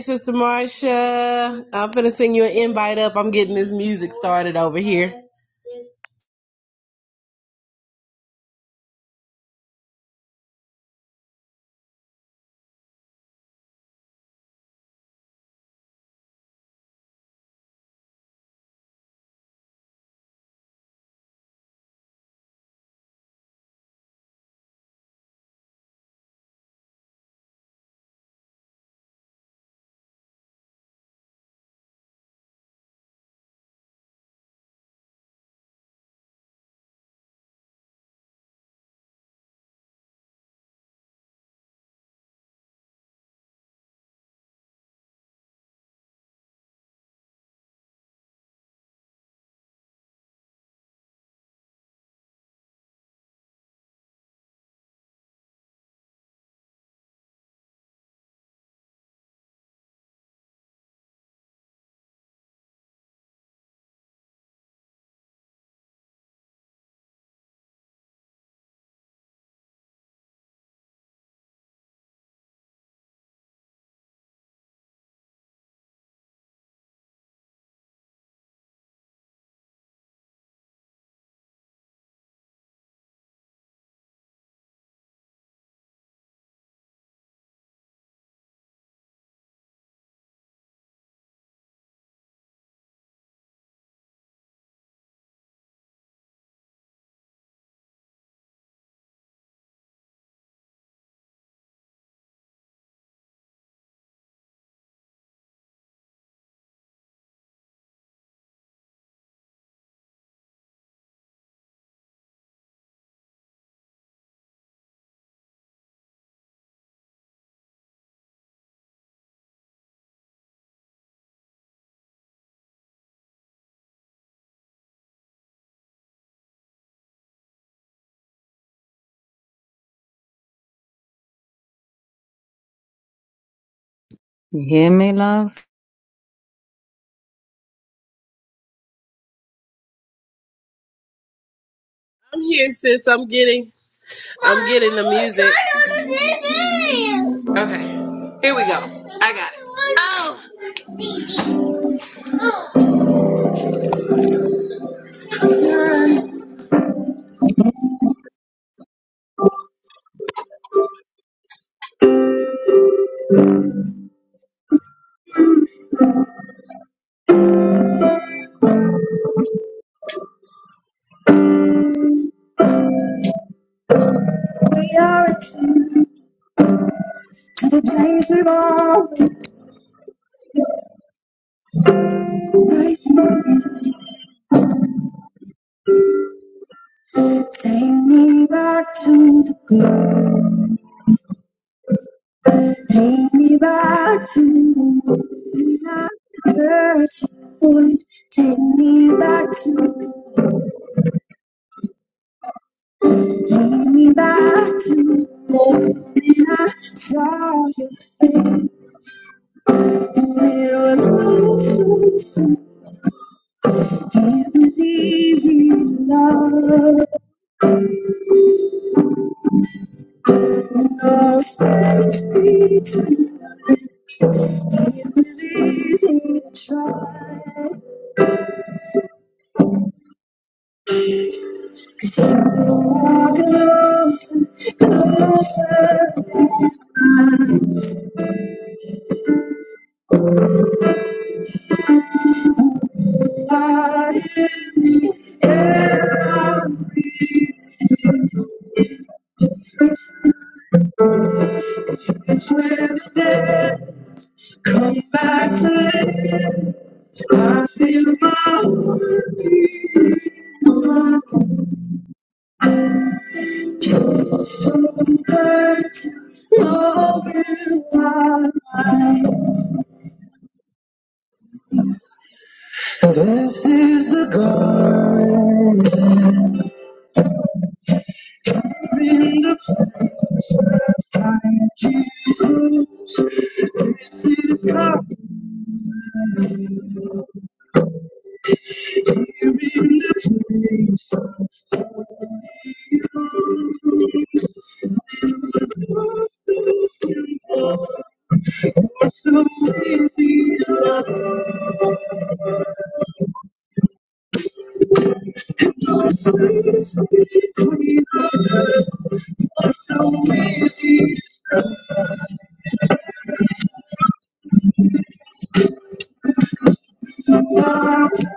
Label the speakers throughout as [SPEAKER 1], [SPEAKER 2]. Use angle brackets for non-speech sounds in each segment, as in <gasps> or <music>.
[SPEAKER 1] Sister Marsha.
[SPEAKER 2] You hear me, love?
[SPEAKER 1] I'm here, sis. I'm getting I'm getting the music. Okay. I got it. We are to the place we've all been waiting. Take me back to the good. Take me back to the moment I heard your voice. Take me back to, the take me back to the moment I saw your face. And it was all so simple. It was easy to love when no space between. It was easy to try, 'cause Cause you are closer, closer than I thought it ever was. It's when the dead come back to life. I feel my heart beat. So dirt all in my mind. This is the garden. In the find you, this is God. Here in the place for It's so simple, to love, so easy to love, so easy to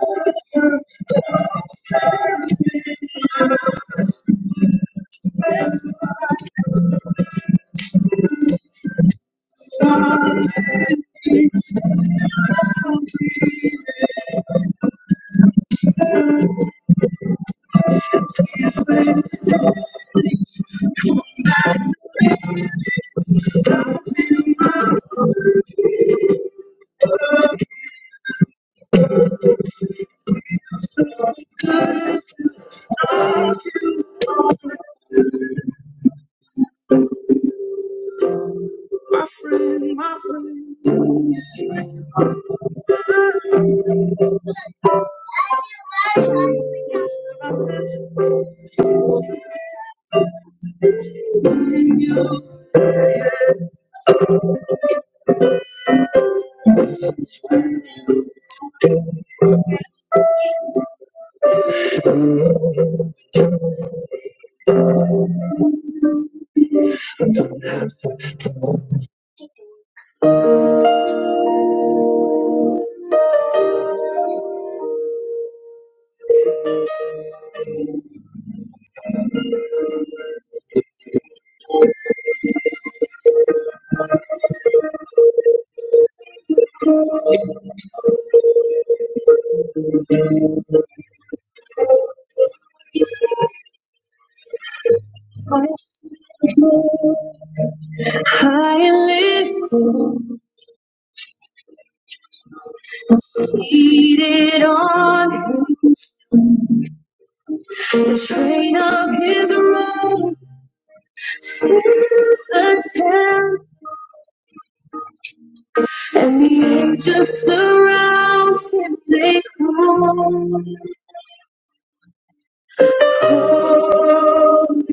[SPEAKER 1] love. God is faithful, my friend, my friend. I see you high and lifted, seated on his throne. The train of his robe fills the temple, and the angels surround him. They call, holy,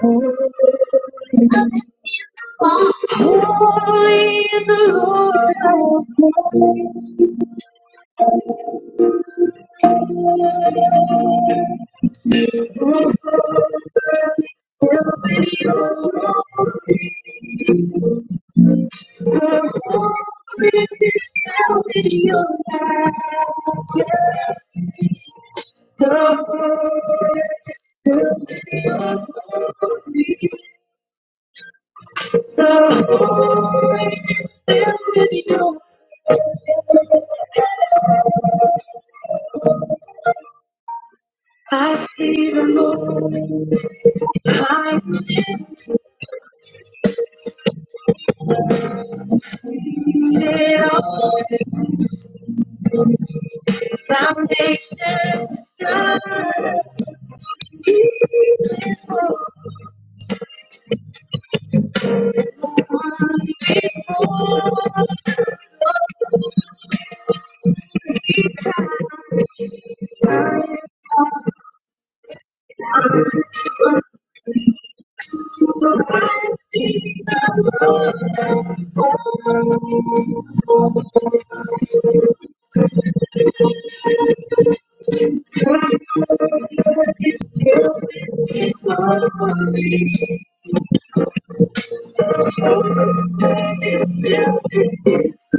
[SPEAKER 1] holy. Holy is the Lord of hosts. Her whole earth is Filled with your love, holy is filled with your majesty. The world is filled with your glory. The Holy is filled with your. I see the Lord. I'm lifted up. Foundations God, Jesus will come before For I see God is filled with His glory. God is filled with His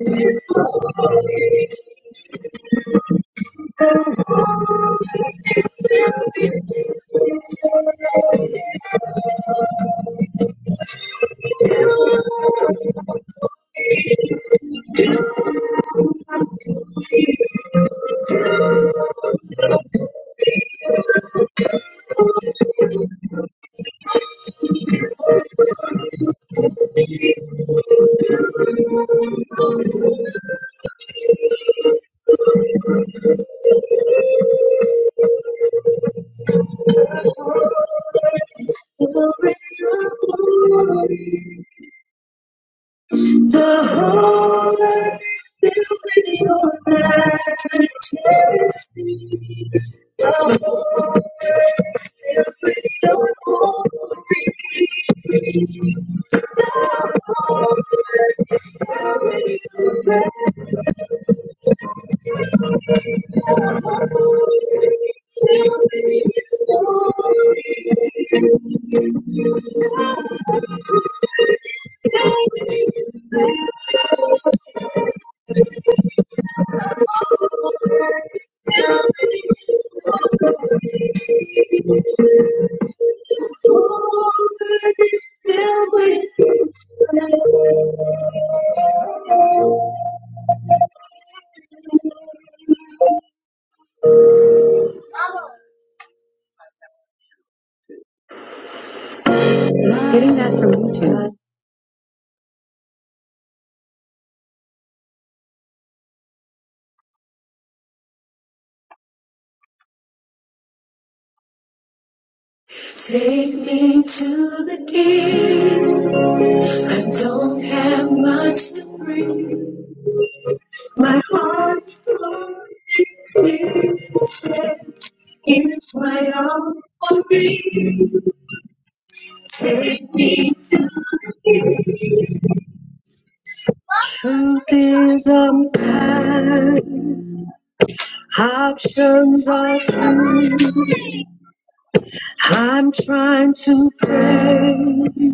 [SPEAKER 1] His glory. Is filled with His glory. Glory, glory. The whole earth is filled with your majesty. The whole earth is filled with your glory. The whole earth is filled with your majesty. Filled with his glory. The whole earth is filled with his glory. The whole earth is filled with his glory. Getting that from YouTube. Take me to the king. I don't have much to bring. My heart's broken. It's my all for me. Take me to the truth is I'm tired. Options are few. I'm trying to pray.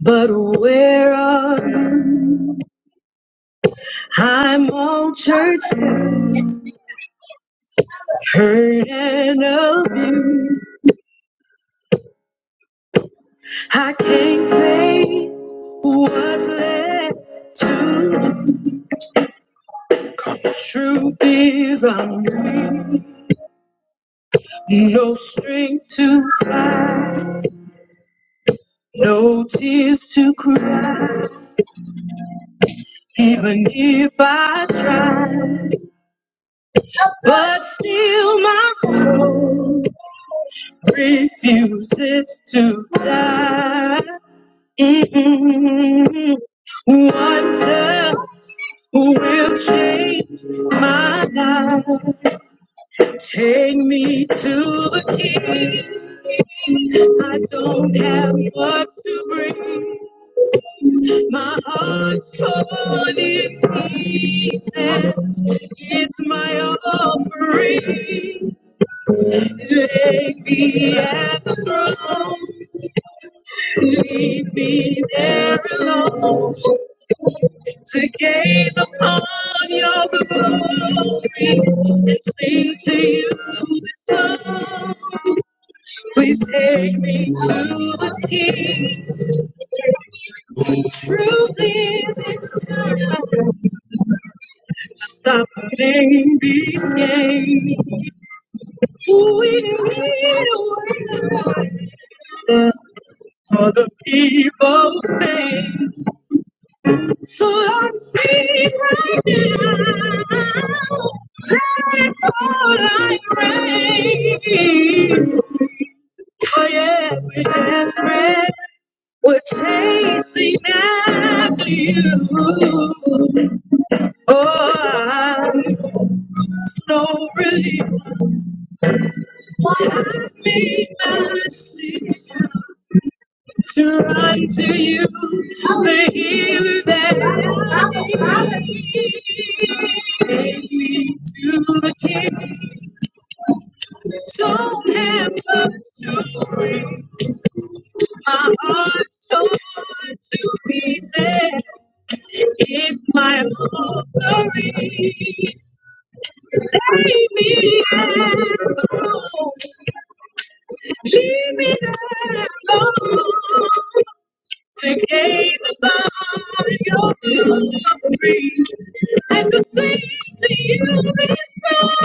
[SPEAKER 1] But where are you? I'm all church, hurt and abused. I can't say what's left to do. The truth is I'm weak. No strength to fight, no tears to cry, even if I try. But still my soul refuses to die. Mm-mm. What will change my life? Take me to the king. I don't have much to bring. My heart's torn in pieces. It's my offering. Lay me at the throne. Leave me there alone. to gaze upon your glory and sing to you this song. Please take me to the King. Truly, it's time to stop playing these games. We need a word for the people's name. So Lord, speak right now. Let all I pray. For yeah, we're desperate. We're chasing after you. Oh, I'm so relieved. Have me mercy. to run to you, the healer that I need. Take me to the King. Don't have much to bring. My heart's torn to pieces. It's my offering. Lay me have alone. Leave me alone. to gaze upon your glory and to sing to you this song.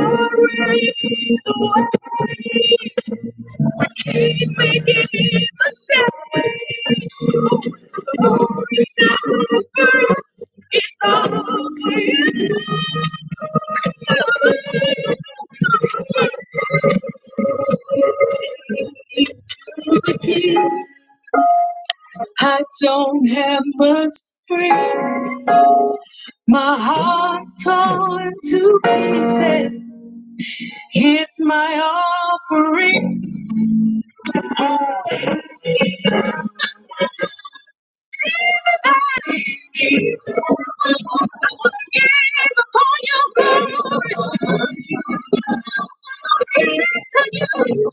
[SPEAKER 1] Glory to what He's making to stay. Glory to God, it's all in love. I don't have much to bring. My heart's torn to pieces. It's my offering. It is upon your glory. Looking to you.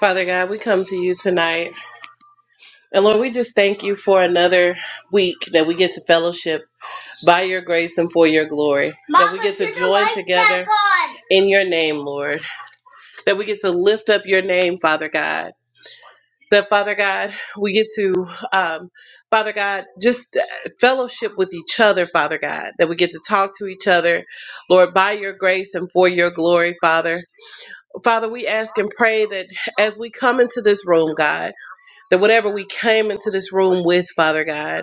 [SPEAKER 1] Father God, we come to you tonight. And Lord, we just thank you for another week that we get to fellowship by your grace and for your glory. that we get to join together. in your name, Lord, that we get to lift up your name, Father God. That Father God, we get to, um, Father God, just uh, fellowship with each other, Father God, that we get to talk to each other, Lord, by your grace and for your glory, Father. Father, we ask and pray that as we come into this room, God. That whatever we came into this room with, Father God,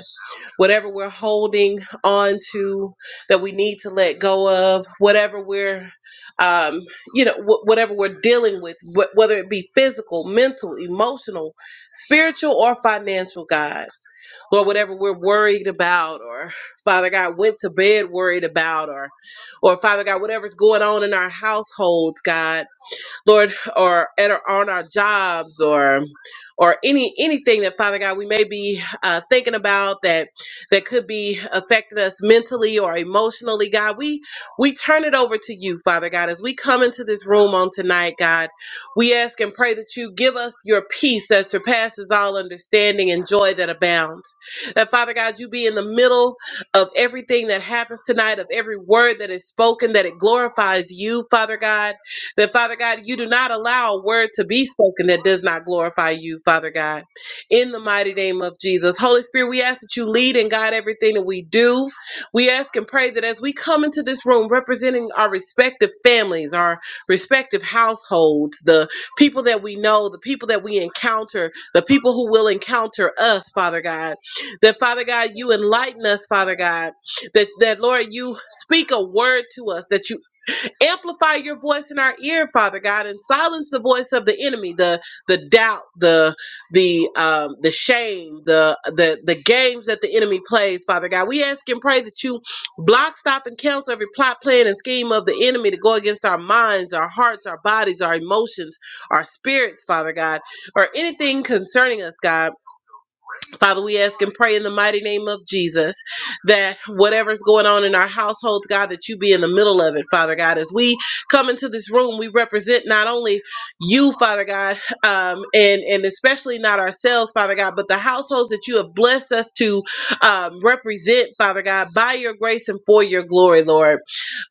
[SPEAKER 1] whatever we're holding on to that we need to let go of, whatever we're, um, you know, wh- whatever we're dealing with, wh- whether it be physical, mental, emotional, spiritual, or financial, God, Lord, whatever we're worried about, or Father God, went to bed worried about, or, or Father God, whatever's going on in our households, God. Lord, or at our, on our jobs or or any anything that Father God we may be uh, thinking about that that could be affecting us mentally or emotionally, God, we we turn it over to you, Father God, as we come into this room on tonight, God. We ask and pray that you give us your peace that surpasses all understanding and joy that abounds. That Father God, you be in the middle of everything that happens tonight, of every word that is spoken, that it glorifies you, Father God that, Father God, you do not allow a word to be spoken that does not glorify you, Father God. In the mighty name of Jesus. Holy Spirit, we ask that you lead and guide everything that we do. We ask and pray that as we come into this room representing our respective families, our respective households, the people that we know, the people that we encounter, the people who will encounter us, Father God, that, Father God, you enlighten us, Father God that that Lord, you speak a word to us, that you Amplify your voice in our ear, Father God, and silence the voice of the enemy, the the doubt, the the um the shame, the the the games that the enemy plays, Father God. We ask and pray that you block, stop, and cancel every plot, plan, and scheme of the enemy to go against our minds, our hearts, our bodies, our emotions, our spirits, Father God, or anything concerning us, God Father, we ask and pray in the mighty name of Jesus that whatever's going on in our households, God, that you be in the middle of it, Father God. As we come into this room, we represent not only you, Father God, um, and and especially not ourselves, Father God, but the households that you have blessed us to um, represent, Father God, by your grace and for your glory, Lord,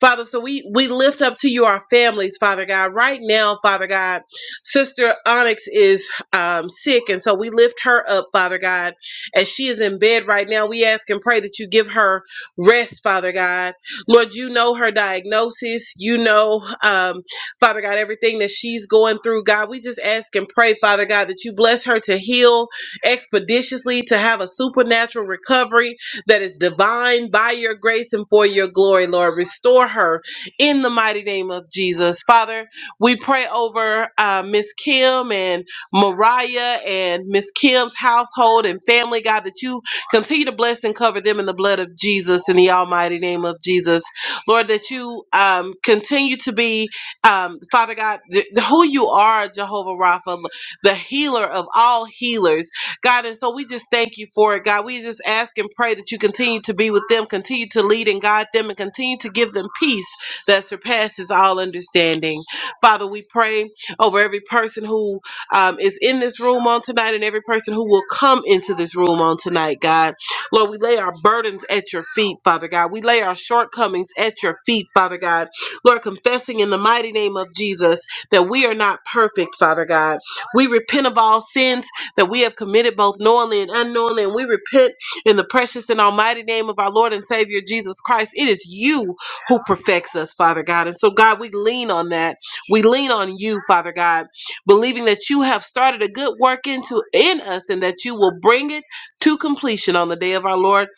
[SPEAKER 1] Father. So we we lift up to you our families, Father God, right now, Father God. Sister Onyx is um, sick, and so we lift her up, Father God as she is in bed right now, we ask and pray that you give her rest, Father God. Lord, you know her diagnosis. You know, um, Father God, everything that she's going through, God. We just ask and pray, Father God, that you bless her to heal expeditiously, to have a supernatural recovery that is divine by your grace and for your glory, Lord. Restore her in the mighty name of Jesus. Father, we pray over uh, Miss Kim and Mariah and Miss Kim's household and family, God, that you continue to bless and cover them in the blood of Jesus, in the almighty name of Jesus. Lord, that you um, continue to be, um, Father God, th- who you are, Jehovah Rapha, the healer of all healers, God. And so we just thank you for it, God. We just ask and pray that you continue to be with them, continue to lead and guide them, and continue to give them peace that surpasses all understanding. Father, we pray over every person who um, is in this room on tonight and every person who will come into this room on tonight, God. Lord, we lay our burdens at your feet, Father God. We lay our shortcomings at your feet, Father God. Lord, confessing in the mighty name of Jesus that we are not perfect, Father God. We repent of all sins that we have committed both knowingly and unknowingly, and we repent in the precious and almighty name of our Lord and Savior Jesus Christ. It is you who perfects us, Father God. And so, God, we lean on that. We lean on you, Father God believing that you have started a good work into in us and that you will bring it to completion on the day of our Lord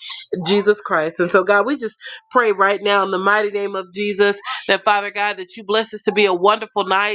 [SPEAKER 1] Jesus Christ. And so God, we just pray right now in the mighty name of Jesus that Father God that you bless us to be a wonderful night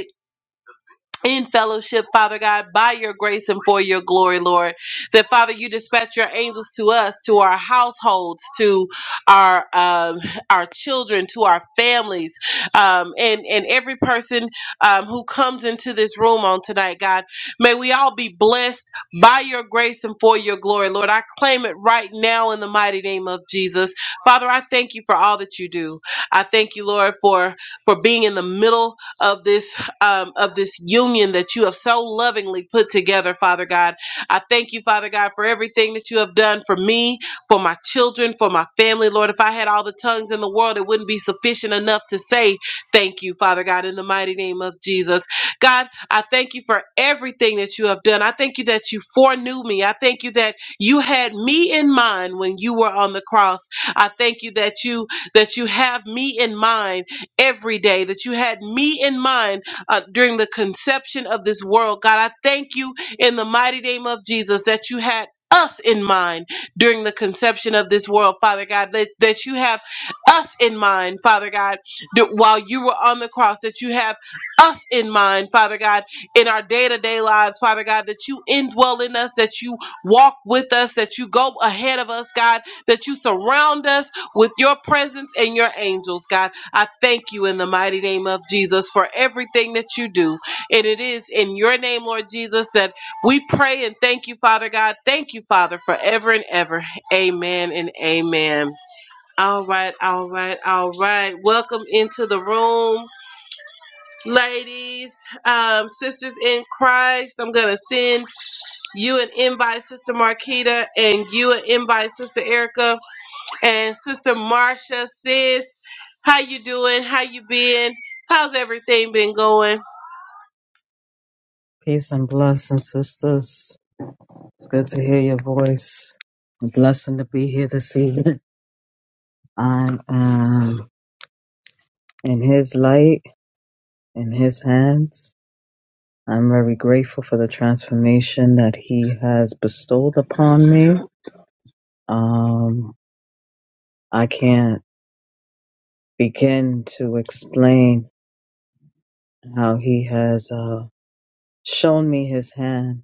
[SPEAKER 1] in fellowship, Father God, by your grace and for your glory, Lord. That Father, you dispatch your angels to us, to our households, to our um, our children, to our families, um, and and every person um, who comes into this room on tonight, God. May we all be blessed by your grace and for your glory, Lord. I claim it right now in the mighty name of Jesus, Father. I thank you for all that you do. I thank you, Lord, for for being in the middle of this um, of this union that you have so lovingly put together, Father God. I thank you, Father God, for everything that you have done for me, for my children, for my family, Lord. If I had all the tongues in the world, it wouldn't be sufficient enough to say thank you, Father God, in the mighty name of Jesus. God, I thank you for everything that you have done. I thank you that you foreknew me. I thank you that you had me in mind when you were on the cross. I thank you that you that you have me in mind every day, that you had me in mind uh, during the conception of this world. God, I thank you in the mighty name of Jesus that you had us in mind during the conception of this world, Father God, that, that you have us in mind, Father God, that while you were on the cross, that you have us in mind, Father God, in our day to day lives, Father God, that you indwell in us, that you walk with us, that you go ahead of us, God, that you surround us with your presence and your angels, God. I thank you in the mighty name of Jesus for everything that you do. And it is in your name, Lord Jesus, that we pray and thank you, Father God. Thank you, Father, forever and ever. Amen and amen. All right, all right, all right. Welcome into the room, ladies, um, sisters in Christ. I'm going to send you an invite, Sister Marquita, and you an invite, Sister Erica and Sister Marcia, sis, how you doing? How you been? How's everything been going?
[SPEAKER 2] Peace and blessings, sisters. It's good to hear your voice. A blessing to be here this evening. I am in His light, in His hands. I'm very grateful for the transformation that He has bestowed upon me. Um, I can't begin to explain how He has uh, shown me His hand,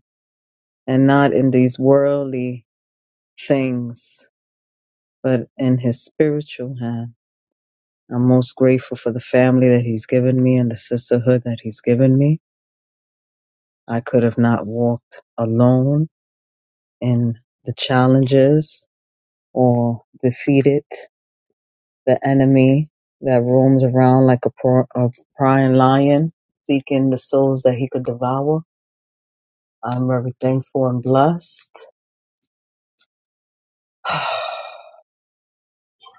[SPEAKER 2] and not in these worldly things, but in His spiritual hand I'm most grateful for the family that he's given me and the sisterhood that he's given me. I could have not walked alone in the challenges or defeated the enemy that roams around like a, pro- a prying lion seeking the souls that he could devour. I'm very thankful and blessed. <sighs>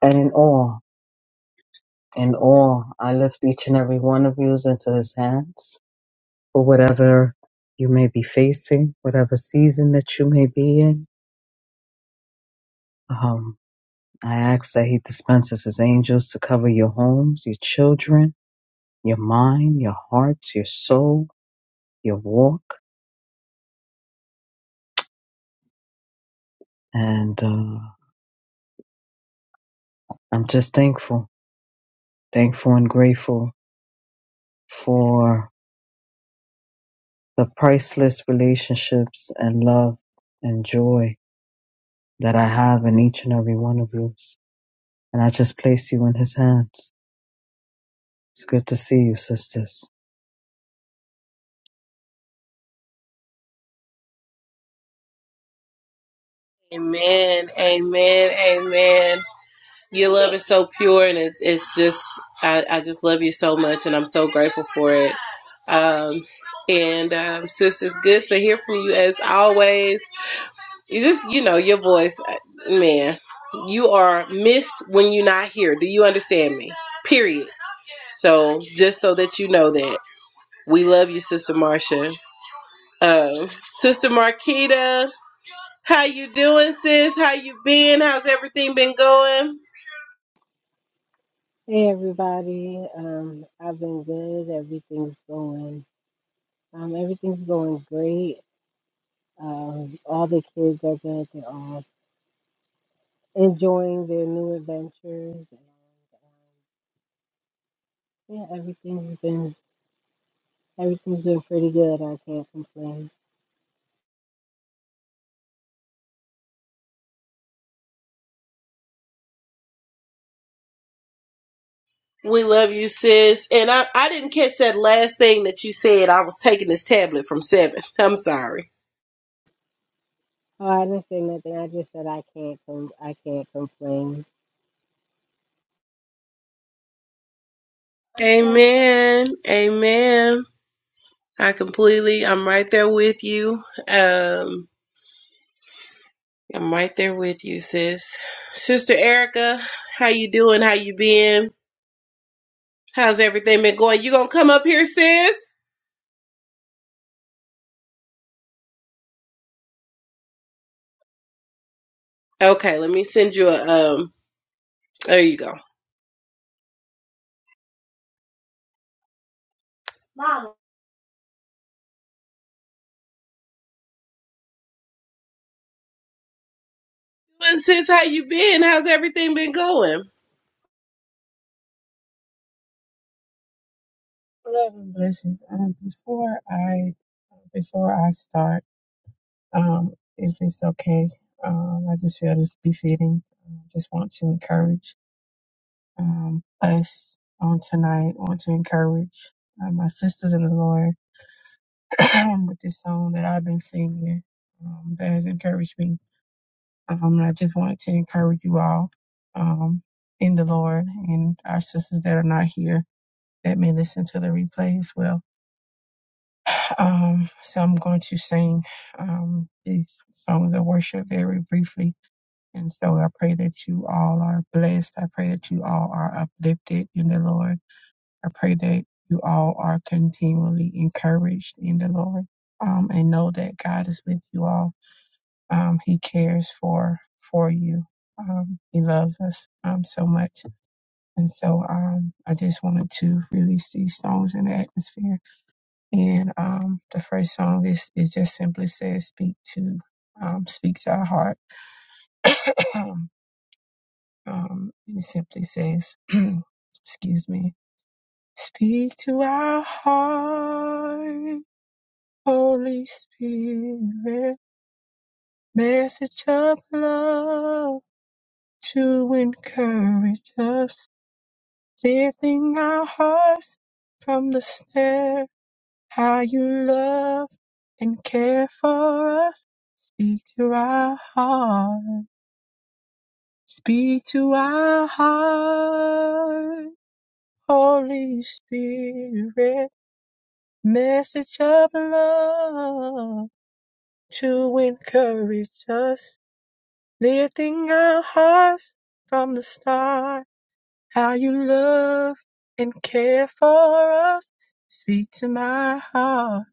[SPEAKER 2] and in awe, in awe, I lift each and every one of you into his hands. for whatever you may be facing, whatever season that you may be in. Um, I ask that He dispenses His angels to cover your homes, your children, your mind, your hearts, your soul, your walk. And uh, I'm just thankful, thankful and grateful for the priceless relationships and love and joy that I have in each and every one of you. And I just place you in His hands. It's good to see you, sisters.
[SPEAKER 1] Amen, amen, amen. Your love is so pure, and it's it's just I, I just love you so much, and I'm so grateful for it. Um, and um, sis, it's good to hear from you as always. You just, you know, your voice, uh, man. You are missed when you're not here. Do you understand me? Period. So, just so that you know that we love you, Sister Marcia. Um, Sister Marquita, how you doing, sis? How you been? How's everything been going?
[SPEAKER 3] Hey everybody, um, I've been good. Everything's going, um, everything's going great. Um, all the kids are good. They're all enjoying their new adventures, and um, yeah, everything's been everything's been pretty good. I can't complain.
[SPEAKER 1] We love you, sis. And I, I didn't catch that last thing that you said. I was taking this tablet from seven. <laughs> I'm sorry.
[SPEAKER 3] Oh, I didn't say nothing. I just said I can't com- I can't complain
[SPEAKER 1] Amen. Amen. I completely, I'm right there with you. Um, I'm right there with you, sis. Sister Erica, how you doing? How you been? How's everything been going? You gonna come up here, sis? Okay, let me send you a, um, there you go. And sis, how you been? How's everything been going?
[SPEAKER 4] Love and blessings. Um, before I before I start, um, if it's okay, um, I just feel this befitting. I just want to encourage um, us on tonight. Want to encourage uh, my sisters in the Lord <clears throat> with this song that I've been singing um, that has encouraged me. Um, and I just want to encourage you all um, in the Lord and our sisters that are not here that may listen to the replay as well Um, so I'm going to sing um, these songs of worship very briefly. And so I pray that you all are blessed. I pray that you all are uplifted in the Lord. I pray that you all are continually encouraged in the Lord. Um, and know that God is with you all. Um, he cares for for you. Um, he loves us um, so much. And so um, I just wanted to release these songs in the atmosphere and um, the first song is it just simply says speak to um, speak to our heart. <clears throat> Um, um, it simply says, <clears throat> excuse me, speak to our heart, Holy Spirit, message of love to encourage us, lifting our hearts from the how you love and care for us. Speak to our heart. Speak to our heart. Holy Spirit, message of love to encourage us, lifting our hearts from the start. How you love and care for us. Speak to my heart.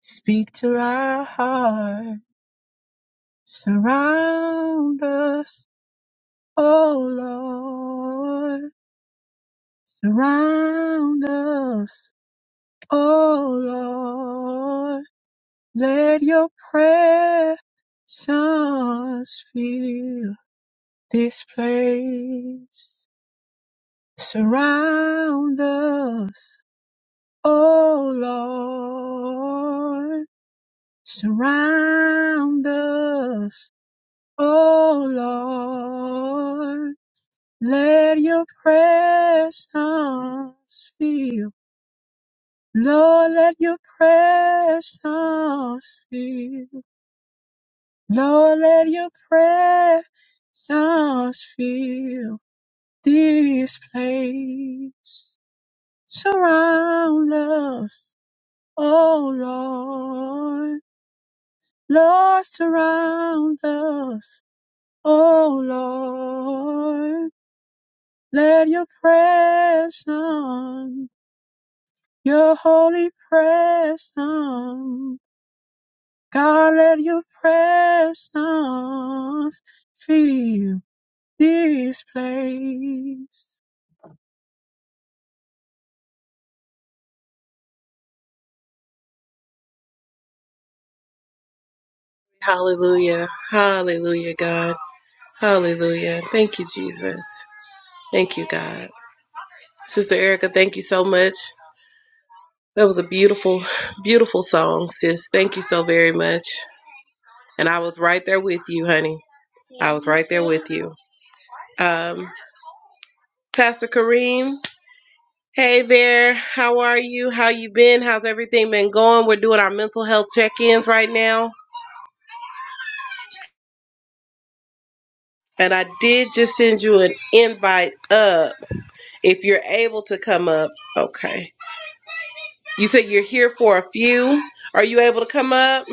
[SPEAKER 4] Speak to our heart. Surround us, O Lord. Surround us, O Lord. Let your presence fill this place. Surround us, O Lord. Surround us, O Lord. Let your presence fill. Lord, let your presence fill. Lord, let your presence fill this place. Surround us, oh Lord. Lord, surround us, oh Lord. Let your presence Your holy presence, God, let your presence fill this place.
[SPEAKER 1] Hallelujah. Hallelujah, God. Hallelujah. Thank you, Jesus. Thank you, God. Sister Erica, thank you so much. That was a beautiful, <laughs> beautiful song, sis. Thank you so very much. And I was right there with you, honey, with you. Um, Pastor Kareem, hey there. How are you? How you been? How's everything been going? We're doing our mental health check-ins right now. And I did just send you an invite up. If you're able to come up, okay. You said you're here for a few. Are you able to come up?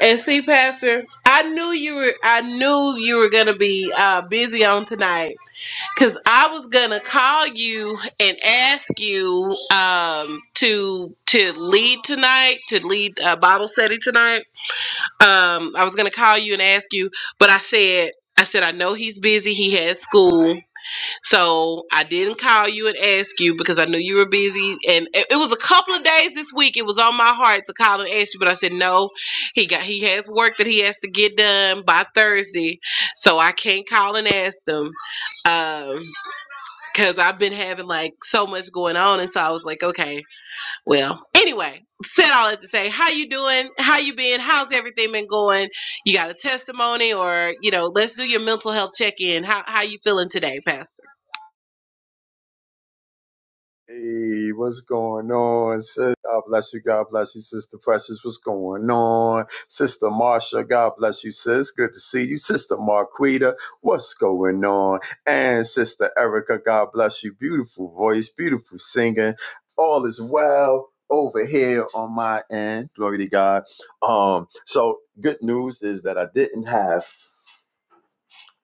[SPEAKER 1] And see, Pastor, I knew you were. I knew you were gonna be uh, busy on tonight because I was gonna call you and ask you um, to to lead tonight, to lead uh, Bible study tonight. Um, I was gonna call you and ask you, but I said, I said I know he's busy. He has school, so I didn't call you and ask you because I knew you were busy. And it, it was a couple of days this week. It was on my heart to call and ask you, but I said no. He got he has work that he has to get done by Thursday, so I can't call and ask them because I've been having like so much going on, and so I was like, okay. Well, anyway, said all that to say, how you doing? How you been? How's everything been going? You got a testimony, or you know, let's do your mental health check in. How how you feeling today, Pastor?
[SPEAKER 5] Hey, what's going on, sis? God bless you. God bless you, Sister Precious. What's going on, Sister Marsha? God bless you, sis. Good to see you, Sister Marquita. What's going on? And Sister Erica. God bless you. Beautiful voice, beautiful singing. All is well over here on my end. Glory to God. Um, so good news is that I didn't have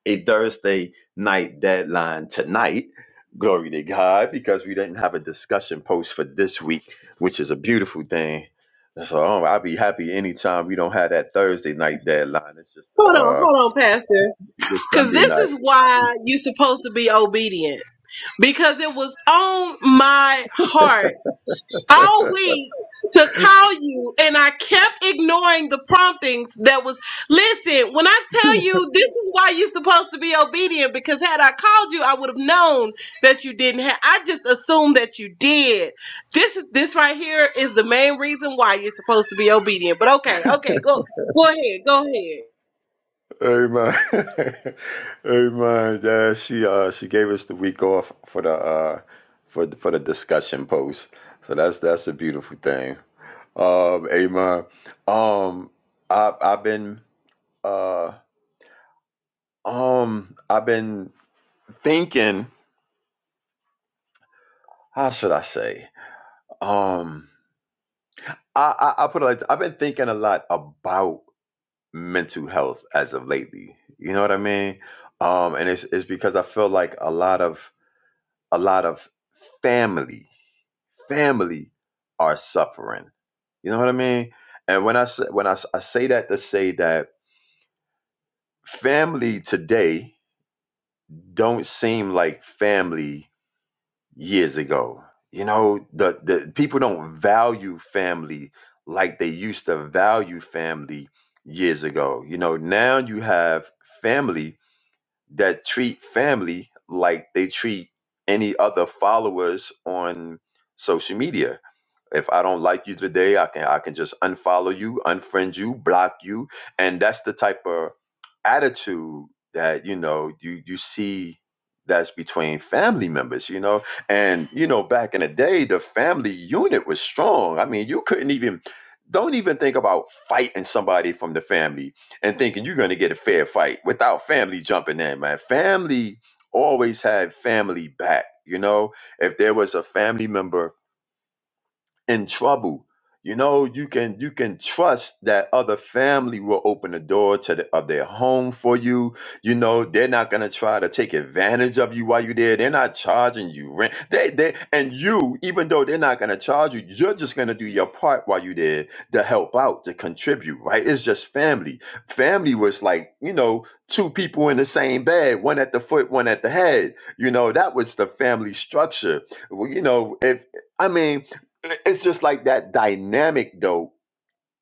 [SPEAKER 5] a Thursday night deadline tonight. Glory to God, because we didn't have a discussion post for this week, which is a beautiful thing. So oh, I'll be happy anytime we don't have that Thursday night deadline. It's just
[SPEAKER 1] Hold on,
[SPEAKER 5] uh
[SPEAKER 1] hold on, Pastor,
[SPEAKER 5] this
[SPEAKER 1] because
[SPEAKER 5] Sunday
[SPEAKER 1] this
[SPEAKER 5] night.
[SPEAKER 1] is why you are supposed to be obedient. Because it was on my heart all week to call you and I kept ignoring the promptings that was listen, when I tell you this is why you're supposed to be obedient because had I called you I would have known that you didn't have I just assumed that you did. This is this right here is the main reason why you're supposed to be obedient. But okay, okay, go go ahead, go ahead.
[SPEAKER 5] Amen. <laughs> Amen. Yeah, she uh she gave us the week off for the uh for the, for the discussion post. So that's that's a beautiful thing. Um, amen. Um, I I've been uh Um, I've been thinking. How should I say? Um, I I, I put it like I've been thinking a lot about mental health as of lately. You know what I mean? Um, and it's it's because I feel like a lot of a lot of family family are suffering. You know what I mean? And when I say, when I, s- I say that to say that family today don't seem like family years ago. You know, the, the people don't value family like they used to value family years ago. You know, now you have family that treat family like they treat any other followers on social media if I don't like you today, I can I can just unfollow you, unfriend you, block you, and that's the type of attitude that you know you you see that's between family members, you know. And you know, back in the day, the family unit was strong. I mean, you couldn't even don't even think about fighting somebody from the family and thinking you're going to get a fair fight without family jumping in, man. Family always had family back, you know. If there was a family member in trouble. You know, you can you can trust that other family will open the door to the, of their home for you. You know, they're not gonna try to take advantage of you while you're there. They're not charging you rent. They they and you, even though they're not gonna charge you, you're just gonna do your part while you're there to help out, to contribute. Right? It's just family. Family was like you know two people in the same bed, one at the foot, one at the head. You know, that was the family structure. Well, you know, if I mean it's just like that dynamic though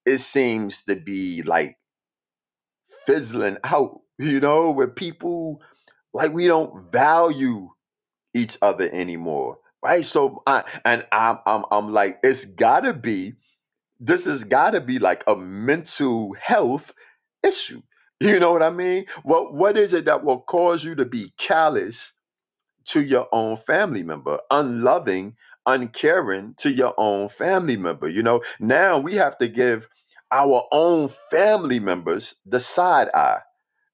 [SPEAKER 5] it seems to be like fizzling out you know where people like we don't value each other anymore right so I, and I'm, I'm i'm like it's gotta be this has gotta be like a mental health issue <laughs> you know what i mean what what is it that will cause you to be callous to your own family member, unloving, uncaring to your own family member. You know, now we have to give our own family members the side eye.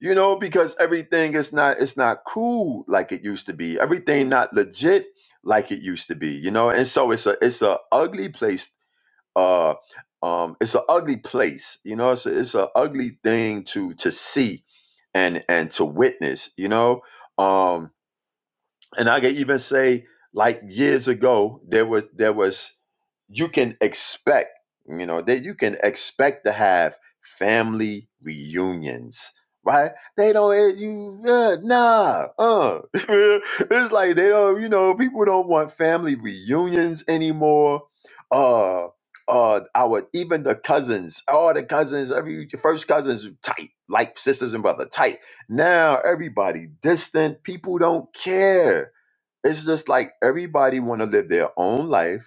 [SPEAKER 5] You know, because everything is not it's not cool like it used to be. Everything not legit like it used to be. You know, and so it's a it's a ugly place. Uh, um, it's a ugly place. You know, it's a, it's a ugly thing to to see and and to witness. You know, um, and I can even say like years ago there was there was you can expect you know that you can expect to have family reunions right they don't eh, you uh, nah uh <laughs> it's like they don't you know people don't want family reunions anymore uh uh, our even the cousins, all the cousins, every first cousins tight, like sisters and brother tight. Now everybody distant. People don't care it's just like everybody want to live their own life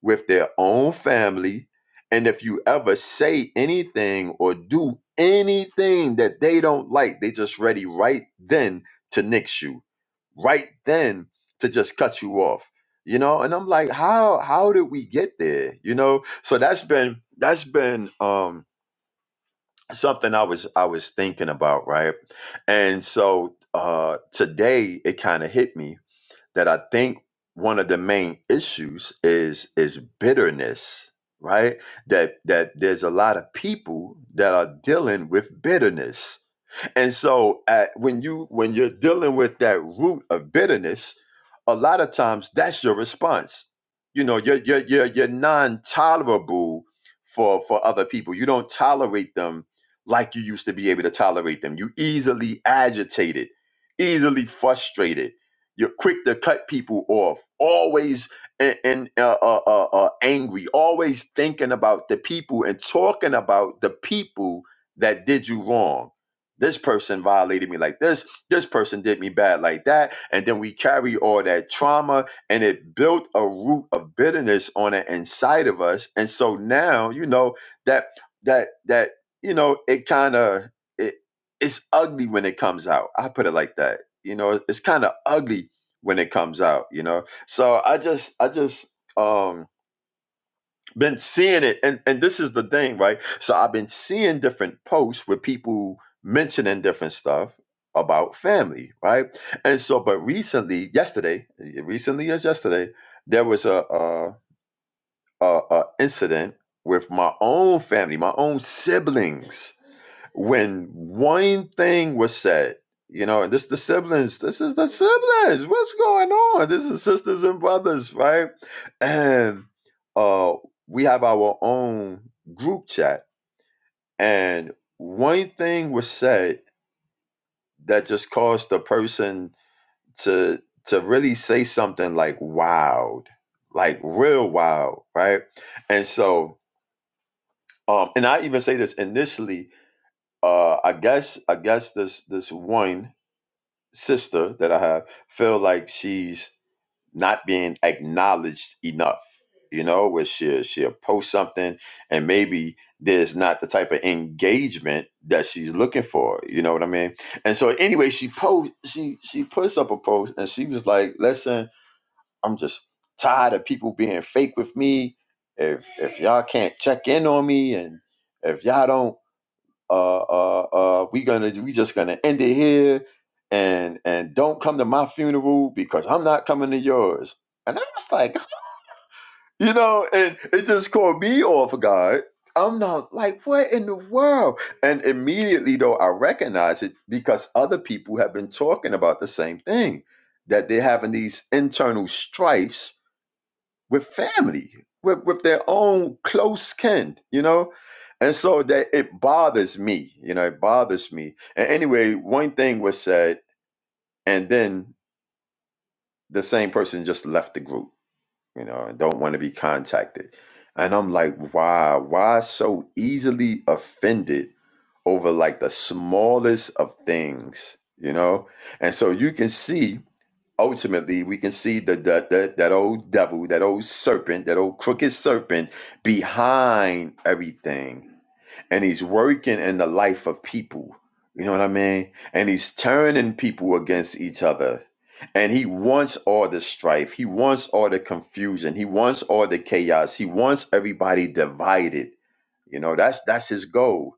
[SPEAKER 5] with their own family. And if you ever say anything or do anything that they don't like, they just ready right then to nix you, right then to just cut you off. You know, and I'm like, how how did we get there? You know, so that's been that's been um something I was I was thinking about, right? And so uh today it kind of hit me that I think one of the main issues is is bitterness, right? That that there's a lot of people that are dealing with bitterness and so uh, when you when you're dealing with that root of bitterness, a lot of times that's your response. You know, you're you're you're, you're non-tolerable for for other people. You don't tolerate them like you used to be able to tolerate them. You easily agitated, easily frustrated. You're quick to cut people off. Always and, and uh, uh, uh, uh, angry. Always thinking about the people and talking about the people that did you wrong this person violated me like this this person did me bad like that and then we carry all that trauma and it built a root of bitterness on the inside of us and so now you know that that that you know it kind of it, it's ugly when it comes out i put it like that you know it's kind of ugly when it comes out you know so i just i just um been seeing it and and this is the thing right so i've been seeing different posts with people mentioning different stuff about family right and so but recently yesterday recently as yesterday there was a a, a, a incident with my own family my own siblings when one thing was said, you know, and this the siblings, this is the siblings. What's going on? This is sisters and brothers, right? And uh we have our own group chat. And one thing was said that just caused the person to to really say something like wild, like real wild, right? And so um and I even say this initially, uh I guess I guess this this one sister that I have feel like she's not being acknowledged enough. You know, where she she'll post something and maybe there's not the type of engagement that she's looking for. You know what I mean? And so anyway, she post she she puts up a post and she was like, "Listen, I'm just tired of people being fake with me. If if y'all can't check in on me and if y'all don't." uh, uh, uh, we gonna we just gonna end it here, and and don't come to my funeral because I'm not coming to yours. And I was like, <laughs> you know, and it just caught me off guard. I'm not like, what in the world? And immediately though, I recognize it because other people have been talking about the same thing that they're having these internal strifes with family, with, with their own close kin, you know? And so that it bothers me, you know, it bothers me. And anyway, one thing was said, and then the same person just left the group, you know, and don't want to be contacted. And I'm like, why? Why so easily offended over like the smallest of things, you know? And so you can see ultimately we can see the, the, the that old devil, that old serpent, that old crooked serpent behind everything. And he's working in the life of people. You know what I mean? And he's turning people against each other. And he wants all the strife. He wants all the confusion. He wants all the chaos. He wants everybody divided. You know, that's that's his goal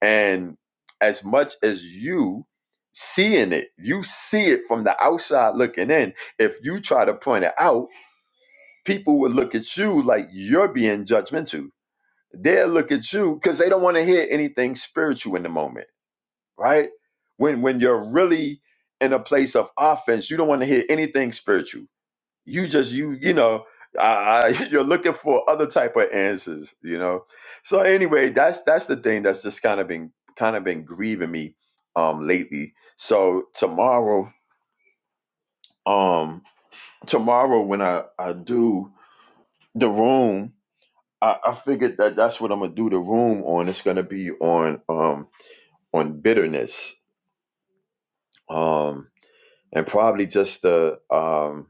[SPEAKER 5] and as much as you seeing it, you see it from the outside looking in. If you try to point it out, people will look at you like you're being judgmental. They'll look at you because they don't want to hear anything spiritual in the moment, right? When when you're really in a place of offense, you don't want to hear anything spiritual you just you you know uh, <laughs> you're looking for other type of answers you know so anyway that's that's the thing that's just kind of been kind of been grieving me um lately so tomorrow um tomorrow when i i do the room i i figured that that's what i'm gonna do the room on it's gonna be on um on bitterness um and probably just the um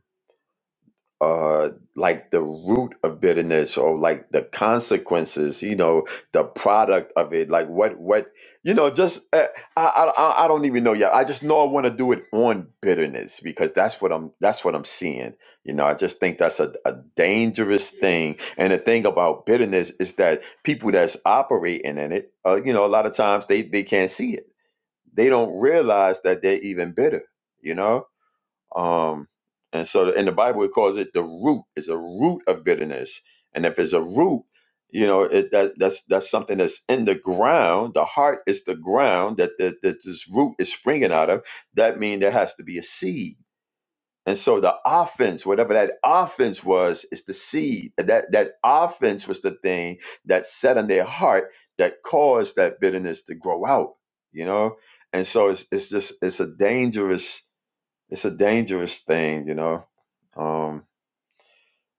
[SPEAKER 5] uh like the root of bitterness or like the consequences you know the product of it like what what you know just uh, I, I i I don't even know yet i just know i want to do it on bitterness because that's what i'm that's what i'm seeing you know i just think that's a, a dangerous thing and the thing about bitterness is that people that's operating in it uh, you know a lot of times they they can't see it they don't realize that they're even bitter you know um, and so in the Bible, it calls it the root. It's a root of bitterness. And if it's a root, you know, it, that that's that's something that's in the ground. The heart is the ground that that, that this root is springing out of. That means there has to be a seed. And so the offense, whatever that offense was, is the seed. And That that offense was the thing that set in their heart that caused that bitterness to grow out. You know, and so it's it's just it's a dangerous it's a dangerous thing, you know. Um,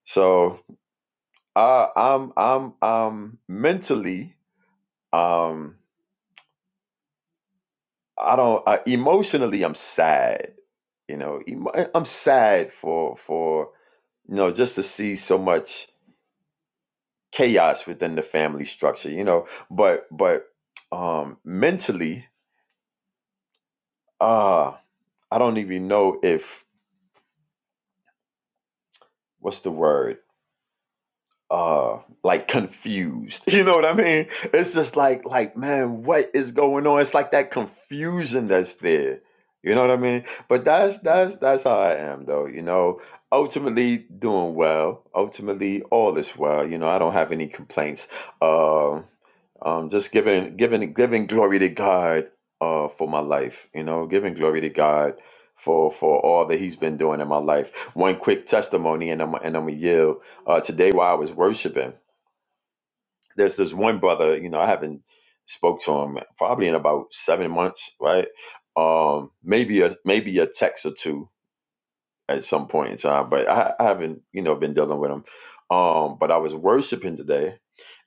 [SPEAKER 5] so I, I'm I'm I'm mentally um I don't I, emotionally I'm sad, you know. Emo- I'm sad for for you know just to see so much chaos within the family structure, you know. But but um mentally, uh I don't even know if what's the word uh like confused <laughs> you know what i mean it's just like like man what is going on it's like that confusion that's there you know what i mean but that's that's that's how i am though you know ultimately doing well ultimately all is well you know i don't have any complaints Um um, just giving giving giving glory to God uh, for my life. You know, giving glory to God for for all that He's been doing in my life. One quick testimony, and I'm and I'm a yield. Uh, today while I was worshiping, there's this one brother. You know, I haven't spoke to him probably in about seven months, right? Um, maybe a maybe a text or two at some point in time, but I, I haven't you know been dealing with him. Um, but I was worshiping today,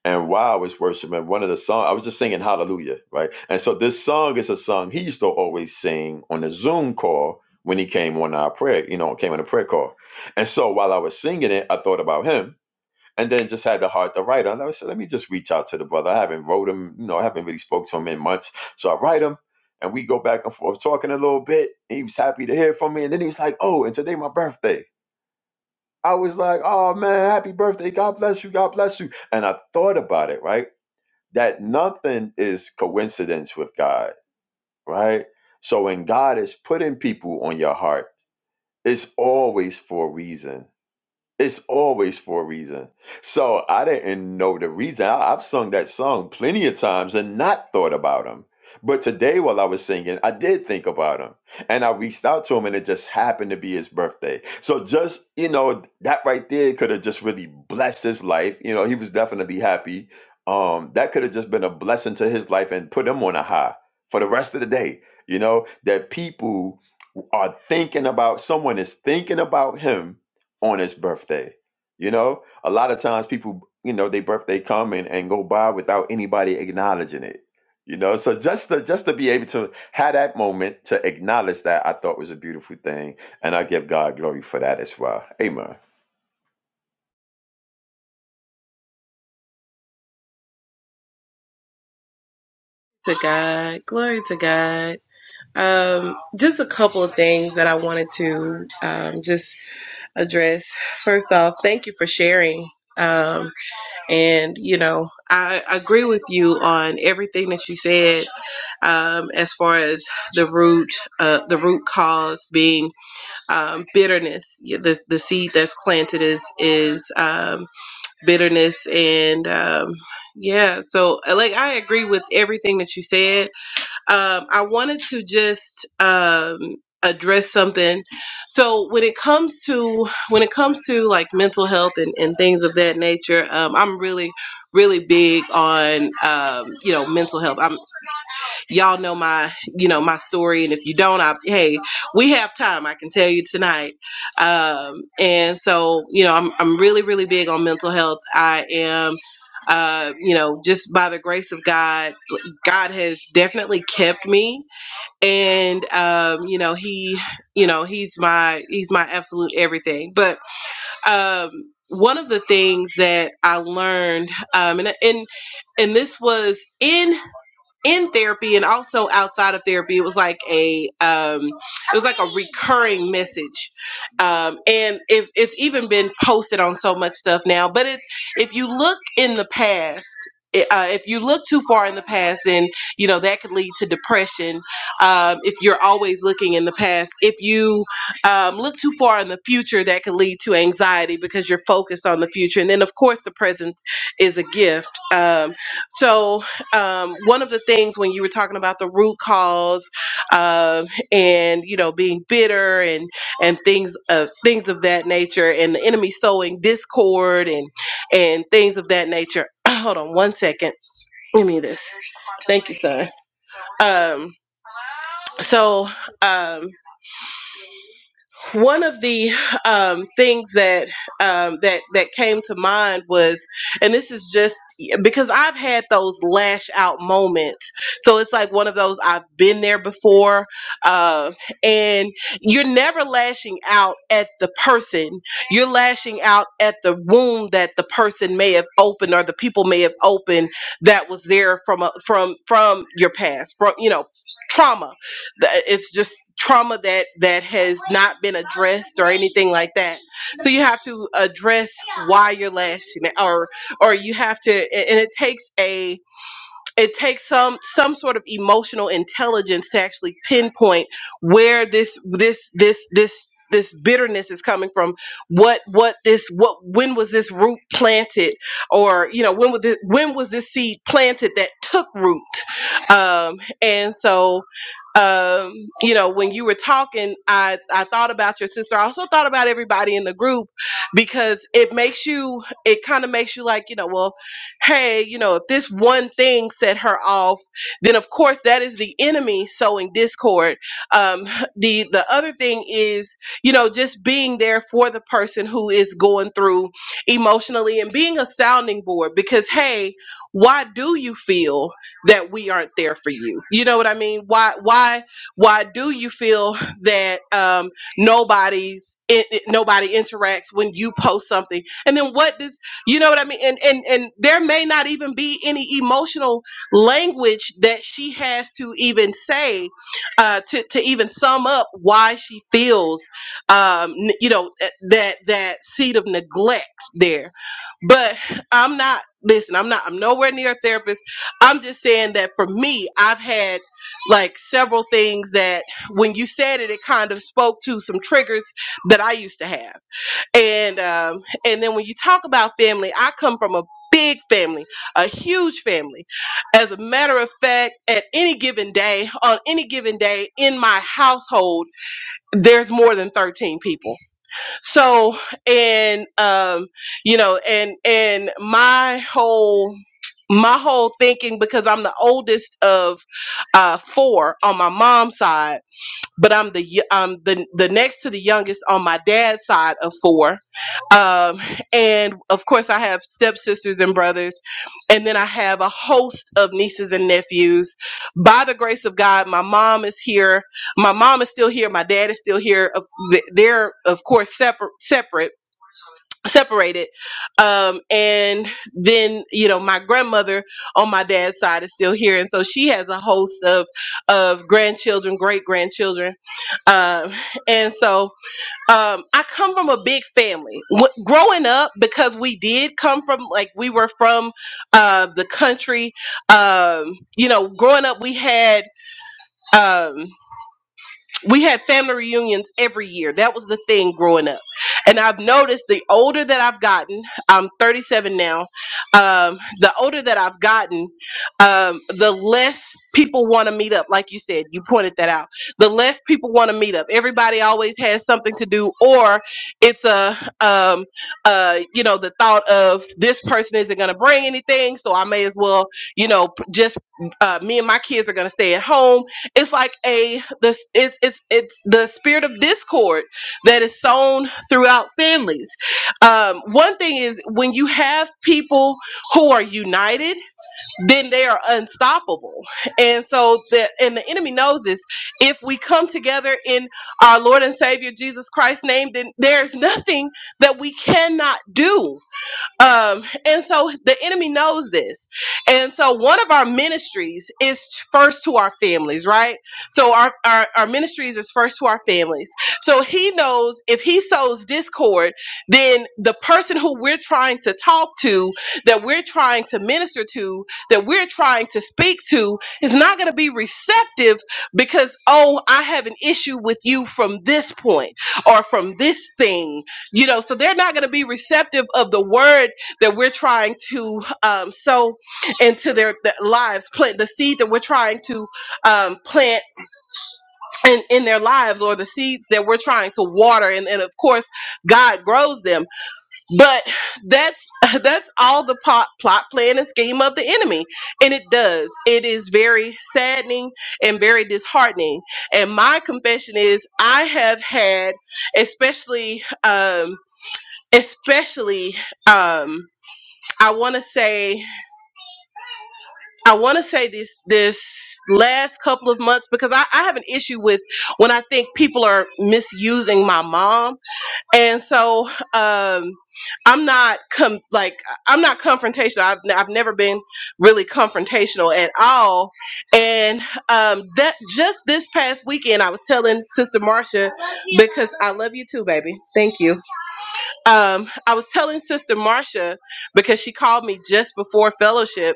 [SPEAKER 5] and while I was worshiping, one of the songs, I was just singing Hallelujah, right? And so this song is a song he used to always sing on the Zoom call when he came on our prayer, you know, came on a prayer call. And so while I was singing it, I thought about him and then just had the heart to write him. I said, let me just reach out to the brother. I haven't wrote him, you know, I haven't really spoke to him in months. So I write him and we go back and forth talking a little bit. He was happy to hear from me. And then he was like, oh, and today my birthday. I was like, oh man, happy birthday. God bless you. God bless you. And I thought about it, right? that nothing is coincidence with God, right? So when God is putting people on your heart, it's always for a reason. It's always for a reason. So I didn't know the reason. I, I've sung that song plenty of times and not thought about him. But today, while I was singing, I did think about him. And I reached out to him, and it just happened to be his birthday. So, just, you know, that right there could have just really blessed his life. You know, he was definitely happy. Um, that could have just been a blessing to his life and put him on a high for the rest of the day. You know, that people are thinking about, someone is thinking about him on his birthday. You know, a lot of times people, you know, their birthday come and, and go by without anybody acknowledging it. You know, so just to just to be able to have that moment to acknowledge that I thought was a beautiful thing. And I give God glory for that as well. Amen.
[SPEAKER 1] To God, glory to God. Um just a couple of things that I wanted to um just address. First off, thank you for sharing. Um, and you know, I agree with you on everything that you said um, as far as the root, uh, the root cause being um, bitterness. Yeah, The the seed that's planted is is um, bitterness, and um, yeah. So, uh, like, I agree with everything that you said. Um, I wanted to just um, address something. So when it comes to when it comes to like mental health and, and things of that nature, um, I'm really really big on um, you know mental health. I'm y'all know my you know my story and if you don't I, hey we have time i can tell you tonight um and so you know i'm, I'm really really big on mental health i am uh, you know, just by the grace of God, God has definitely kept me, and um, you know, He, you know, He's my He's my absolute everything. But um, one of the things that I learned, um, and and and this was in in therapy and also outside of therapy it was like a um it was like a recurring message um and if it's even been posted on so much stuff now but it's if you look in the past i- uh, if you look too far in the past then you know that could lead to depression um, if you're always looking in the past if you um, look too far in the future that could lead to anxiety because you're focused on the future and then of course the present is a gift um, so um, one of the things when you were talking about the root cause um, and you know being bitter and and things of things of that nature and the enemy sowing discord and and things of that nature <clears throat> hold on one second give me this um so um one of the um, things that um, that that came to mind was, and this is just because I've had those lash out moments, so it's like one of those I've been there before, uh, and you're never lashing out at the person, you're lashing out at the wound that the person may have opened or the people may have opened that was there from a, from from your past, from you know trauma Th- it's just trauma that that has thing like that. So you have to address why you're lashing or or you have to, and it takes a it takes some some sort of emotional intelligence to actually pinpoint where this this this this this bitterness is coming from what what this what when was this root planted or you know when was this when was this seed planted that took root um and so um you know when you were talking i i thought about your sister i also thought about everybody in the group because it makes you it kind of makes you like you know well hey, you know, if this one thing set her off, then of course that is the enemy sowing discord. Um, <laughs> the the other thing is, you know, just being there for the person who is going through emotionally and being a sounding board because hey, why do you feel that we aren't there for you? You know what I mean? Why why why do you feel <sighs> that um nobody's it, it- nobody interacts when you post something? And then what does you know what I mean? And and and there may not even be any emotional language that she has to even say uh, to to even sum up why she feels, um, n- you know, eh, that that seed of neglect there. But I'm not. Listen, I'm not. I'm nowhere near a therapist. I'm just saying that for me, I've had like several things that when you said it, it kind of spoke to some triggers that I used to have and um, and then when you talk about family, I come from a big family, a huge family. As a matter of fact, at any given day, on any given day in my household, there's more than 13 people. So, and um, you know, and and my whole my whole thinking because I'm the oldest of uh, four on my mom's side but I'm the y- I'm the the next to the youngest on my dad's side of four, um, and of course I have stepsisters and brothers, and then I have a host of nieces and nephews. By the grace of God, my mom is here. My mom is still here. My dad is still here. Of- They're of course separate separate separated um and then you know my grandmother on my dad's side is still here and so she has a host of of grandchildren great grandchildren um and so um i come from a big family w- growing up because we did come from like we were from uh the country um you know growing up we had um we had family reunions every year. That was the thing growing up. And I've noticed the older that I've gotten, I'm 37 now. Um, the older that I've gotten, um, the less people want to meet up. Like you said, you pointed that out. The less people want to meet up. Everybody always has something to do, or it's a, um, uh, you know, the thought of this person isn't going to bring anything, so I may as well, you know, p- just uh, me and my kids are going to stay at home it's like a this it's it's it's the spirit of discord that is sown throughout families um one thing is when you have people who are united then they are unstoppable and so the and the enemy knows this if we come together in our lord and savior jesus christ's name then there's nothing that we cannot do um, and so the enemy knows this. And so one of our ministries is first to our families, right? So our, our, our ministries is first to our families. So he knows if he sows discord, then the person who we're trying to talk to, that we're trying to minister to, that we're trying to speak to, is not going to be receptive because, oh, I have an issue with you from this point or from this thing you know so they're not going to be receptive of the word that we're trying to um, sow into their, their lives plant the seed that we're trying to um, plant in, in their lives or the seeds that we're trying to water and, and of course god grows them but that's <laughs> that's all the plot, plot plan and scheme of the enemy and it does it is very saddening and very disheartening and my confession is i have had especially um especially um i want to say i want to say this this last couple of months because I, I have an issue with when i think people are misusing my mom and so um i'm not com- like i'm not confrontational I've, i I've never been really confrontational at all and um that just this past weekend i was telling sister marcia i love you too baby thank you um, I was telling Sister Marcia because she called me just before fellowship,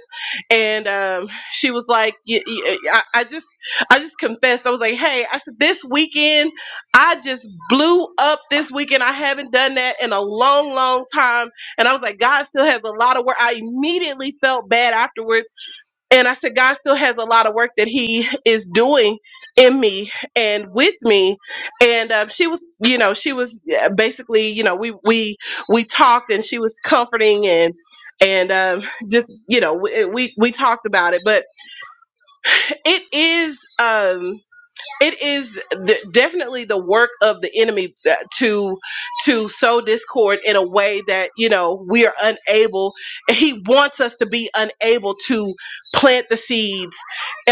[SPEAKER 1] and um, she was like, y- y- I, "I just, I just confessed." I was like, "Hey," I said, "This weekend, I just blew up. This weekend, I haven't done that in a long, long time." And I was like, "God still has a lot of work." I immediately felt bad afterwards and I said, God still has a lot of work that He is doing in me and with me. And um, she was, you know, she was yeah, basically, you know, we we we talked, and she was comforting and and um, just, you know, we, we we talked about it. But it is. Um, it is the, definitely the work of the enemy uh, to to sow discord in a way that you know we are unable <laughs> he wants us to be unable to plant the seeds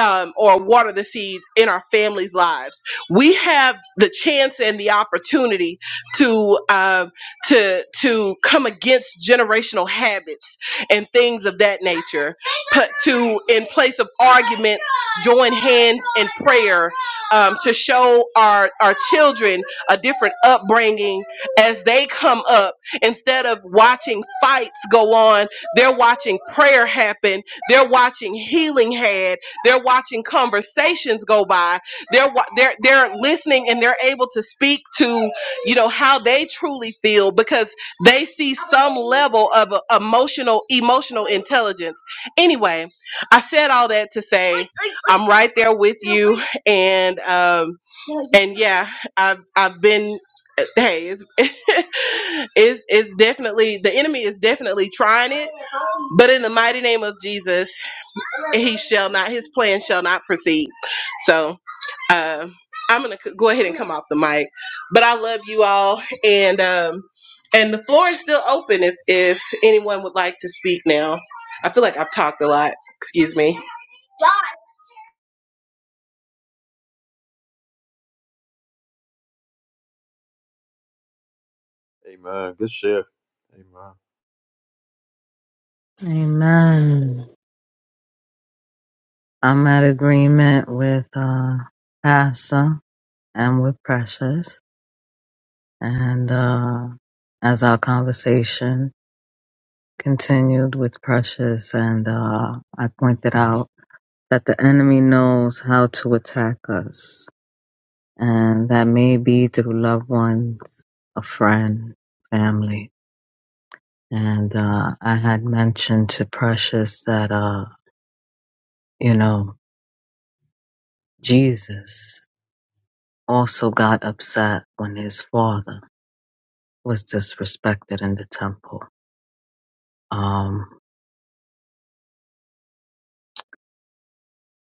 [SPEAKER 1] um, or water the seeds in our families lives we have the chance and the opportunity to um, to to come against generational habits and things of that nature put to in place of arguments join hands prayer um, to show our our children a different upbringing as they come up. Instead of watching fights go on, they're watching prayer happen. They're watching healing had. They're watching conversations go by. They're wa- they're they're listening and they're able to speak to you know how they truly feel because they see some level of uh, emotional emotional intelligence. Anyway, I said all that to say I'm right there with and um and yeah i've i've been hey it's <laughs> it's it's definitely the enemy is definitely trying but in the mighty name of jesus his plan shall not proceed so um i'm gonna c- go ahead and come off the mic but i love you all and um and the floor is still open if if anyone would like to speak now i feel like i've talked a lot excuse me
[SPEAKER 5] Amen. Good share. Amen.
[SPEAKER 2] Amen. I'm at agreement with uh Pastor and with Precious. And uh as our conversation continued with Precious and uh I pointed out that the enemy knows how to attack us and that may be through loved ones, a friend, family. And uh I had mentioned to Precious that uh, you know, Jesus. also got upset when his father was disrespected in the temple. Um,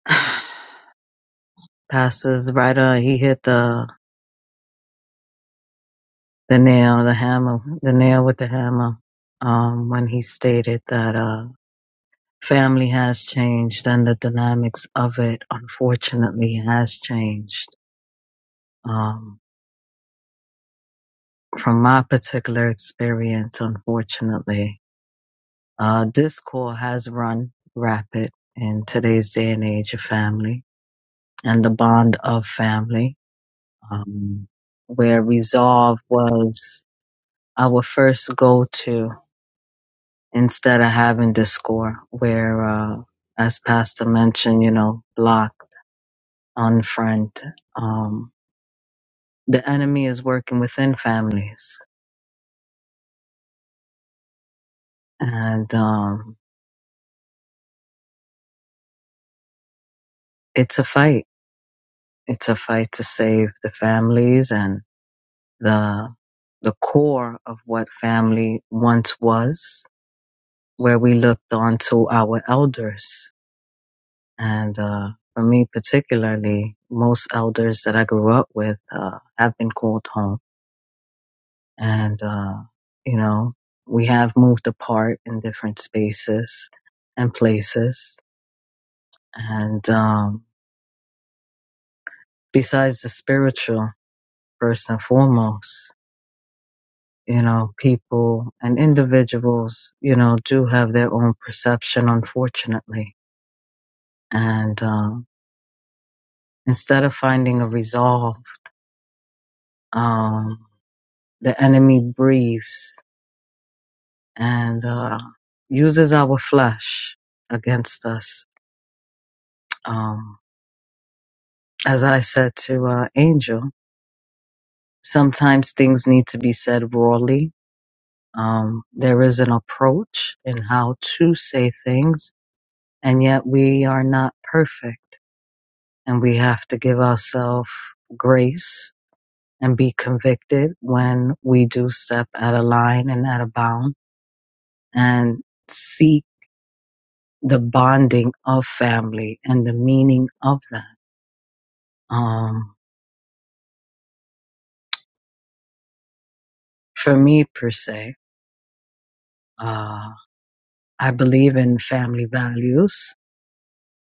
[SPEAKER 2] <sighs> passes right on. He hit the the nail, the hammer, the nail with the hammer. Um, when he stated that uh, family has changed and the dynamics of it, unfortunately, has changed. Um, from my particular experience, unfortunately, uh, discord has run rapid in today's day and age of family and the bond of family, um, where resolve was our first go to instead of having discord, where, uh, as Pastor mentioned, you know, block, unfriend. Um, the enemy is working within families, and um, it's a fight. It's a fight to save the families and the the core of what family once was, where we looked on to our elders And uh, for me, particularly, most elders that I grew up with uh, have been called home. And, uh, you know, we have moved apart in different spaces and places. And um, besides the spiritual, first and foremost, you know, people and individuals, you know, do have their own perception, unfortunately. And um, instead of finding a resolve, um, the enemy breathes and uh, uses our flesh against us. Um, as I said to uh, Angel, sometimes things need to be said rawly. Um, there is an approach in how to say things, and yet we are not perfect, and we have to give ourselves grace and be convicted when we do step out of line and out of bound, and seek the bonding of family and the meaning of that um, for me per se. Uh, I believe in family values,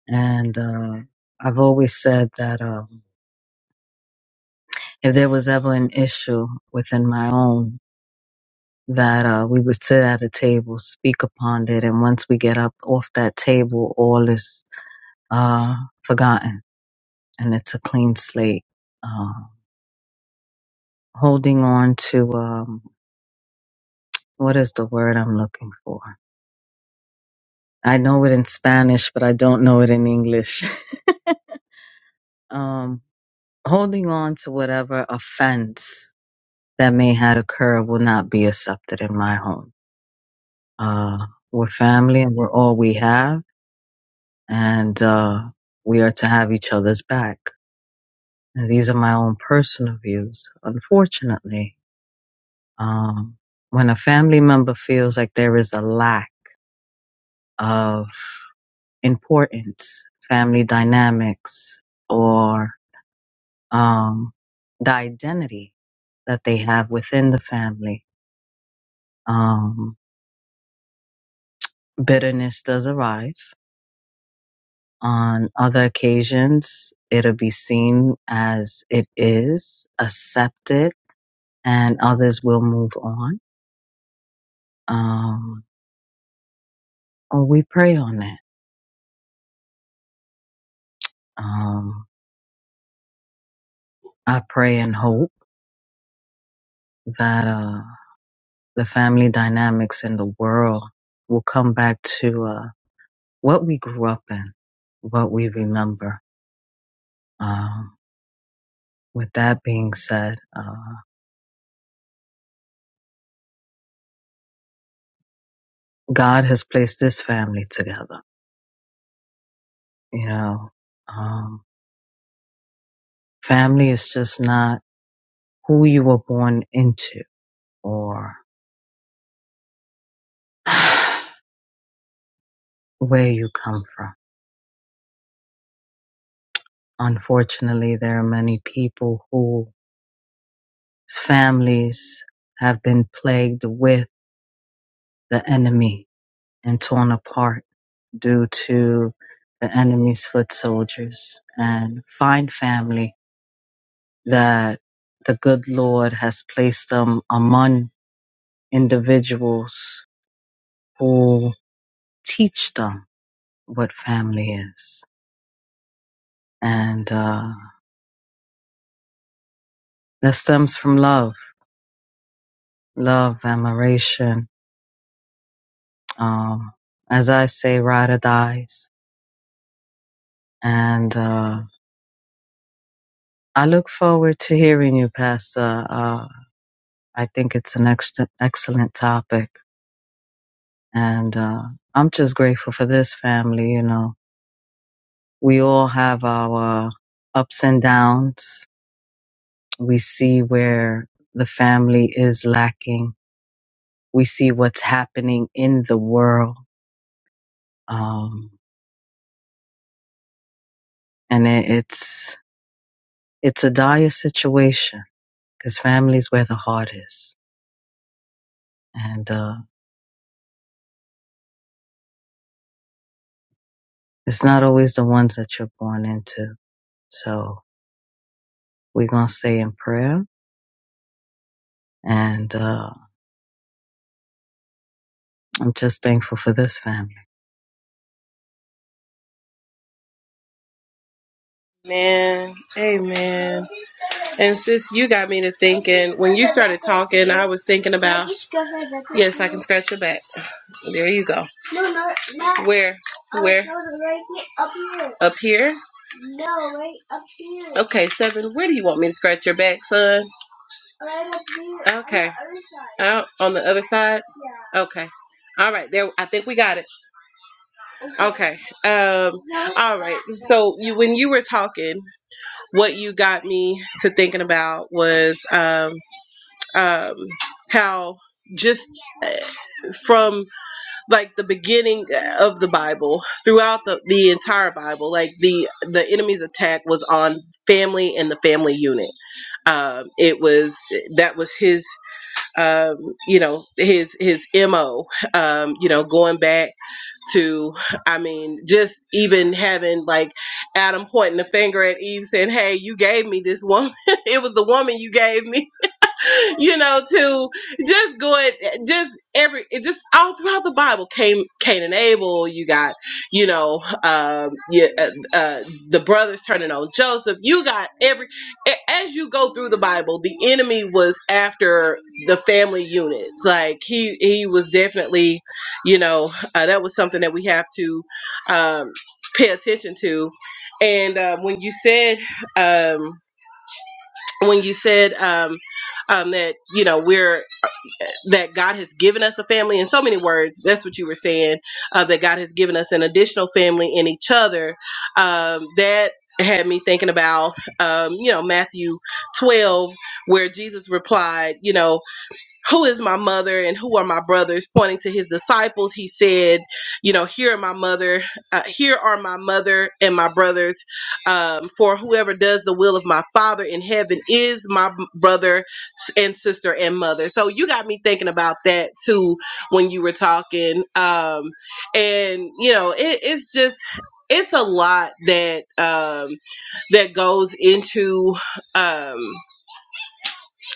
[SPEAKER 2] and uh, I've always said that um, if there was ever an issue within my own, that uh, we would sit at a table, speak upon it, and once we get up off that table, all is uh, forgotten, and it's a clean slate. Uh, holding on to um, what is the word I'm looking for? I know it in Spanish, but I don't know it in English. <laughs> um, holding on to whatever offense that may had occurred will not be accepted in my home. Uh, we're family and we're all we have, and uh, we are to have each other's back. And these are my own personal views. Unfortunately, um, when a family member feels like there is a lack of importance, family dynamics, or um, the identity that they have within the family, um, bitterness does arrive. On other occasions, it'll be seen as it is, accepted, and others will move on. Um, oh, we pray on that. Um, I pray and hope that uh, the family dynamics in the world will come back to uh, what we grew up in, what we remember. Um, with that being said, uh, God has placed this family together. You know, um, Family is just not who you were born into or <sighs> where you come from. Unfortunately, there are many people whose families have been plagued with the enemy and torn apart due to the enemy's foot soldiers and find family that the good Lord has placed them among individuals who teach them what family is and uh, that stems from love, love, admiration. Um, as I say, ride or dies. And uh, I look forward to hearing you, Pastor. Uh, I think it's an ex- excellent topic, and uh, I'm just grateful for this family. You know, we all have our ups and downs. We see where the family is lacking. We see what's happening in the world. Um, and it, it's it's a dire situation because family's where the heart is, and uh, it's not always the ones that you're born into. So we're gonna stay in prayer, and uh, I'm just thankful for this family.
[SPEAKER 1] man amen and sis you got me to thinking was thinking about. Scratch your back. There you go. Where? Up here? Okay, seven. Where do you want me to scratch your back, son? Out on the other side? Okay. All right, there I think we got it. Okay. Um so you when you were talking, what you got me to thinking about was um um how just uh, from like the beginning of the Bible, throughout the, the entire Bible, like the the enemy's attack was on family and the family unit. Um, it was that was his, um, you know, his his mo. Um, you know, going back to, I mean, just even having like Adam pointing the finger at Eve, saying, "Hey, you gave me this woman. <laughs> it was the woman you gave me." <laughs> you know, to just go at just every it just all throughout the Bible came Cain and Abel. You got you know um, yeah, uh, uh, the brothers turning on Joseph. You got every a- as you go through the Bible, the enemy was after the family units. Like he he was definitely you know uh, that was something that we have to um, pay attention to. And uh, when you said. Um, when you said um, um, that you know we're that God has given us a family in so many words. That's what you were saying. Uh, that God has given us an additional family in each other. Um, that had me thinking about, um, you know, Matthew 12, where Jesus replied, you know, who is my mother and who are my brothers pointing to his disciples he said you know here are my mother uh, here are my mother and my brothers um, for whoever does the will of my father in heaven is my brother and sister and mother so you got me thinking about that too when you were talking um, and you know it, it's just it's a lot that um, that goes into um,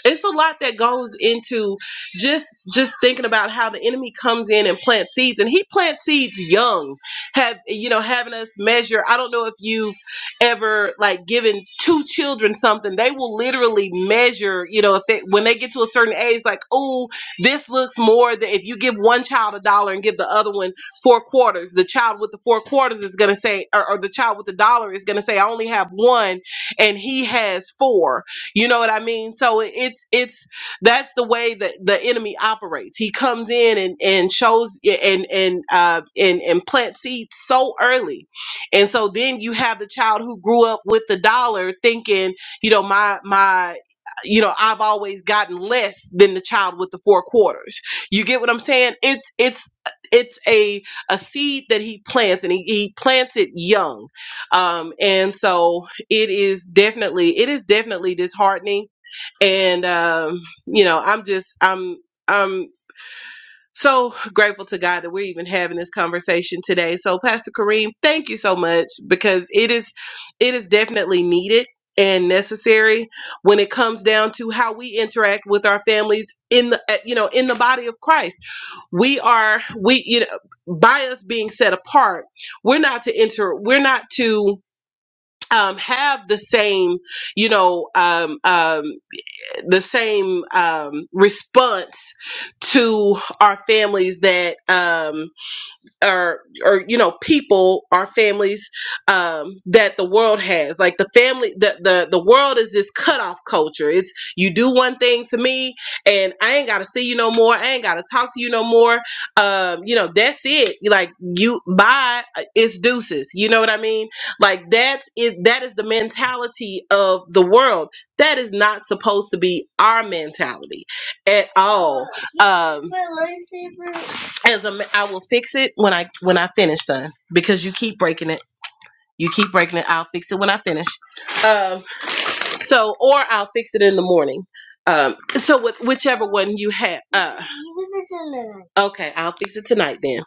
[SPEAKER 1] it's a lot that goes into just just thinking about how the enemy comes in and plants seeds and he plants seeds young have you know having us measure i don't know if you've ever like given two children something they will literally measure you know if they when they get to a certain age like oh this looks more than if you give one child a dollar and give the other one four quarters the child with the four quarters is going to say or, or the child with the dollar is going to say i only have one and he has four you know what I mean? So it's it's that's the way that the enemy operates. He comes in and and shows and and uh and and plants seeds so early, and so then you have the child who grew up with the dollar, thinking you know my my you know I've always gotten less than the child with the four quarters. You get what I'm saying? It's it's it's a a seed that he plants and he, he plants it young um and so it is definitely it is definitely disheartening and um you know i'm just i'm i'm so grateful to god that we're even having this conversation today so pastor kareem thank you so much because it is it is definitely needed and necessary when it comes down to how we interact with our families in the uh, you know in the body of christ we are we you know by us being set apart we're not to enter we're not to um, have the same, you know, um, um, the same um, response to our families that um, or or you know people our families um that the world has like the family the the the world is this cutoff culture it's you do one thing to me and i ain't gotta see you no more i ain't gotta talk to you no more um you know that's it like you bye uh, it's deuces you know what i mean like that's it that is the mentality of the world that is not supposed to be our mentality at all um as a, ma- I will fix it when I when I finish, son. Because you keep breaking it. You keep breaking it. I'll fix it when I finish. Um. So, or I'll fix it in the morning. Um. So, with whichever one you have. Uh. Okay. I'll fix it tonight then.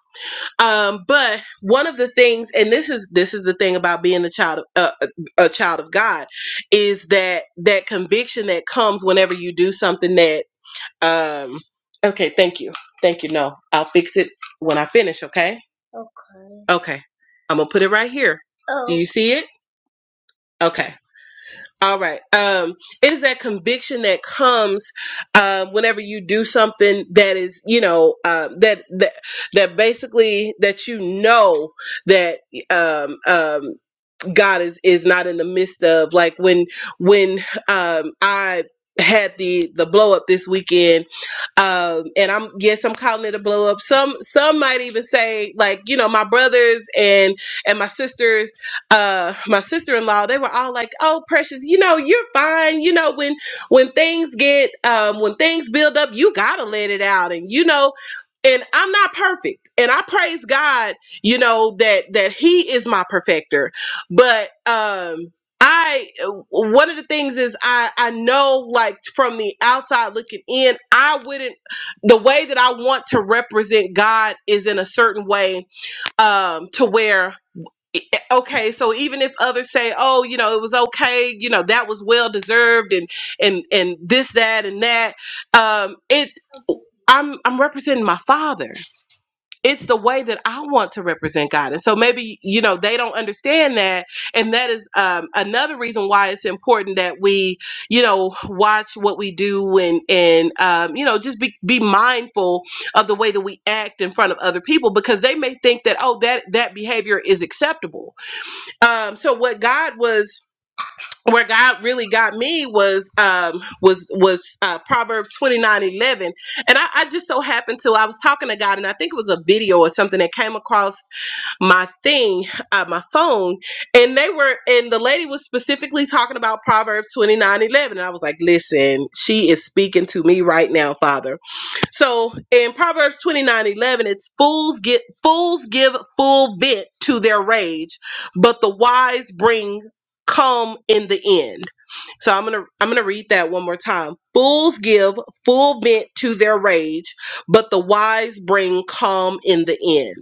[SPEAKER 1] Um. But one of the things, and this is this is the thing about being the child of uh, a a child of God, is that that conviction that comes whenever you do something that um. Okay. Thank you. Thank you. No, I'll fix it when I finish. Okay Okay. I'm gonna put it right here. You see it? Okay. All right. Um, it is that conviction that comes um, whenever you do something that is, you know, uh, that that that basically that you know that um, um, God is is not in the midst of like when when um I had the the blow up this weekend um and i'm yes i'm calling it a blow up some some might even say like you know my brothers and and my sisters uh my sister-in-law they were all like oh precious you know you're fine you know when when things get um when things build up you gotta let it out and you know and I'm not perfect. And I praise God, you know, that that he is my perfecter. But um I one of the things is I I know like from the outside looking in, I wouldn't the way that I want to represent God is in a certain way um to where e, e, okay so even if others say oh you know it was okay you know that was well deserved and and and this that and that um it i'm i'm representing my father it's the way that I want to represent God. And so maybe, you know, they don't understand that. And that is um, another reason why it's important that we, you know, watch what we do and, and um, you know, just be, be mindful of the way that we act in front of other people because they may think that, oh, that, that behavior is acceptable. Um, so what God was where God really got me was um was was uh Proverbs twenty nine eleven, And I, I just so happened to I was talking to God and I think it was a video or something that came across my thing, uh, my phone, and they were, and the lady was specifically talking about Proverbs twenty nine eleven, And I was like, listen, she is speaking to me right now, Father. So in Proverbs twenty nine eleven, it's fools get, fools give full vent to their rage, but the wise bring calm in the end. So I'm gonna I'm gonna read that one more time. Fools give full vent to their rage, but the wise bring calm in the end.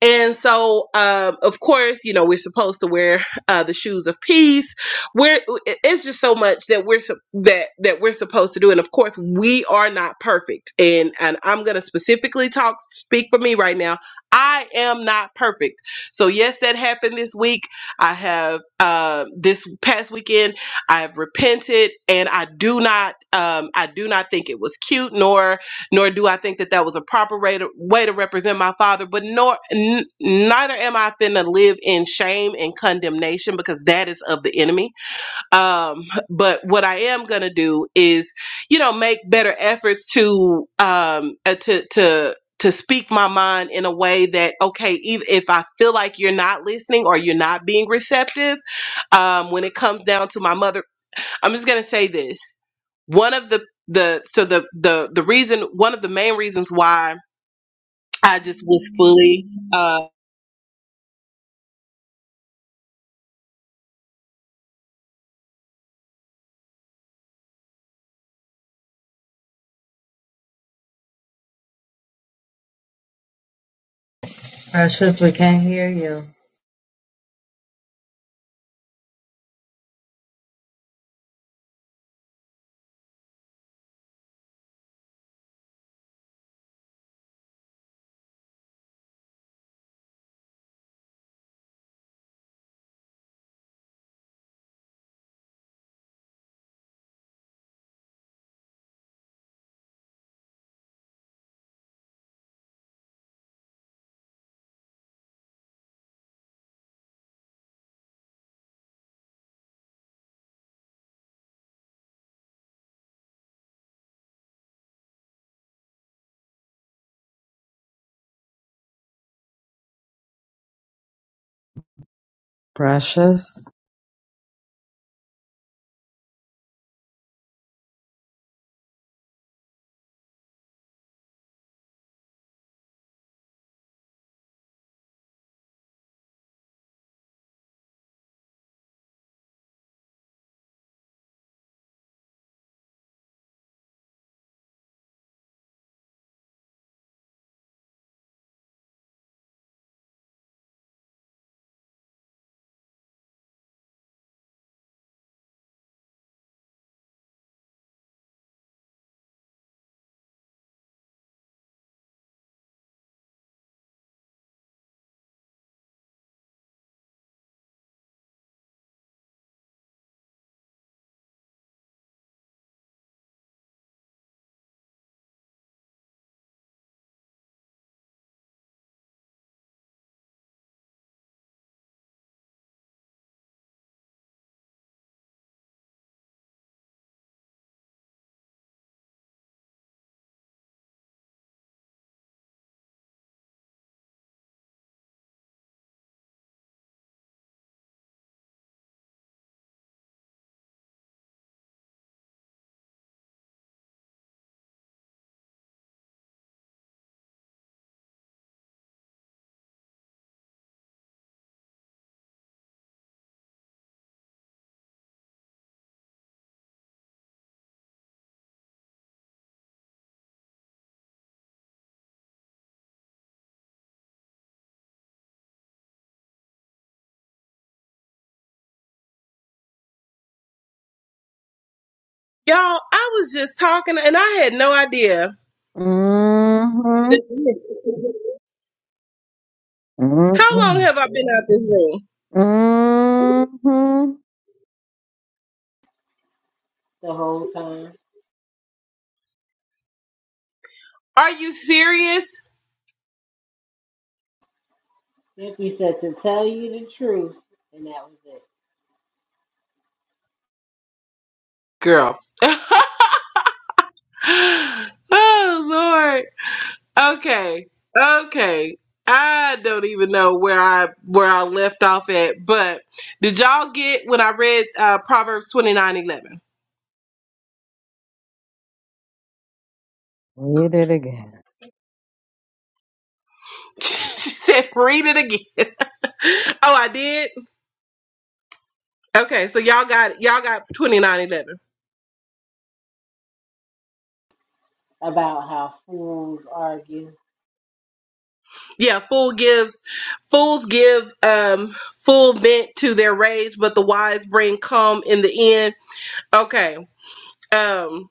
[SPEAKER 1] And so, um, of course, you know, we're supposed to wear uh, the shoes of peace. We're it's just so much that we're sup- that that we're supposed to do. And of course, we are not perfect. And and I'm gonna specifically talk speak for me right now. I am not perfect. So yes, that happened this week. I have uh, this past weekend. I have repented, and I do not. Um, I do not think it was cute, nor nor do I think that that was a proper way to, way to represent my father. But nor n- neither am I finna live in shame and condemnation because that is of the enemy. Um, but what I am gonna do is, you know, make better efforts to um uh, to to to speak my mind in a way that okay even if i feel like you're not listening or you're not being receptive um, when it comes down to my mother i'm just going to say this one of the the so the the the reason one of the main reasons why I just was fully uh
[SPEAKER 2] Precious, we can't hear you. Precious.
[SPEAKER 1] y'all I was just talking and I had no idea
[SPEAKER 2] Mm-hmm.
[SPEAKER 1] that <laughs> how long have
[SPEAKER 2] Mm-hmm.
[SPEAKER 1] I been out this room
[SPEAKER 2] Mm-hmm.
[SPEAKER 3] the whole time.
[SPEAKER 1] are you serious
[SPEAKER 3] Simply said to tell you the truth, and that was it
[SPEAKER 1] girl <gasps> oh lord okay okay I don't even know where I where I left off at but did y'all get when I read uh Proverbs twenty nine eleven
[SPEAKER 2] Read it again.
[SPEAKER 1] <laughs> she said read it again <laughs> Oh, I did. Okay, so y'all got y'all got twenty nine eleven.
[SPEAKER 3] about how fools argue.
[SPEAKER 1] Yeah, fool gives fools give um full vent to their rage, but the wise bring calm in the end. Okay. Um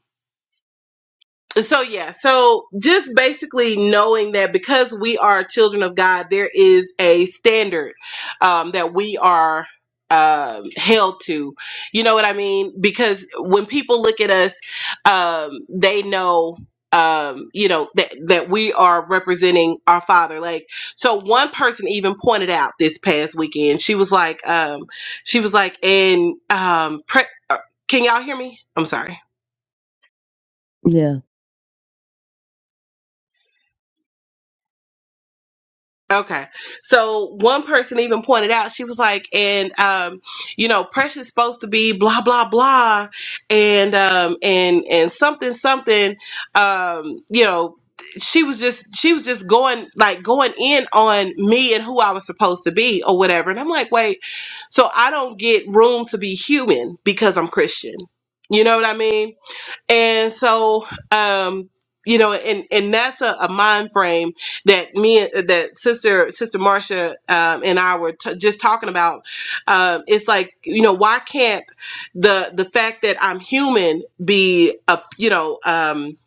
[SPEAKER 1] So yeah, so just basically knowing that because we are children of God, there is a standard um, that we are um held to. You know what I mean? Because when people look at us, um, they know. Um, you know that that we are representing our father. Like, so one person even pointed out this past weekend. She was like, um, she was like, and um, pre- uh, can y'all hear me? I'm sorry.
[SPEAKER 2] Yeah.
[SPEAKER 1] Okay. So one person even pointed out, she was like, and um, you know, Precious supposed to be blah blah blah and um and and something something um, you know, she was just she was just going like going in on me and who I was supposed to be or whatever. And I'm like, wait, so I don't get room to be human because I'm Christian. You know what I mean? and so um you know and and that's a, a mind frame that me that sister sister marcia um and i were t- just talking about um it's like you know why can't the the fact that i'm human be a you know um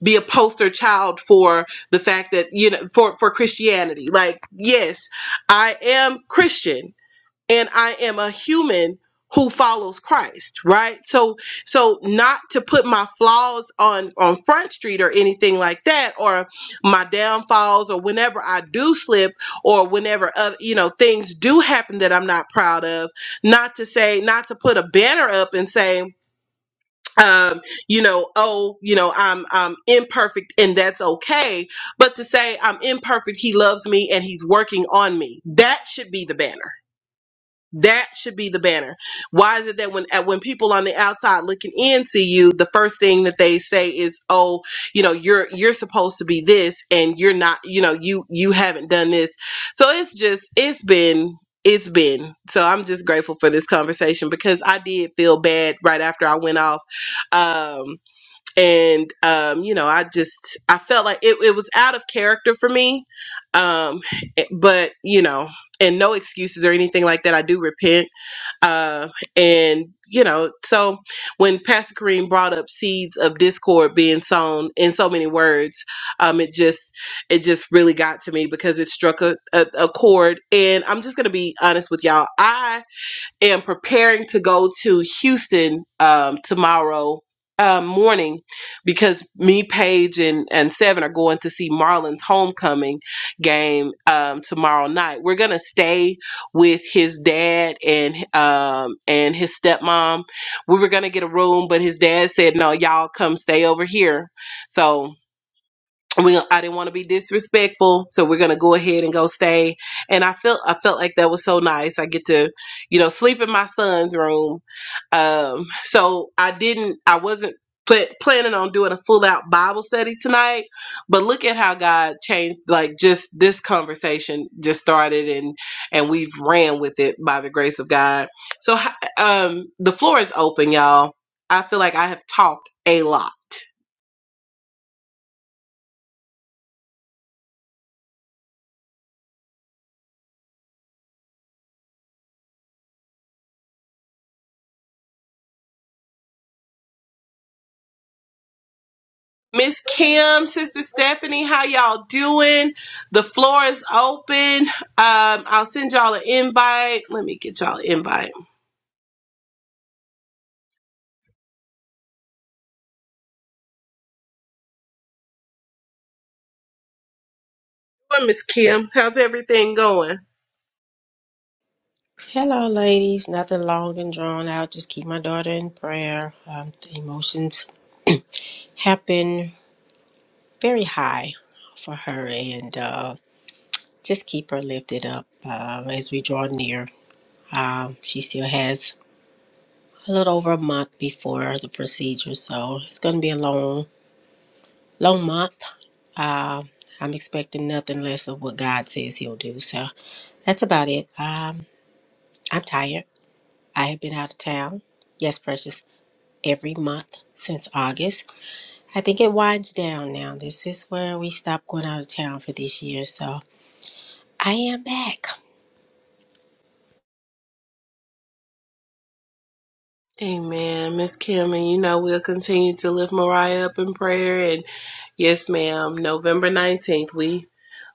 [SPEAKER 1] be a poster child for the fact that you know for for Christianity. Like, yes, I am Christian and I am a human who follows Christ, right? So so not to put my flaws on on front street or anything like that or my downfalls or whenever I do slip or whenever other, you know things do happen that I'm not proud of, not to say not to put a banner up and say um, you know, oh, you know, I'm I'm imperfect and that's okay, but to say I'm imperfect, he loves me and he's working on me. That should be the banner that should be the banner. Why is it that when at- when people on the outside looking in see you, the first thing that they say is, "Oh, you know, you're you're supposed to be this, and you're not. You know, you you haven't done this." So it's just it's been it's been. So I'm just grateful for this conversation because I did feel bad right after I went off. Um, and um, you know, I just I felt like it, it was out of character for me. Um, it- but you know, and no excuses or anything like that. I do repent. Uh, and you know, so when Pastor Kareem brought up seeds of discord being sown in so many words, um, it just it just really got to me because it struck a, a, a chord. And I'm just gonna be honest with y'all. I am preparing to go to Houston um, tomorrow um, morning because me, Paige, and, and Seven are going to see Marlon's homecoming game um, tomorrow night. We're gonna stay with his dad and um, and his stepmom. We were gonna get a room, but his dad said no, y'all come stay over here. So we I didn't want to be disrespectful, so we're gonna go ahead and go stay. And I felt I felt like that was so nice. I get to, you know, sleep in my son's room. Um, so I didn't I wasn't pl- planning on doing a full out Bible study tonight, but look at how God changed. Like just this conversation just started and and we've ran with it by the grace of God. So h- um, the floor is open, y'all. I feel like I have talked a lot. Miss Kim, Sister Stephanie, how y'all doing? The floor is open. Um, I'll send y'all an invite. Let me get y'all an invite. Well, Miss Kim, how's everything going?
[SPEAKER 6] Hello, ladies. Nothing long and drawn out. Just keep my daughter in prayer. Um, the emotions have been very high for her, and uh, just keep her lifted up uh, as we draw near. Um, she still has a little over a month before the procedure, so it's going to be a long, long month. Uh, I'm expecting nothing less of what God says He'll do. So that's about it. Um, I'm tired. I have been out of town. Yes, precious. Every month since August. I think it winds down now. This is where we stop going out of town for this year. So I am back.
[SPEAKER 1] Amen, Miss Kim, and you know we'll continue to lift Mariah up in prayer. And yes, ma'am, November nineteenth, we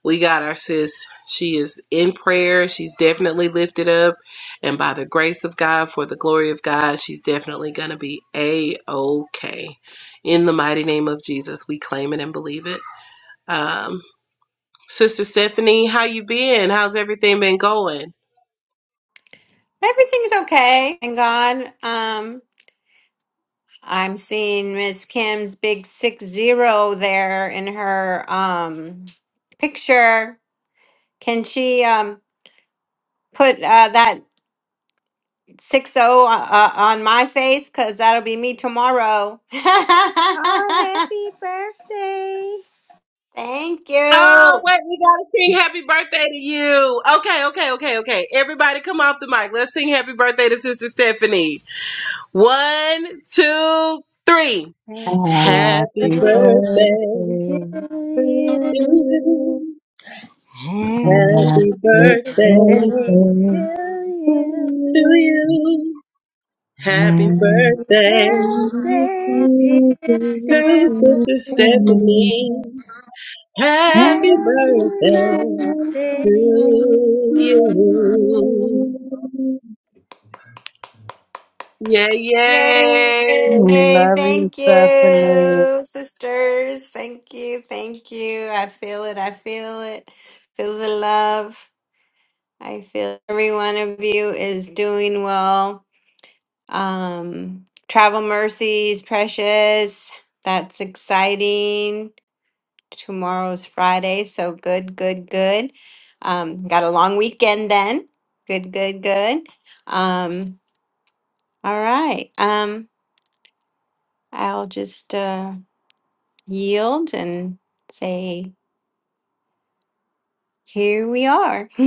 [SPEAKER 1] We got our sis. She is in prayer. She's definitely lifted up. And by the grace of God, for the glory of God, she's definitely going to be A OK. In the mighty name of Jesus, we claim it and believe it. Um, Sister Stephanie, how you been? How's everything been going?
[SPEAKER 7] Everything's okay. Thank God. Um, I'm seeing Miss Kim's big six zero there in her um picture. Can she um put uh, that six zero uh, uh, on my face? Cause that'll be me tomorrow. <laughs>
[SPEAKER 6] Oh, happy birthday!
[SPEAKER 7] Thank
[SPEAKER 1] Oh,
[SPEAKER 7] you.
[SPEAKER 1] wait, we gotta sing happy birthday to you. Okay, okay, okay, okay. Everybody come off the mic. Let's sing happy birthday to Sister Stephanie. One, two, three. Happy
[SPEAKER 2] Happy birthday
[SPEAKER 1] birthday
[SPEAKER 2] to
[SPEAKER 1] to
[SPEAKER 2] you.
[SPEAKER 1] you.
[SPEAKER 2] Happy birthday
[SPEAKER 6] Happy
[SPEAKER 1] Happy
[SPEAKER 2] to you.
[SPEAKER 1] birthday
[SPEAKER 2] Happy
[SPEAKER 6] Birthday
[SPEAKER 2] birthday
[SPEAKER 6] to
[SPEAKER 2] to
[SPEAKER 6] you.
[SPEAKER 1] to you. Happy
[SPEAKER 2] me.
[SPEAKER 6] Happy
[SPEAKER 1] birthday
[SPEAKER 2] Happy
[SPEAKER 6] birthday,
[SPEAKER 2] birthday to
[SPEAKER 6] dear
[SPEAKER 1] to Sister
[SPEAKER 6] Stephanie.
[SPEAKER 1] Stephanie. Happy
[SPEAKER 6] Happy
[SPEAKER 1] birthday
[SPEAKER 6] birthday.
[SPEAKER 2] you.
[SPEAKER 1] to you. Yeah,
[SPEAKER 7] Yay.
[SPEAKER 1] yeah.
[SPEAKER 2] Love you,
[SPEAKER 7] Thank
[SPEAKER 2] Stephanie.
[SPEAKER 7] you, sisters. Thank you. Thank you. I feel it. I feel it. Feel the love. I feel every one of you is doing well. Um, Travel Mercies, Precious, that's exciting. Tomorrow's Friday, so good, good, good. Um, got a long weekend then. Good, good, good. Um, all right. Um, I'll just uh, yield and say, here we are. <laughs>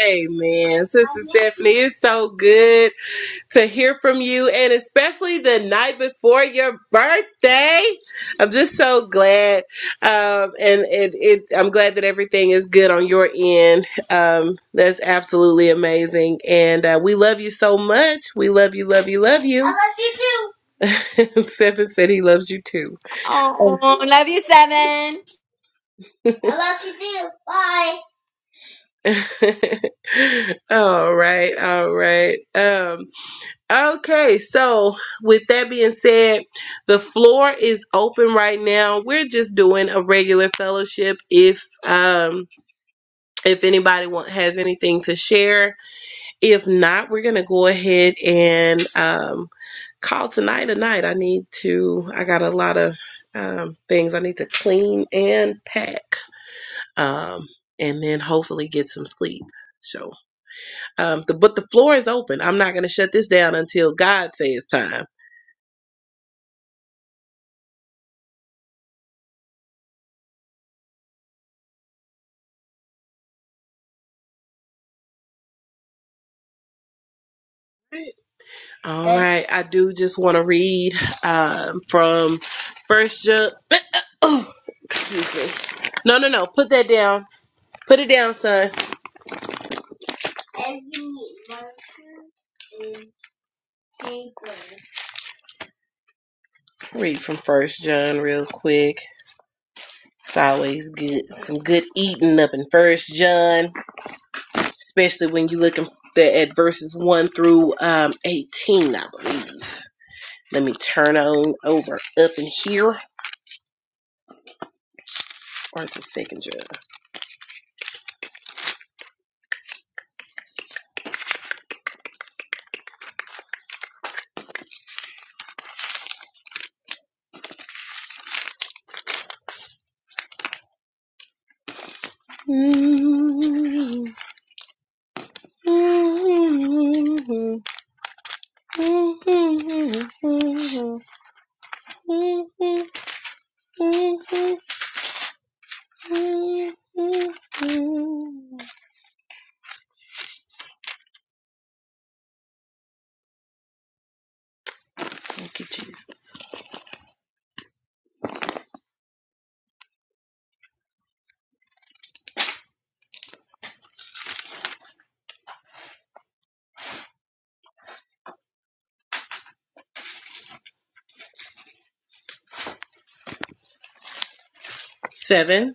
[SPEAKER 1] Amen. Sister Stephanie, it's so good to hear from you and especially the night before your birthday. I'm just so glad. Um, and it, it, I'm glad that everything is good on your end. Um, that's absolutely amazing. And uh, we love you so much. We love you, love you, love you. <laughs> Stephen said he loves you too. <laughs>
[SPEAKER 7] oh, love you, Seven.
[SPEAKER 1] all right, all right. Um, Okay, so with that being said, the floor is open right now. We're just doing a regular fellowship. If um if anybody want, has anything to share, if not, we're gonna go ahead and um call tonight a night. I need to. I got a lot of um things I need to clean and pack, um, and then hopefully get some sleep. So. Um, the, but the floor is open. I'm not going to shut this down until God says time. All right, I do just want to read um, from First John. <coughs> Oh, excuse me. No, no, no. Put that down. Put it down, son. Read from First John real quick. It's always good. Some good eating up in First John. especially when you look at at verses 1 through um, 18, I believe. Let me turn on over up in here. Or is it second judge? Thank you, Jesus. Seven.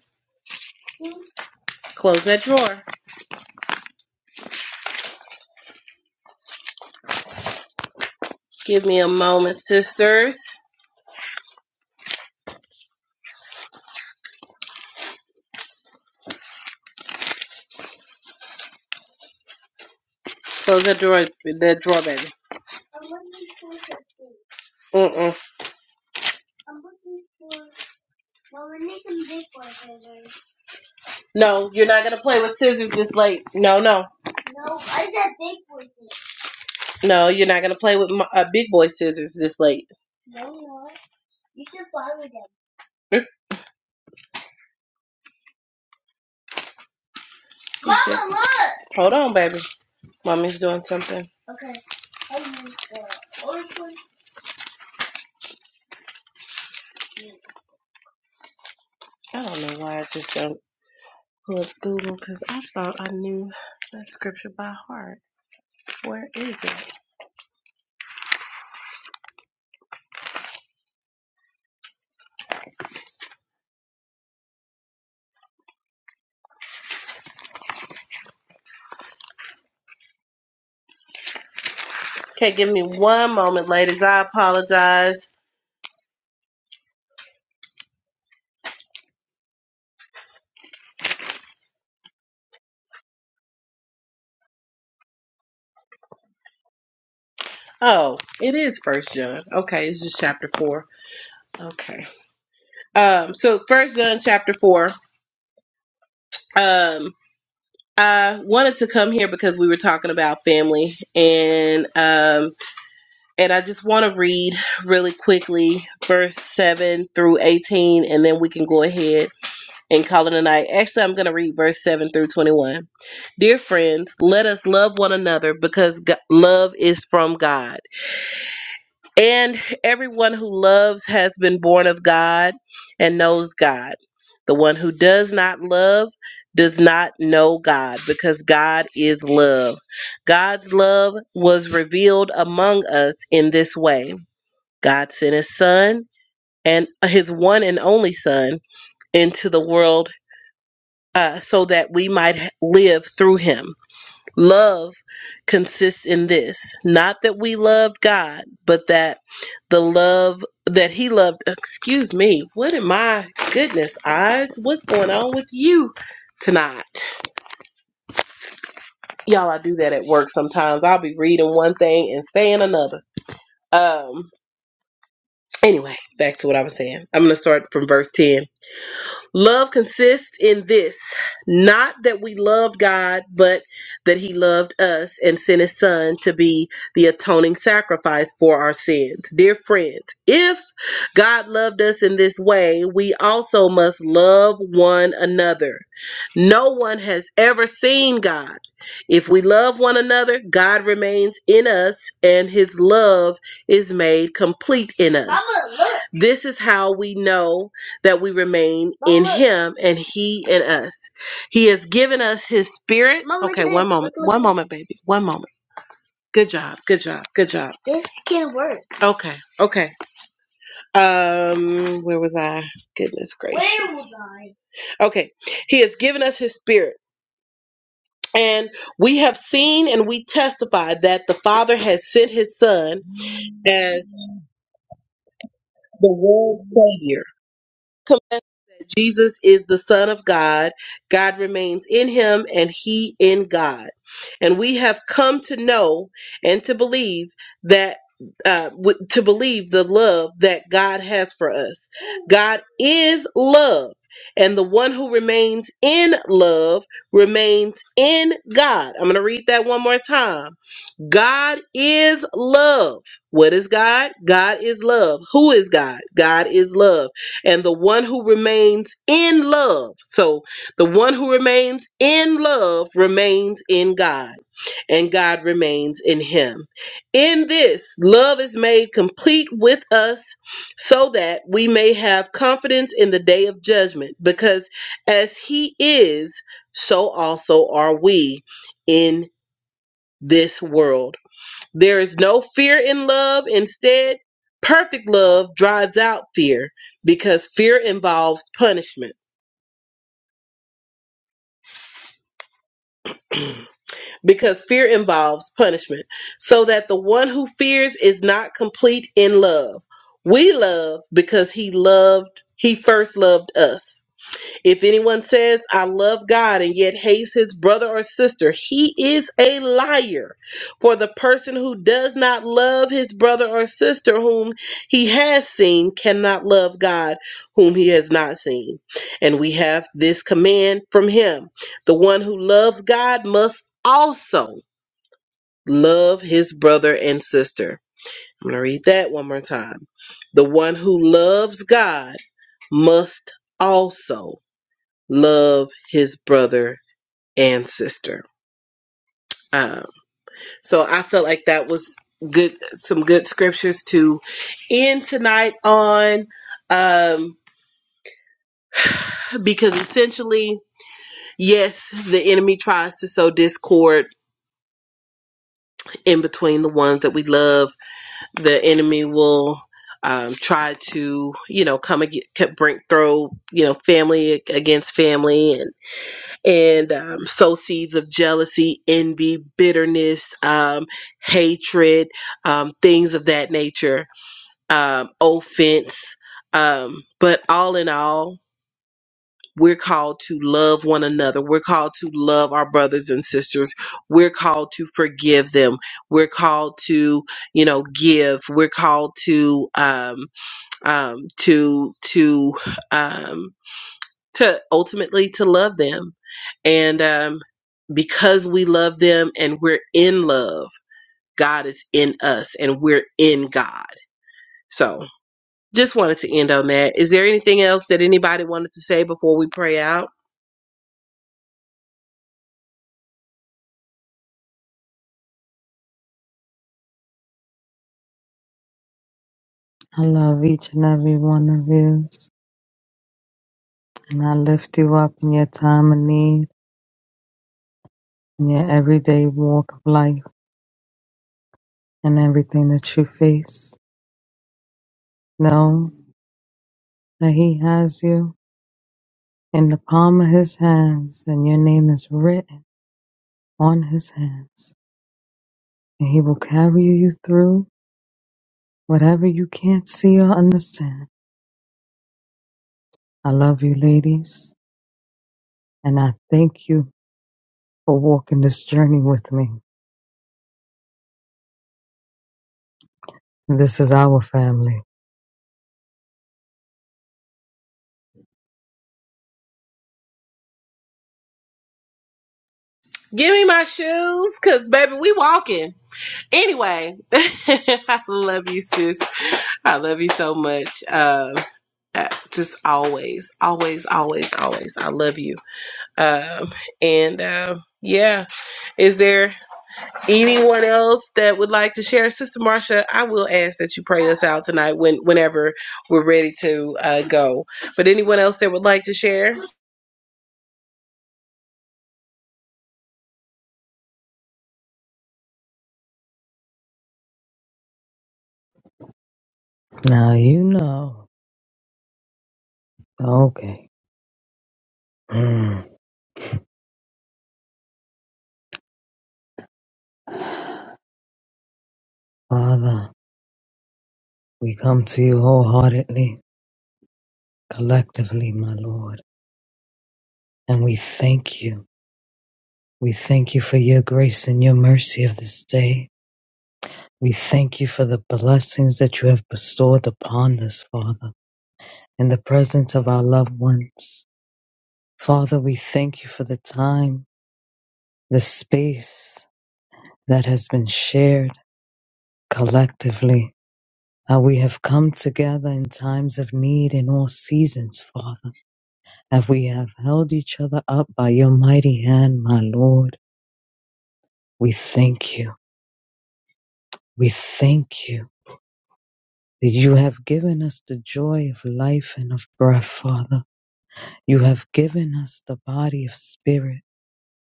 [SPEAKER 1] Close that drawer. Give me a moment, sisters. Close that drawer. That drawer, baby. Mm-mm. No, you're not gonna play with scissors this late. No, no, no, you're not gonna play with my, uh, big boy scissors this late. <laughs> Hold on, baby. Mommy's doing something. I don't know why I just don't pull up Google because I thought I knew that scripture by heart. Where is it? Okay, give me one moment, ladies. I apologize. Oh, it is First John. Okay, it's just chapter four. Okay. Um, so First John chapter four. Um, I wanted to come here because we were talking about family and um and I just want to read really quickly verse 7 through 18 and then we can go ahead and call it a night. Actually, I'm going to read verse 7 through 21. Dear friends, let us love one another because Go- love is from God. And everyone who loves has been born of God and knows God. The one who does not love does not know God because God is love. God's love was revealed among us in this way God sent his son and his one and only son into the world uh, so that we might live through him. Love consists in this not that we loved God, but that the love that He loved. Excuse me, what am I? Goodness, eyes, what's going on with you tonight? Y'all, I do that at work sometimes. I'll be reading one thing and saying another. Um, anyway, back to what I was saying. I'm gonna start from verse 10. Love consists in this not that we loved God, but that He loved us and sent His Son to be the atoning sacrifice for our sins. Dear friends, if God loved us in this way, we also must love one another. No one has ever seen God. If we love one another, God remains in us and His love is made complete in us. This is how we know that we remain him and he in us. He has given us his spirit. One moment, baby. One moment. Good job. Good job. Good job. Okay. Okay. Um, where was I? Goodness gracious. Okay. He has given us his spirit. And we have seen and we testify that the Father has sent his Son as the world's Savior. Jesus is the Son of God. God remains in him and he in God. And we have come to know and to believe that. Uh, w- to believe the love that God has for us. God is love, and the one who remains in love remains in God. I'm going to read that one more time. God is love. What is God? God is love. Who is God? God is love. And the one who remains in love. So the one who remains in love remains in God, and God remains in him. In this, love is made complete with us so that we may have confidence in the day of judgment, because as he is, so also are we in this world. There is no fear in love. Instead, perfect love drives out fear because fear involves punishment. <clears throat> because fear involves punishment, so that the one who fears is not complete in love. We love because he loved, he first loved us. If anyone says, I love God and yet hates his brother or sister, he is a liar. For the person who does not love his brother or sister whom he has seen cannot love God whom he has not seen. And we have this command from him the one who loves God must also love his brother and sister. I'm going to read that one more time. The one who loves God must also love his brother and sister. Um, so I felt like that was good, some good scriptures to end tonight on. Um, because essentially, yes, the enemy tries to sow discord in between the ones that we love. The enemy will um, try to, you know, come against, bring throw, you know, family against family and. and um, sow seeds of jealousy, envy, bitterness, um, hatred, um, things of that nature, um, offense. Um, but all in all, we're called to love one another. We're called to love our brothers and sisters. We're called to forgive them. We're called to, you know, give. We're called to, um, um, to, to, um, to ultimately to love them and um, because we love them and we're in love god is in us and we're in god so just wanted to end on that is there anything else that anybody wanted to say before we pray out
[SPEAKER 2] I love each and every one of you, and I lift you up in your time of need, in your everyday walk of life, and everything that you face. No. that he has you in the palm of his hands and your name is written on his hands. And he will carry you through whatever you can't see or understand. I love you, ladies, and I thank you for walking this journey with me. This is our family.
[SPEAKER 1] give me my shoes because baby we walking anyway <laughs> i love you sis i love you so much um, uh, just always always always always i love you Um, and uh, yeah, is there anyone else that would like to share, Sister Marcia? I will ask that you pray us out tonight when whenever we're ready to uh, go. But anyone else that would like to share?
[SPEAKER 2] Now you know. Okay. Mm. Father, we come to you wholeheartedly, collectively, my Lord, and we thank you. We thank you for your grace and your mercy of this day. We thank you for the blessings that you have bestowed upon us, Father, in the presence of our loved ones. Father, we thank you for the time, the space that has been shared collectively. How we have come together in times of need in all seasons, Father, as we have held each other up by your mighty hand, my Lord. We thank you. We thank you that you have given us the joy of life and of breath, Father. You have given us the body of spirit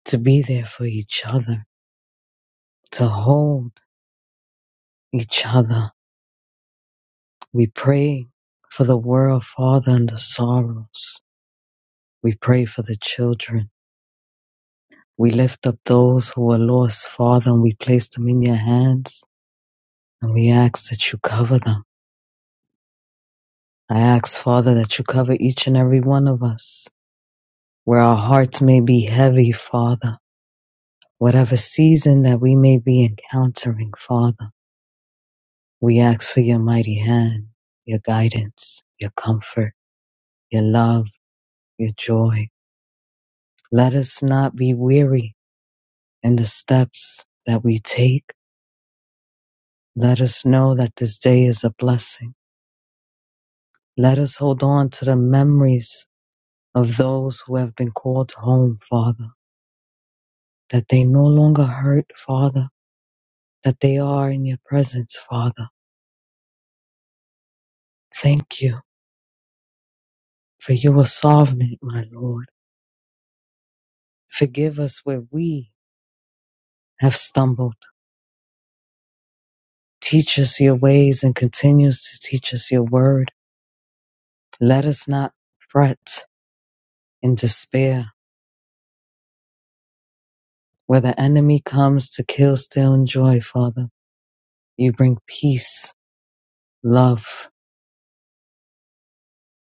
[SPEAKER 2] to be there for each other, to hold each other. We pray for the world, Father, and the sorrows. We pray for the children. We lift up those who are lost, Father, and we place them in your hands. And we ask that you cover them. I ask, Father, that you cover each and every one of us, where our hearts may be heavy, Father, whatever season that we may be encountering, Father. We ask for your mighty hand, your guidance, your comfort, your love, your joy. Let us not be weary in the steps that we take. Let us know that this day is a blessing. Let us hold on to the memories of those who have been called home, Father, that they no longer hurt, Father, that they are in your presence, Father. Thank you for your sovereignty, my Lord. Forgive us where we have stumbled Teach us your ways and continues to teach us your word. Let us not fret in despair. Where the enemy comes to kill, steal, and joy, Father, you bring peace, love.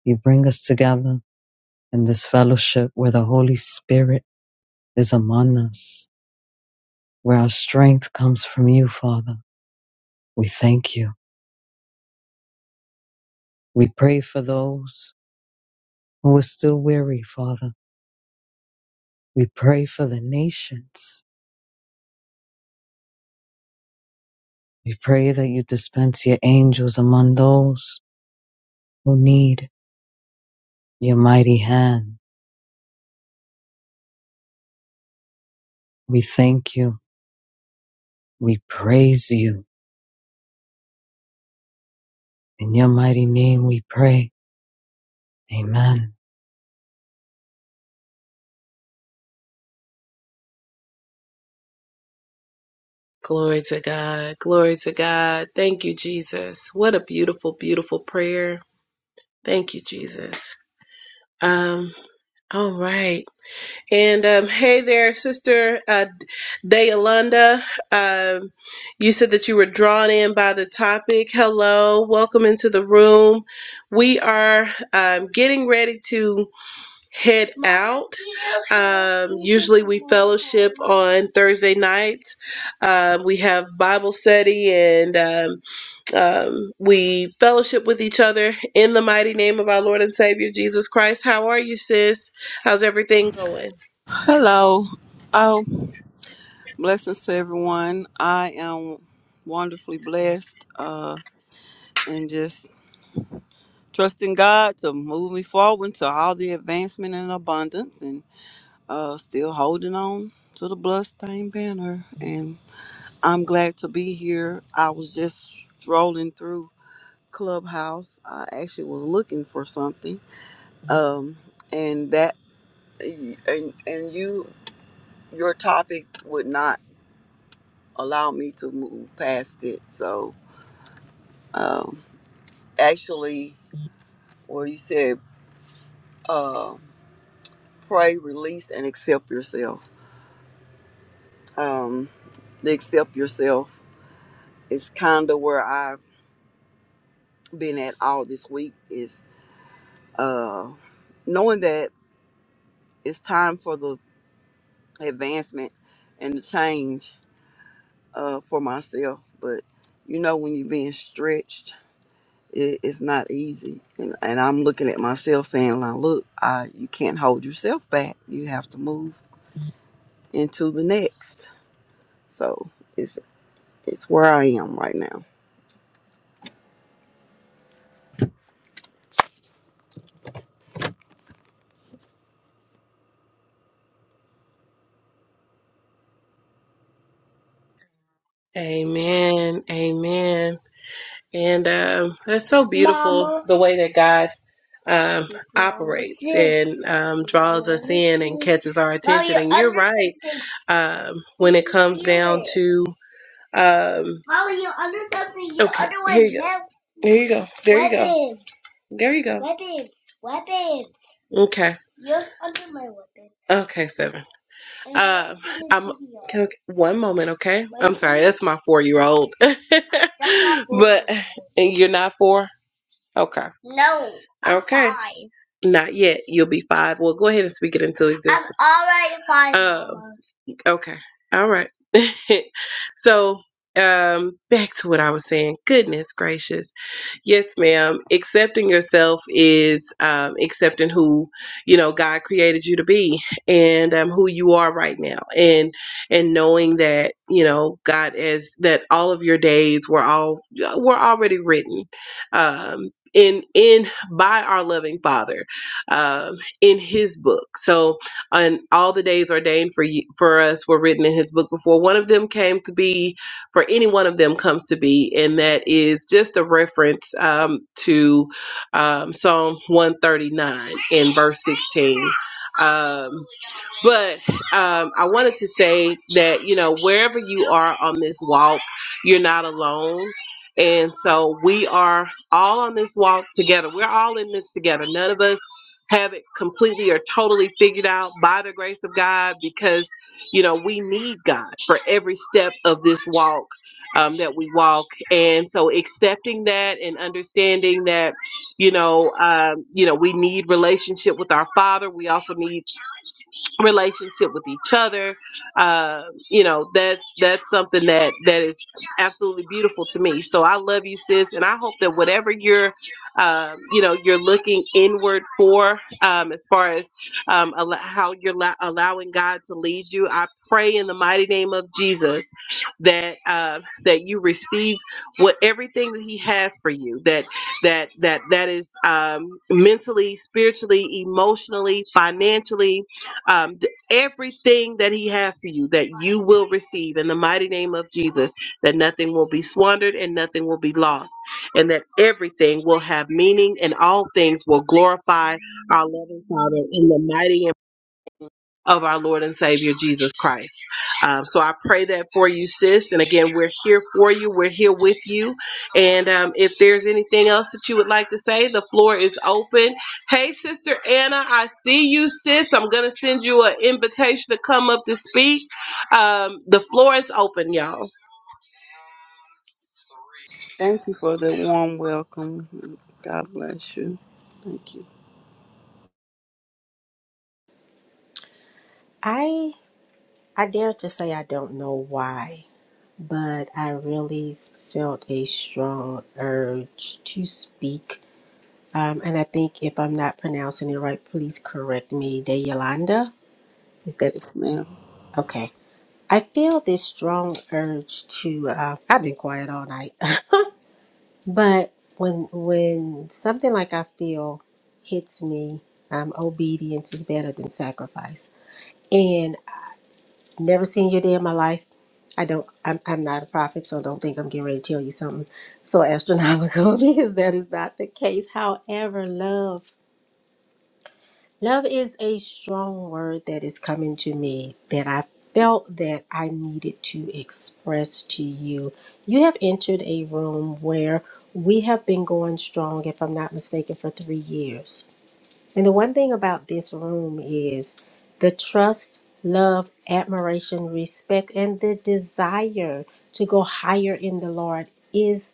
[SPEAKER 2] You bring us together in this fellowship where the Holy Spirit is among us, where our strength comes from you, Father. We thank you. We pray for those who are still weary, Father. We pray for the nations We pray that you dispense your angels among those who need your mighty hand. We thank you. We praise you. In your mighty name we pray. Amen.
[SPEAKER 1] Glory to God. Glory to God. Thank you, Jesus. What a beautiful, beautiful prayer. Thank you, Jesus. Um, all right. And um, hey there, Sister uh, Dayalanda. Um, you said that you were drawn in by the topic. Hello. Welcome into the room. We are um, getting ready to head on Thursday nights. Um, we have Bible study and. um, Um, we fellowship with each other in the mighty name of our Lord and Savior Jesus Christ. How are you, sis? How's everything going?
[SPEAKER 8] Hello. Oh, blessings to everyone. I am wonderfully blessed uh, and just trusting God to move me forward to all the advancement and abundance and uh, still holding on to the bloodstained banner. And I'm glad to be here. I was just strolling through Clubhouse. I actually was looking for something. Um, and that, and, and you, your topic would not. allow me to move past it. So, um, actually, where you said uh, pray, release, and accept yourself. Um, the accept yourself is kind of where I've been at all this week. Is uh, knowing that it's time for the advancement and the change uh, for myself. But you know, when you're being stretched It, it's not easy, and, and I'm looking at myself saying, "Now look, I, you can't hold yourself back. You have to move into the next." So it's it's where I am right now.
[SPEAKER 1] Amen. Amen. And um, that's so good, the way that God um, touches our um, when to um. There you go. There you go. Okay. Okay, seven. Okay. One moment. Okay. Sorry, that's my four-year-old. <laughs> and you're not four. Okay. Not yet. You'll be five. Well, go ahead and speak it into existence. Okay. All right. <laughs> so, um, back to what I was saying. Goodness gracious. Yes, ma'am. Accepting yourself is um, accepting who you know God created you to be, and um, who you are right now, and and knowing that you know God is that all of your days were all were already written, um, in in by our loving Father, um, in His book. So and all the days ordained for you, for us were written in his book before one of them came to be for any one of them comes to be and that is just a reference um, to um, psalm 139 in verse 16 um, but um, I wanted to say that, you know, wherever you are on this walk, you're not alone. And so we are all on this walk together. We're all in this together. None of us have it completely or totally figured out by the grace of God because, you know, we need God for every step of this walk um, that we walk. And so accepting that and understanding that, you know, um, you know, we need relationship with our Father. We also need relationship with each other uh, you know that's that's something that that is absolutely beautiful to me so i love you sis and i hope that whatever you're um, you know you're looking inward for um, as far as um, al- how you're la- allowing god to lead you i pray in the mighty name of jesus that uh, that you receive what everything that he has for you that that that that is um, mentally spiritually emotionally financially um, th- everything that he has for you that you will receive in the mighty name of jesus that nothing will be squandered and nothing will be lost and that everything will have meaning and all things will glorify our loving father in the mighty and of our Lord and Savior Jesus Christ. Um, so I pray that for you, sis. And again, we're here for you. We're here with you. And um, if there's anything else that you would like to say, the floor is open. Hey, Sister Anna, I see you, sis. I'm going to send you an invitation to come up to speak. Um, the floor is open, y'all.
[SPEAKER 8] Thank you for the warm welcome. God bless you. Thank you,
[SPEAKER 6] I I dare to say I don't know why, but I really felt a strong urge to speak Um, and I think if I'm not pronouncing it right, please correct me. De Yolanda? Is that
[SPEAKER 8] yes, ma'am.
[SPEAKER 6] okay? I feel this strong urge to. Uh, I've been quiet all night, <laughs> but when when something like I feel hits me, um, obedience is better than sacrifice. And I've never seen your day in my life. I don't. I'm, I'm not a prophet, so don't think I'm getting ready to tell you something so astronomical <laughs> because that is not the case. However, love. Love is a strong word that is coming to me that I felt that I needed to express to you. You have entered a room where we have been going strong, if I'm not mistaken, for three years. And the one thing about this room is the trust, love, admiration, respect, and the desire to go higher in the Lord is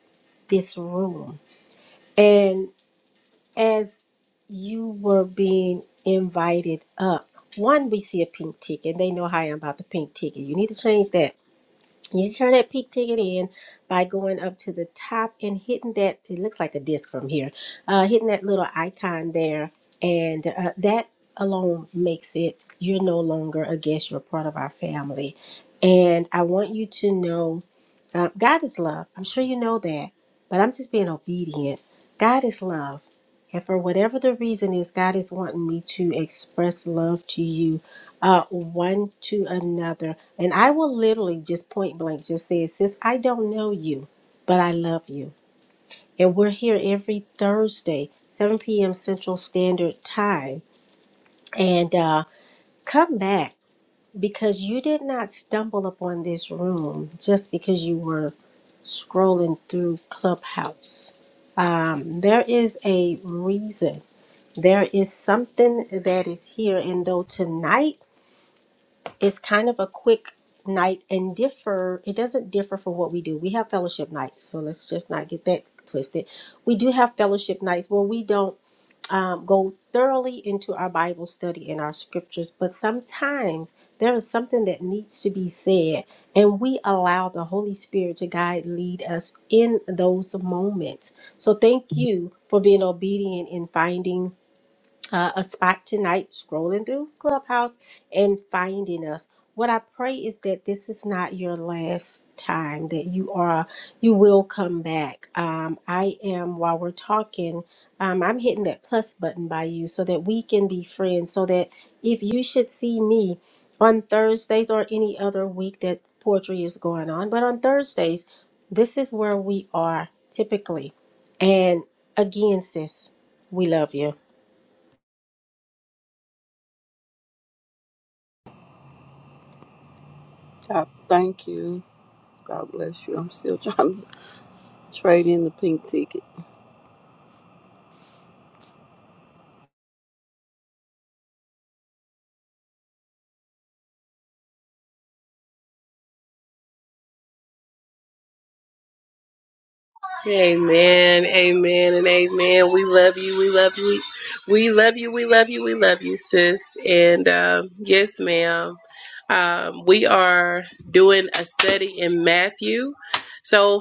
[SPEAKER 6] this room as you were being invited up, one, we see a pink ticket. They know how I am about the pink ticket. You need to change that. You turn that peak ticket in by going up to the top and hitting that. It looks like a disc from here. Uh, hitting that little icon there, and uh, that alone makes it. You're no longer a guest. You're part of our family, and I want you to know, uh, God is love. I'm sure you know that, but I'm just being obedient. God is love, and for whatever the reason is, God is wanting me to express love to you uh, one to another. And I will literally just point blank just say, Sis, I don't know you, but I love you. And we're here every Thursday, 7 p.m. Central Standard Time. And uh, come back because you did not stumble upon this room just because you were scrolling through Clubhouse. Um, there is a reason. There is something that is here. And though tonight, it's kind of a quick night and differ it doesn't differ from what we do we have fellowship nights so let's just not get that twisted we do have fellowship nights where we don't um, go thoroughly into our bible study and our scriptures but sometimes there is something that needs to be said and we allow the holy spirit to guide lead us in those moments so thank you for being obedient in finding uh, a spot tonight scrolling through Clubhouse and finding us. What I pray is that this is not your last time that you are you will come back. Um, I am while we're talking, um, I'm hitting that plus button by you so that we can be friends. So that if you should see me on Thursdays or any other week that poetry is going on, but on Thursdays, this is where we are typically. And again, sis, we love you
[SPEAKER 8] God, thank you. God bless you. I'm still <laughs> trying to trade in the pink ticket.
[SPEAKER 1] Amen, amen, and amen. We love you. We love you. We, love you. We love you. We love you, sis. And um, yes, ma'am. Um, we are doing a study in Matthew. So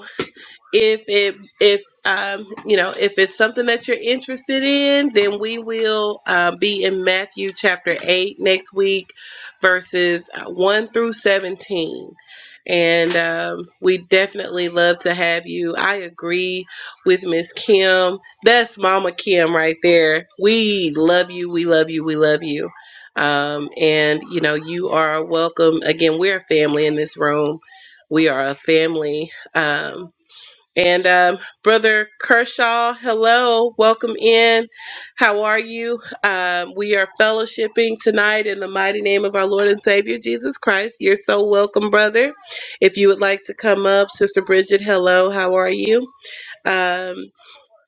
[SPEAKER 1] if it if um you know if it's something that you're interested in then we will uh, be in matthew chapter 8 next week verses uh, 1 through 17 and um, we definitely love to have you i agree with miss kim that's mama kim right there we love you we love you we love you um, and you know you are welcome again we're a family in this room we are a family um, and um, Brother Kershaw, hello, welcome in. How are you? Um, we are fellowshipping tonight in the mighty name of our Lord and Savior Jesus Christ. You're so welcome, brother. If you would like to come up, Sister Bridget, hello, how are you? Um,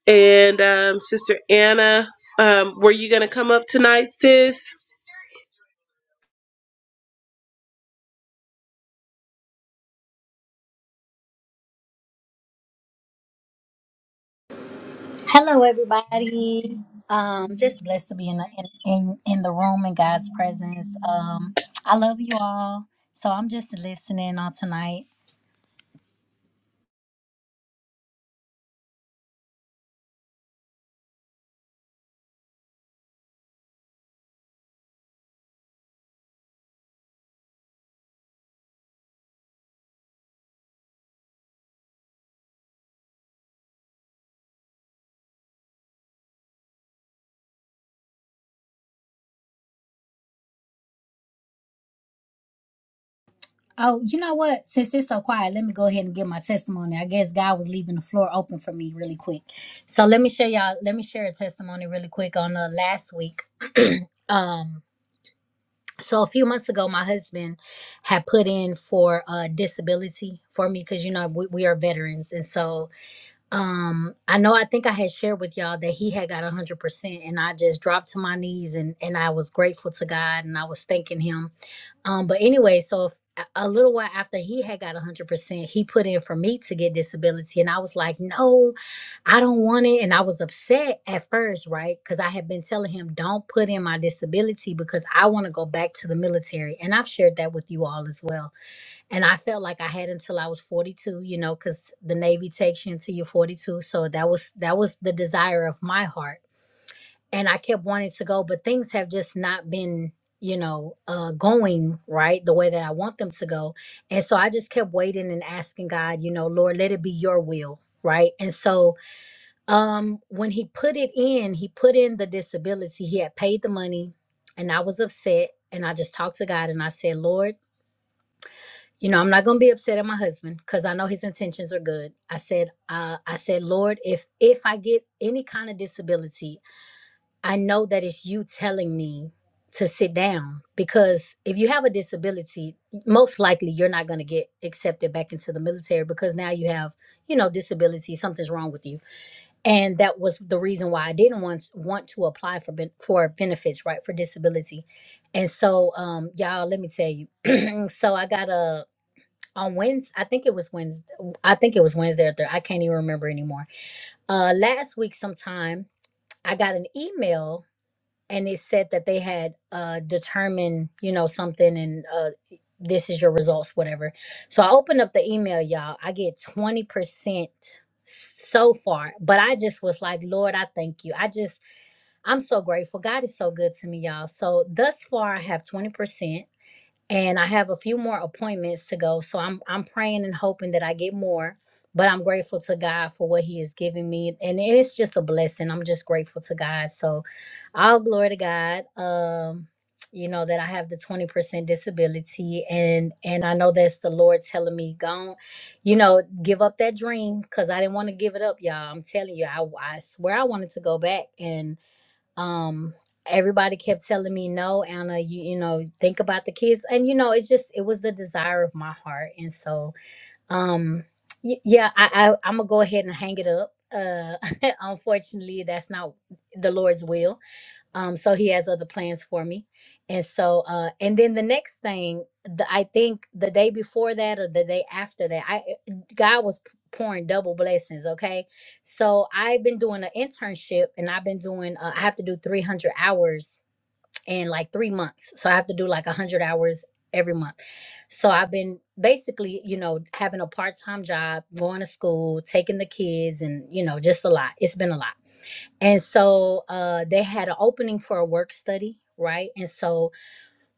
[SPEAKER 1] and um, Sister Anna, um, were you going to come up tonight, sis?
[SPEAKER 9] Hello, everybody. Um, just blessed to be in the in, in, in the room in God's presence. Um, I love you all. So I'm just listening on tonight. Oh, you know what? Since it's so quiet, let me go ahead and give my testimony. I guess God was leaving the floor open for me really quick. So let me share y'all. Let me share a testimony really quick on uh, last week. <clears throat> um, so a few months ago, my husband had put in for uh, disability for me because you know we, we are veterans, and so um i know i think i had shared with y'all that he had got 100% and i just dropped to my knees and and i was grateful to god and i was thanking him um but anyway so if, a a little while after he had got 100% he put in for me to get disability and i was like no i don't want it and i was upset at first right because i had been telling him don't put in my disability because i want to go back to the military and i've shared that with you all as well and I felt like I had until I was 42, you know, because the Navy takes you until you're 42. So that was that was the desire of my heart, and I kept wanting to go, but things have just not been, you know, uh, going right the way that I want them to go, and so I just kept waiting and asking God, you know, Lord, let it be Your will, right? And so um, when He put it in, He put in the disability. He had paid the money, and I was upset, and I just talked to God, and I said, Lord you know, I'm not gonna be upset at my husband because I know his intentions are good. I said, uh, I said, Lord, if if I get any kind of disability, I know that it's you telling me to sit down because if you have a disability, most likely you're not gonna get accepted back into the military because now you have, you know, disability, something's wrong with you, and that was the reason why I didn't want want to apply for ben- for benefits, right, for disability, and so, um, y'all, let me tell you, <clears throat> so I got a on Wednesday, I think it was Wednesday. I think it was Wednesday or Thursday. I can't even remember anymore. Uh, last week, sometime I got an email and it said that they had uh determined, you know, something and uh this is your results, whatever. So I opened up the email, y'all. I get twenty percent so far, but I just was like, Lord, I thank you. I just I'm so grateful. God is so good to me, y'all. So thus far, I have twenty percent and I have a few more appointments to go. So I'm I'm praying and hoping that I get more. But I'm grateful to God for what He has given me, and it is just a blessing. I'm just grateful to God. So, all glory to God. Um, you know that I have the 20% disability, and and I know that's the Lord telling me, go, you know, give up that dream because I didn't want to give it up, y'all. I'm telling you, I I swear I wanted to go back, and um everybody kept telling me no anna you you know think about the kids and you know it's just it was the desire of my heart and so um y- yeah i, I i'm gonna go ahead and hang it up uh <laughs> unfortunately that's not the lord's will um, so he has other plans for me. And so uh and then the next thing, the, I think the day before that or the day after that, I eh, God was p- pouring double blessings, okay? So I've been doing an internship and I've been doing uh, I have to do 300 hours in like 3 months. So I have to do like 100 hours every month. So I've been basically, you know, having a part-time job, going to school, taking the kids and, you know, just a lot. It's been a lot. And so uh, they had an opening for a work study, right? And so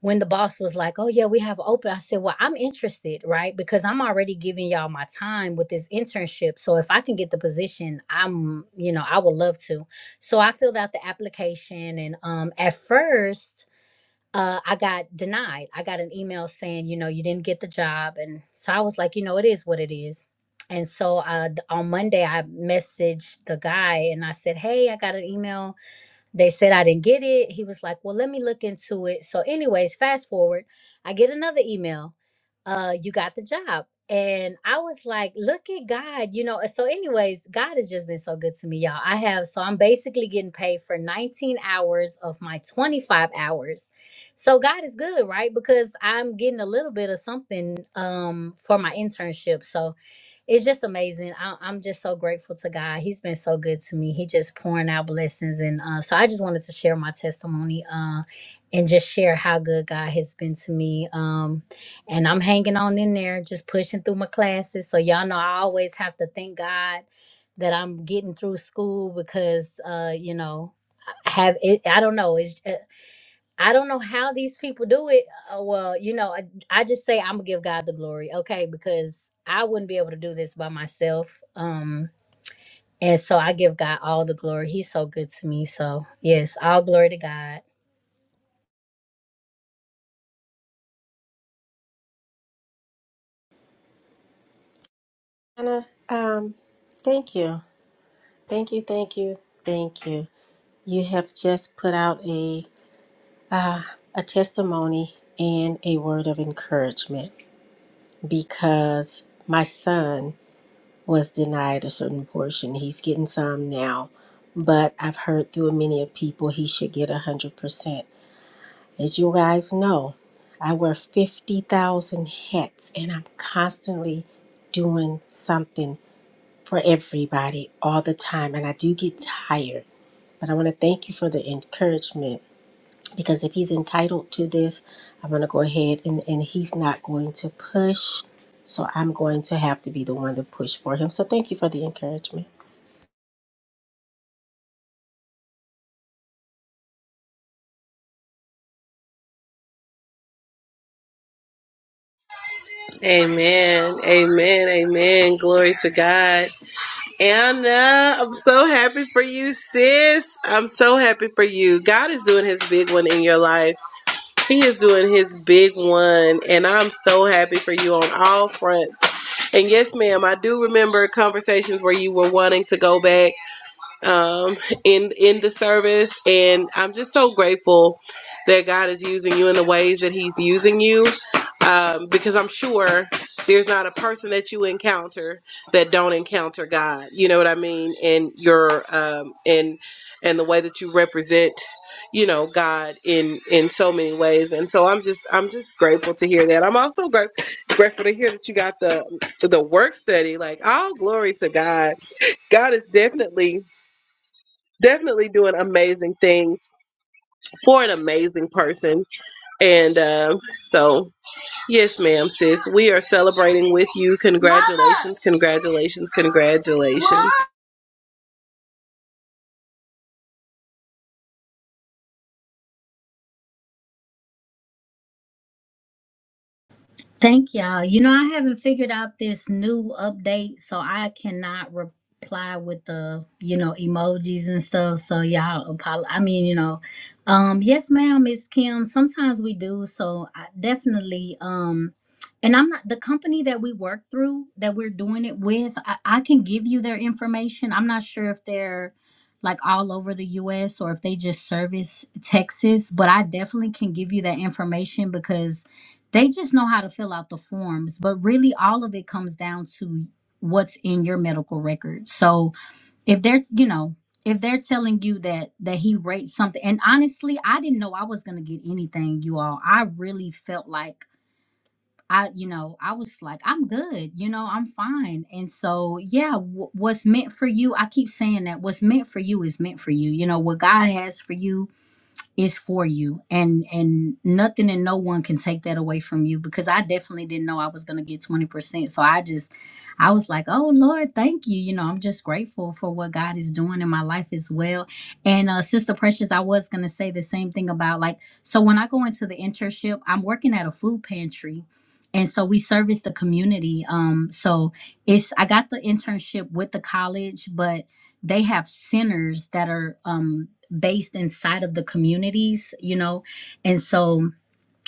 [SPEAKER 9] when the boss was like, "Oh yeah, we have open," I said, "Well, I'm interested, right? Because I'm already giving y'all my time with this internship. So if I can get the position, I'm, you know, I would love to." So I filled out the application, and um, at first. Uh, I got denied. I got an email saying, you know, you didn't get the job. And so I was like, you know, it is what it is. And so uh, th- on Monday, I messaged the guy and I said, Hey, I got an email they said I didn't get it. He was like, "Well, let me look into it." So, anyways, fast forward, I get another email. Uh, you got the job, and I was like, "Look at God," you know. So, anyways, God has just been so good to me, y'all. I have so I'm basically getting paid for 19 hours of my 25 hours. So God is good, right? Because I'm getting a little bit of something um for my internship. So it's just amazing. I, I'm just so grateful to God. He's been so good to me. He just pouring out blessings, and uh, so I just wanted to share my testimony uh, and just share how good God has been to me. Um, and I'm hanging on in there, just pushing through my classes. So y'all know I always have to thank God that I'm getting through school because uh, you know I have it. I don't know. It's. uh, I don't know how these people do it. Uh, well, you know, I, I just say I'm gonna give God the glory, okay? Because I wouldn't be able to do this by myself. Um, and so I give God all the glory. He's so good to me. So yes, all glory to God.
[SPEAKER 6] Anna, um, thank you. Thank you, thank you, thank you. You have just put out a uh, a testimony and a word of encouragement because my son was denied a certain portion. He's getting some now, but I've heard through many of people he should get a hundred percent. As you guys know, I wear fifty thousand hats and I'm constantly doing something for everybody all the time. And I do get tired, but I want to thank you for the encouragement because if he's entitled to this, I'm going to go ahead and, and he's not going to push. So I'm going to have to be the one to push for him. So thank you for the encouragement.
[SPEAKER 1] Amen, amen, amen. Glory to God. Anna, I'm so happy for you, sis. I'm so happy for you. God is doing his big one in your life. He is doing his big one, and I'm so happy for you on all fronts. And yes, ma'am, I do remember conversations where you were wanting to go back um, in in the service, and I'm just so grateful that God is using you in the ways that He's using you. Um, because I'm sure there's not a person that you encounter that don't encounter God. You know what I mean? And your um, and and the way that you represent, you know, God in in so many ways. And so I'm just I'm just grateful to hear that. I'm also gra- grateful to hear that you got the the work study. Like all glory to God. God is definitely definitely doing amazing things for an amazing person. And um, so, yes, ma'am, sis, we are celebrating with you. Congratulations, congratulations, congratulations.
[SPEAKER 9] Thank y'all. You know, I haven't figured out this new update, so I cannot reply with the, you know, emojis and stuff. So y'all apologize. I mean, you know, um, yes, ma'am, Miss Kim. Sometimes we do. So I definitely, um, and I'm not the company that we work through that we're doing it with. I, I can give you their information. I'm not sure if they're like all over the US or if they just service Texas, but I definitely can give you that information because they just know how to fill out the forms, but really all of it comes down to what's in your medical record. So if they're, you know, if they're telling you that that he raped something, and honestly, I didn't know I was gonna get anything, you all. I really felt like I, you know, I was like, I'm good, you know, I'm fine. And so, yeah, wh- what's meant for you, I keep saying that what's meant for you is meant for you. You know, what God has for you, is for you and and nothing and no one can take that away from you because i definitely didn't know i was going to get 20% so i just i was like oh lord thank you you know i'm just grateful for what god is doing in my life as well and uh sister precious i was going to say the same thing about like so when i go into the internship i'm working at a food pantry and so we service the community um so it's i got the internship with the college but they have centers that are um, based inside of the communities, you know, and so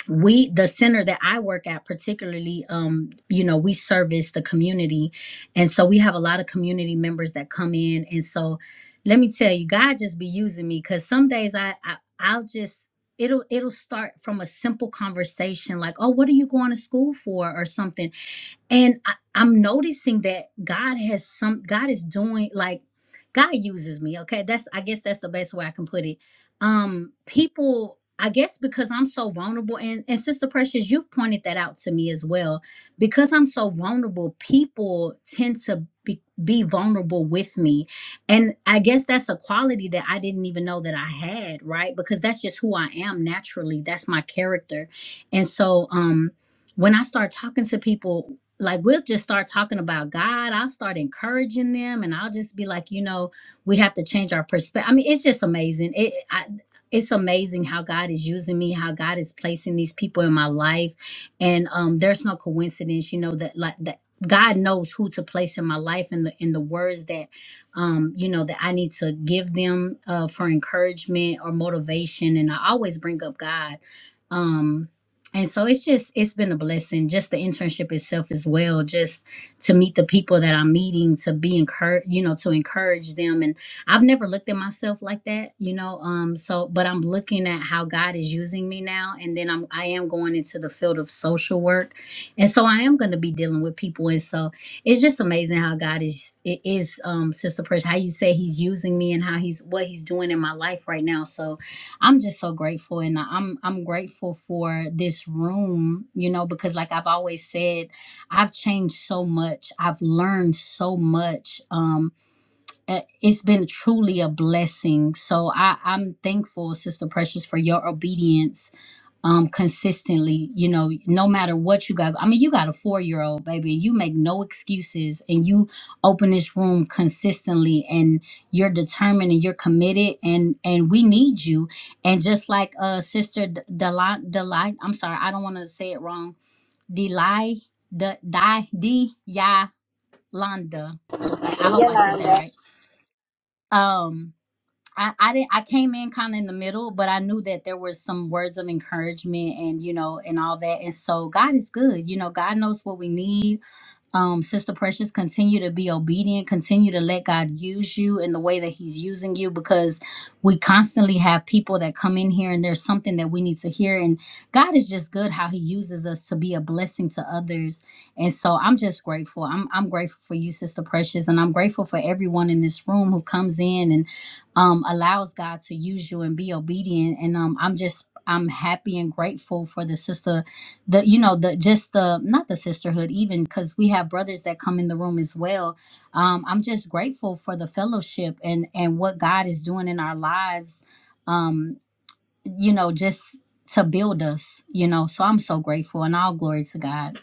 [SPEAKER 9] we the center that I work at particularly, um, you know, we service the community, and so we have a lot of community members that come in, and so let me tell you, God just be using me because some days I, I I'll just it'll it'll start from a simple conversation like oh what are you going to school for or something and I, i'm noticing that god has some god is doing like god uses me okay that's i guess that's the best way i can put it um people i guess because i'm so vulnerable and and sister precious you've pointed that out to me as well because i'm so vulnerable people tend to be, be vulnerable with me and i guess that's a quality that i didn't even know that i had right because that's just who i am naturally that's my character and so um when I start talking to people, like we'll just start talking about God. I'll start encouraging them, and I'll just be like, you know, we have to change our perspective. I mean, it's just amazing. It, I, it's amazing how God is using me, how God is placing these people in my life, and um, there's no coincidence, you know, that like that. God knows who to place in my life and the in the words that um you know that I need to give them uh for encouragement or motivation and I always bring up God Um, and so it's just it's been a blessing just the internship itself as well just to meet the people that i'm meeting to be encouraged you know to encourage them and i've never looked at myself like that you know um so but i'm looking at how god is using me now and then i'm i am going into the field of social work and so i am going to be dealing with people and so it's just amazing how god is it is um sister Precious, how you say he's using me and how he's what he's doing in my life right now so I'm just so grateful and I'm I'm grateful for this room, you know, because like I've always said, I've changed so much. I've learned so much. Um eh, it's been truly a blessing. So I I'm thankful, Sister Precious, for your obedience um consistently you know no matter what you got i mean you got a four year old baby and you make no excuses and you open this room consistently and you're determined and you're committed and and we need you and just like uh sister delight delight i'm sorry i don't want to say it wrong delight the di di ya landa i I hope i said that right um I, I didn't I came in kind of in the middle, but I knew that there were some words of encouragement and you know and all that. And so God is good. You know, God knows what we need um, Sister Precious, continue to be obedient, continue to let God use you in the way that He's using you because we constantly have people that come in here and there's something that we need to hear. And God is just good how He uses us to be a blessing to others. And so I'm just grateful. I'm, I'm grateful for you, Sister Precious, and I'm grateful for everyone in this room who comes in and um, allows God to use you and be obedient. And um, I'm just I'm happy and grateful for the sister the you know the just the not the sisterhood even because we have brothers that come in the room as well um i'm just grateful for the fellowship and and what god is doing in our lives um you know just to build us you know so i'm so grateful and all glory to god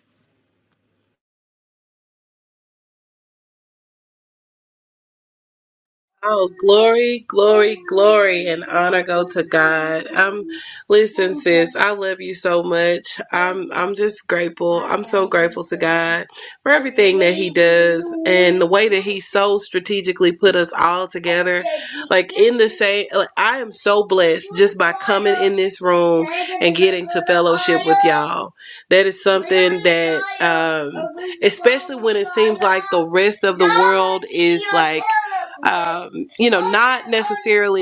[SPEAKER 1] Oh, glory, glory, glory, and honor go to God. Um, listen, I love you so much. I'm, I'm just grateful, God, for everything. does, way He so strategically put us all together. Say, like, I am so blessed in this room. Y'all. That is some the rest of. um, you know. barely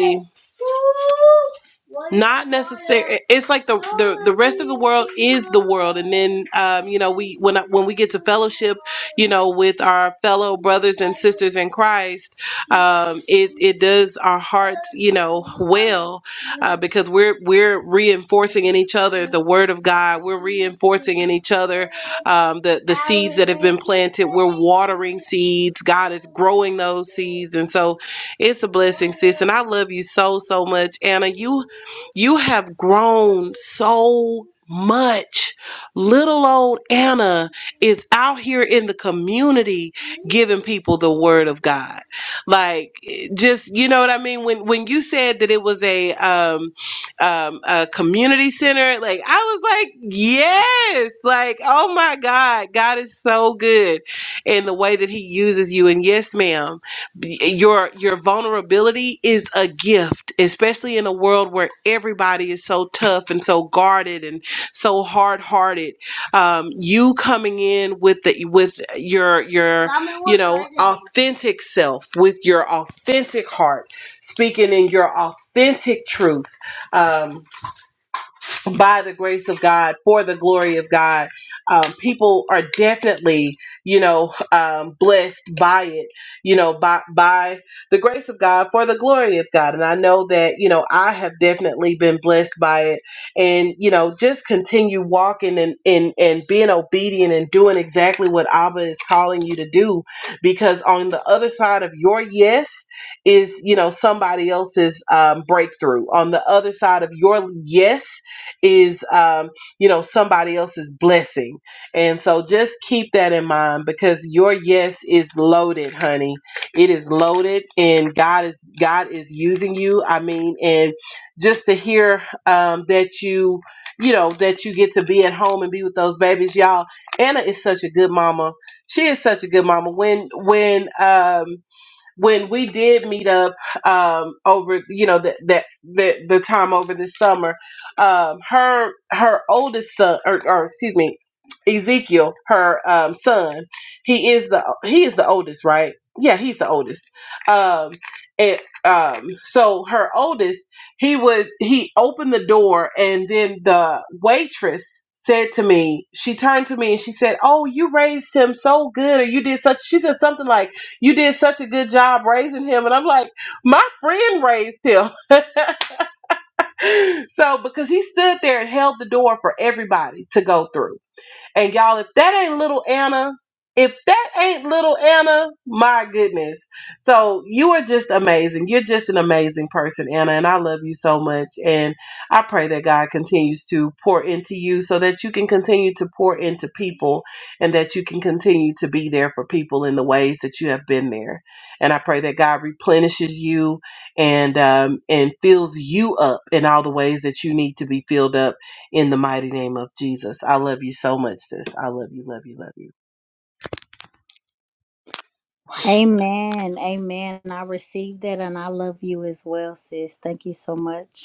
[SPEAKER 1] it's like the world and then um you know we, when when we get you know with our fellow brothers and sisters in Christ um it it does our heart you know uh, because we're we're reinforcing in each other the word of God. We're reinforcing in each other um, the watering seeds. God is growing those seeds. And so it's a blessing, sis. And I love you so, so much. Anna, you you have grown so much. Little old Anna is out here in the community giving people the word of God. Like just you know what I mean? When when you said that it was a um um, a community center. Like I was like, yes, like oh my God, God is so good and the way that he uses you and yes ma'am b- your your vulnerability is a gift especially in a world where everybody is so tough and so guarded and so hard-hearted um, you coming in with the with your your authentic self with your authentic heart speaking in your authentic truth Um, by the grace of God, for the glory of God. Um, people are definitely, you know, um, blessed by it, you know, by by the grace of God, for the glory of God. And I know that, you know, I have definitely been blessed by it. And you know, just continue walking and and and being obedient and doing exactly what Abba is calling you to do, because on the other side of your yes is, you know, somebody else's um, breakthrough. On the other side of your yes is um, you know somebody else's blessing and so just keep that in mind because your yes is loaded honey it is loaded and god is god is using you i mean and just to hear um, that you you know that you get to be at home and be with those babies y'all anna is such a good mama she is such a good mama when when um when we did meet up um over you know that that the, the time over the summer um her her oldest son or, or excuse me ezekiel her um son he is the he is the oldest right yeah he's the oldest um and um so her oldest he would he opened the door and then the waitress said to me she turned to me and she said oh you raised him so good or you did such she said something like you did such a good job raising him. And I'm like, my friend raised him. <laughs> So because he stood there and held the door for everybody to go through. And y'all, if that ain't little Anna, if that ain't little Anna, my goodness. So you are just amazing. You're just an amazing person, Anna, and I love you so much. And I pray that God continues to pour into you so that you can continue to pour into people and that you can continue to be there for people in the ways that you have been there. And I pray that God replenishes you and um, and fills you up in all the ways that you need to be filled up in the mighty name of Jesus. I love you so much, sis. I love you, love you, love you.
[SPEAKER 9] Amen. Amen. I received that and I love you as well, sis. Thank you so much.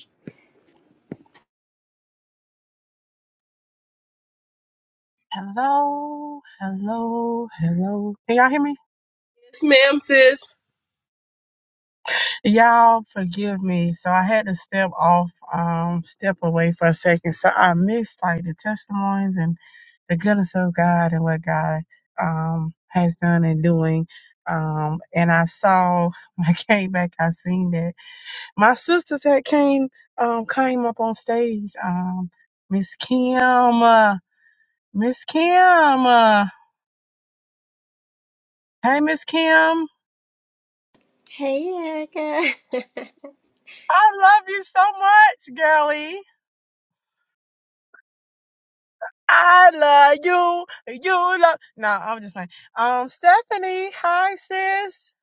[SPEAKER 4] Hello, hello, hello. Can y'all hear me?
[SPEAKER 1] Yes, ma'am, sis.
[SPEAKER 4] Y'all forgive me. So I had to step off, um, step away for a second. So I missed like the testimonies and the goodness of God and what God um has done and doing. Um, and I saw <laughs> when I came back, I seen that. my sisters had came um came up on stage. Um, Miss Kim, uh, Miss Kim, uh, hey Miss Kim,
[SPEAKER 6] Hey, Erica.
[SPEAKER 4] I love you so much, girlie. I love you. You love. No, I'm just playing. Um, Stephanie, hi sis.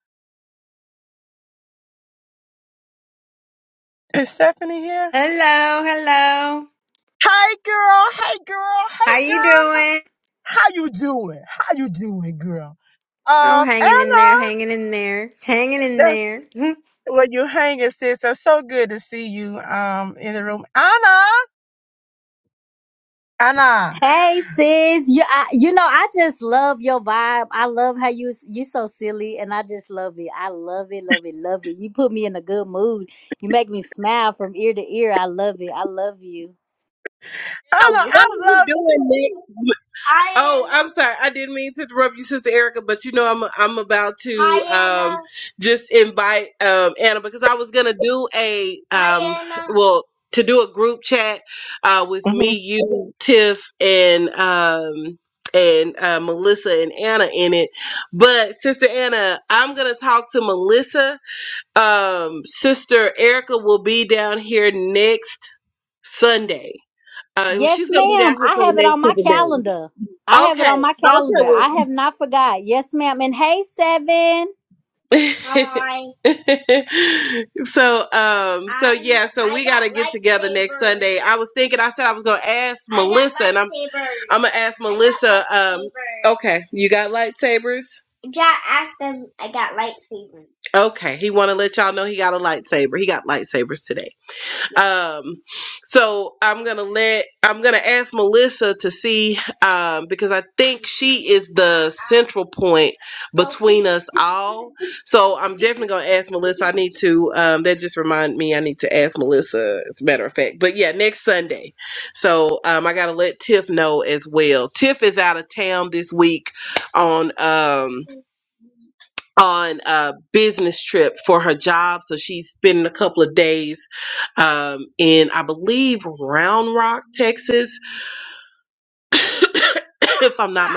[SPEAKER 4] Is Stephanie here?
[SPEAKER 7] Hello, hello.
[SPEAKER 4] Hey girl, hey girl,
[SPEAKER 7] How
[SPEAKER 4] hey
[SPEAKER 7] you
[SPEAKER 4] girl.
[SPEAKER 7] doing?
[SPEAKER 4] How you doing? How you doing, girl?
[SPEAKER 7] Oh,
[SPEAKER 4] Um,
[SPEAKER 7] hanging in there,
[SPEAKER 4] Anna,
[SPEAKER 7] hanging in there, hanging in there. <laughs>
[SPEAKER 4] Well, you hanging, sis. It's so good to see you um in the room. Anna, Anna,
[SPEAKER 9] Hey sis, you I, you know I just love your vibe. I love how you you so silly, and I just love it. I love it, love it, love it. You put me in a good mood. You make me smile from ear to ear. I love it. I love you.
[SPEAKER 4] Anna,
[SPEAKER 1] Now,
[SPEAKER 4] I
[SPEAKER 1] what are you
[SPEAKER 4] love
[SPEAKER 1] doing next? I'm sorry, I didn't mean to interrupt you, Sister Erica, but you know I'm I'm about to just invite um, Anna because I was gonna do a well to do a group chat uh, with
[SPEAKER 4] Mhm.
[SPEAKER 1] me, you, Tiff, and um, and uh, Melissa and Anna in it. But Sister Anna, I'm gonna talk to Melissa Um, Sister Erica will be down here next Sunday. Uh, well,
[SPEAKER 9] Yes,
[SPEAKER 1] she's gonna be down
[SPEAKER 9] ma'am.
[SPEAKER 1] here
[SPEAKER 9] I
[SPEAKER 1] for the
[SPEAKER 9] have it on
[SPEAKER 1] next
[SPEAKER 9] my
[SPEAKER 1] couple of days.
[SPEAKER 9] calendar. I have it
[SPEAKER 1] Okay,
[SPEAKER 9] on my calendar. I have not forgot. Yes, ma'am. And hey, seven.
[SPEAKER 1] okay. Well, <laughs> so um, hey, I was thinking. I said I was gonna ask. I'm gonna ask. My, okay, you got lightsabers. Okay, he want to let y'all know he got a lightsaber. He got lightsabers today. Um, so I'm gonna let I'm gonna ask Melissa to see um because I think she is the central point us all. So I'm definitely gonna ask Melissa. I need to. Um, that just reminded me. I need to ask Melissa. As a matter of fact, but yeah, next Sunday. So um, I gotta let Tiff know as well. Tiff is out of town this week on um on a business trip for her job. So she's spending a couple of days um in I believe Round Rock, Texas, <coughs> if I'm not.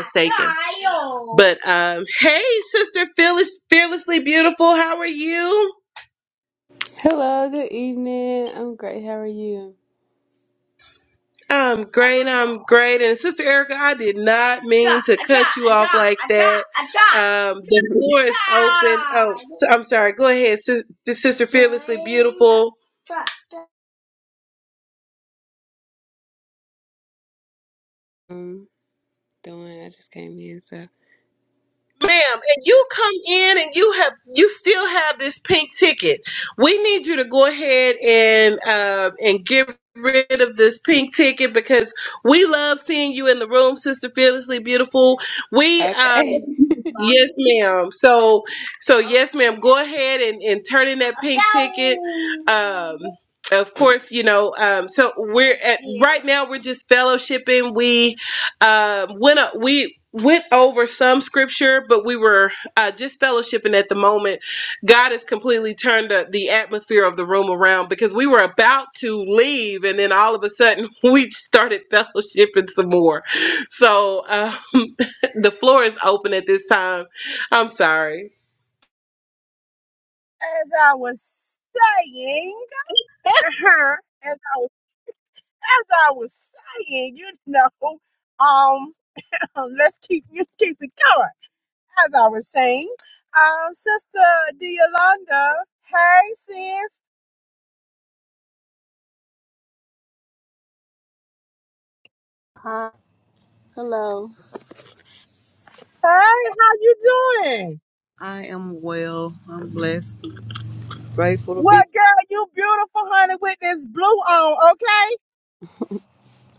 [SPEAKER 1] But um, hey, sister, fearless, fearlessly beautiful. How are you?
[SPEAKER 10] Hello, good evening. I'm great. How are you?
[SPEAKER 1] I'm great. I'm great. And Sister Erica, I did not mean um, the Lord. I'm sorry. Go ahead, sis, Sister.
[SPEAKER 10] I'm doing. I just came in, so
[SPEAKER 1] Ma'am, and you come in and you have you still have this pink ticket. We need you to go ahead and uh, and get rid of this pink ticket because we love seeing you in the room, Sister Fearlessly Beautiful. We uh,
[SPEAKER 10] okay. <laughs>
[SPEAKER 1] yes, ma'am. So so yes, ma'am. Go ahead and and turn in that. Um, of course, you know. Um, so we're right now we're just fellowshipping we uh, went up we went over some scripture but we were uh, just fellowshipping at the moment god has completely turned the, the atmosphere of the room around because we were about to leave and then all of a sudden <laughs> we started fellowshipping some more so um, <laughs> the floor is open at this time i'm sorry
[SPEAKER 4] as I was saying, <laughs> as I was as I was saying, you know, um, <laughs> let's keep let's keep it going. As I was saying, um, Sister Yolanda, hey sis,
[SPEAKER 8] Hi, hello.
[SPEAKER 4] hey, how you doing?
[SPEAKER 8] I am well. I'm blessed. grateful to
[SPEAKER 4] Well,
[SPEAKER 8] be.
[SPEAKER 4] girl, you beautiful, honey, with this blue on, okay?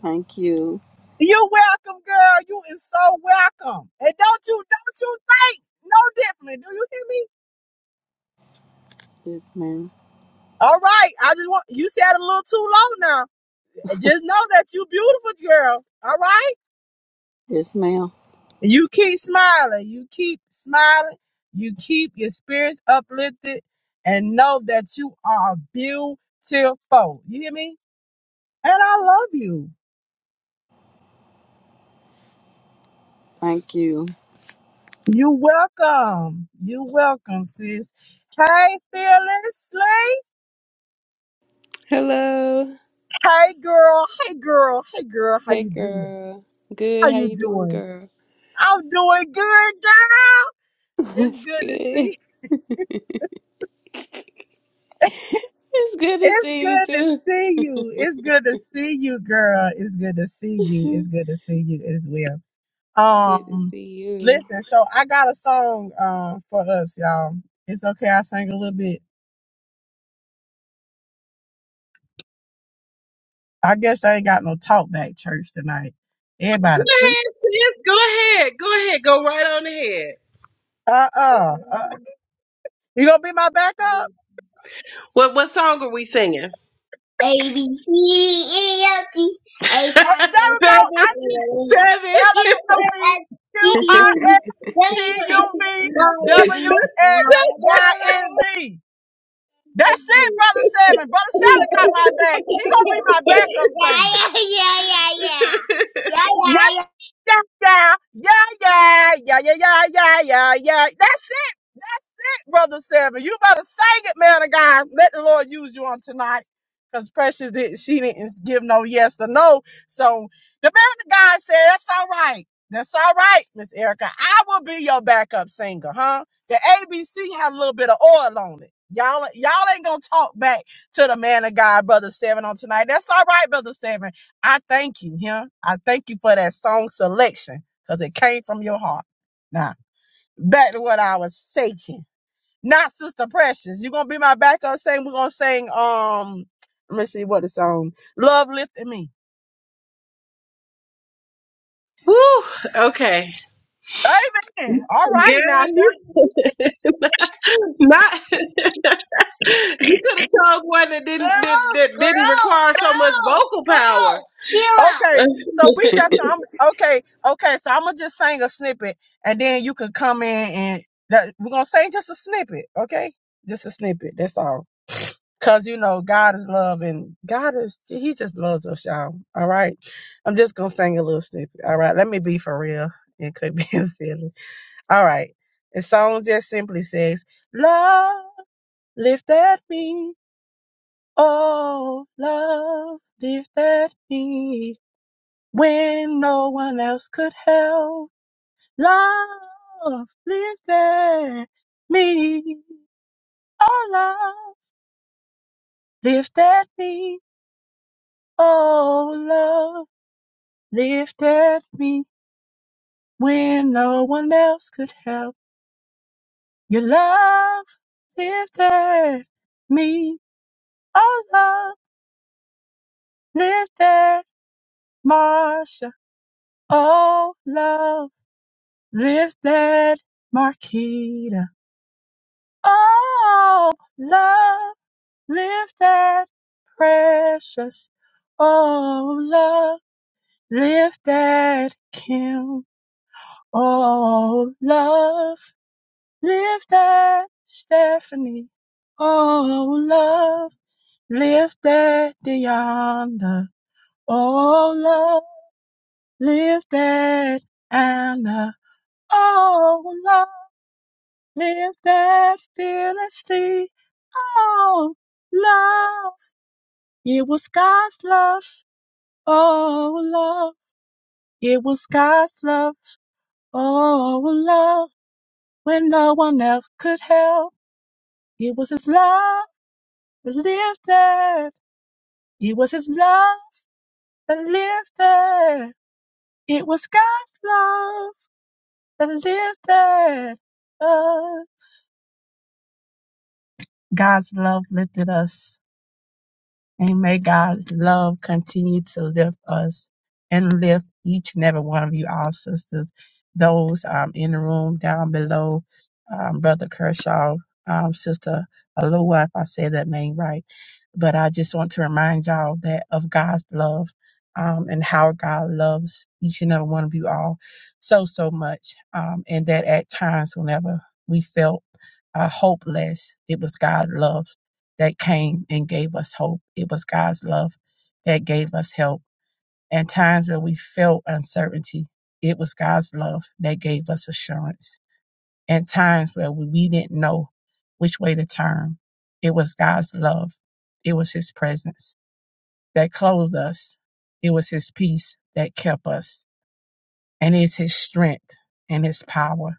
[SPEAKER 8] Thank you.
[SPEAKER 4] You're welcome, girl. You is so welcome. And don't you don't you think no differently. Do you hear me?
[SPEAKER 8] Yes, ma'am.
[SPEAKER 4] All right. I just want you said it a little too low now. And Just know that you beautiful girl. All right?
[SPEAKER 8] Yes, ma'am.
[SPEAKER 4] And You keep smiling. You keep smiling. You keep your spirits uplifted and know that you are beautiful. You hear me? And I love you.
[SPEAKER 8] Thank you.
[SPEAKER 4] You welcome. You welcome, sis. Hey, fearless.
[SPEAKER 10] Hello.
[SPEAKER 4] Hey girl, hey girl, hey girl, how
[SPEAKER 10] Hey,
[SPEAKER 4] you doing?
[SPEAKER 10] girl.
[SPEAKER 4] How
[SPEAKER 10] Good. How
[SPEAKER 4] you
[SPEAKER 10] you doing,
[SPEAKER 4] doing?
[SPEAKER 10] girl?
[SPEAKER 4] I'm doing good, girl.
[SPEAKER 10] <laughs>
[SPEAKER 4] It's
[SPEAKER 10] It's
[SPEAKER 4] good to
[SPEAKER 10] good.
[SPEAKER 4] see.
[SPEAKER 10] <laughs> It's good to
[SPEAKER 4] It's
[SPEAKER 10] see you
[SPEAKER 4] good to
[SPEAKER 10] too.
[SPEAKER 4] see you. It's good to see you, girl. It's good to see you. It's
[SPEAKER 10] <laughs>
[SPEAKER 4] good to see you as well.
[SPEAKER 10] Good to
[SPEAKER 4] Um,
[SPEAKER 10] see you.
[SPEAKER 4] listen, so I got a song uh for us, y'all. It's okay, I sang a little bit. I guess I ain't got no talk back church tonight.
[SPEAKER 1] go
[SPEAKER 4] Everybody sleep.
[SPEAKER 1] ahead sis go ahead go ahead go right on ahead
[SPEAKER 4] Uh-uh. Uh, you gonna be my backup?
[SPEAKER 1] what, what song are we singing
[SPEAKER 4] Uh, There we go.
[SPEAKER 1] seven
[SPEAKER 4] Elementary, Q I
[SPEAKER 10] <laughs>
[SPEAKER 4] S T U V W X Y N Z. That's it, Brother Seven. Brother Seven got my back. He gonna be my backup thing. Yeah, yeah, yeah, yeah, yeah, yeah, yeah, yeah, yeah. yeah. That's it. Brother Seven. You better sing it, man of God. Let the Lord use you on tonight. Because Precious didn't, she didn't give no yes or no. So the man of God said, That's all right. That's all right, Miss Erica. I will be your backup singer, huh? The ABC had a little bit of oil on it. Y'all, y'all ain't gonna talk back to the man of God, Brother Seven, on tonight. That's all right, Brother Seven. I thank you, huh? I thank you for that song selection because it came from your heart. Now, back to what I was saying. Not Sister Precious. You're gonna be my backup singer. We're gonna sing um let me see what the song. Love lifted me.
[SPEAKER 1] Woo! Okay.
[SPEAKER 4] Amen. All
[SPEAKER 1] Girl,
[SPEAKER 4] right now. She
[SPEAKER 1] not, not <laughs> you could have told one that did vocal.
[SPEAKER 4] okay. So
[SPEAKER 1] <laughs>
[SPEAKER 4] we just I'm okay, okay. So I'm gonna just sing a snippet and then you can come in and that, we're gonna sing just a snippet, okay? Just a snippet, that's all. Cause you know God is love and God is He just loves us, y'all. All right. I'm just gonna sing a little snippet. All right, let me be for real. It could be <laughs> silly. All right. The song just simply says, Love lifted me. Oh, love lifted me when no one else could help. Love lifted me. Oh, love lifted me. Oh, love lifted me when no one else could help. Your love lifted me. Oh, love. Lift that Marsha. Oh, love. Lift that Marquita. Oh, love. Lift that precious. Oh, love. Lift that Kim. Oh, love. Lift that Stephanie. Oh, love. Lift that Deonda. Oh, love. Lift that Anna. Oh, love, live that fearlessly. Oh, love, it was God's love. Oh, love, it was God's love. Oh, love, when no one else could help, it was His love that lived that. It was His love that lived that. It was God's love that lived that us. God's love lifted us. And may God's love continue to lift us and lift each and every one of you, all sisters, those um, in the room down below, um, Brother Kershaw, um, Sister Alua, if I say that name right. But I just want to remind y'all that of God's love um, and how God loves each and every one of you all so, so much. Um, and that at times, whenever we felt uh, hopeless, it was God's love that came and gave us hope. It was God's love that gave us help. And times where we felt uncertainty, it was God's love that gave us assurance. And times where we didn't know which way to turn, it was God's love. It was His presence that clothed us. It was His peace that kept us. And it's His strength and His power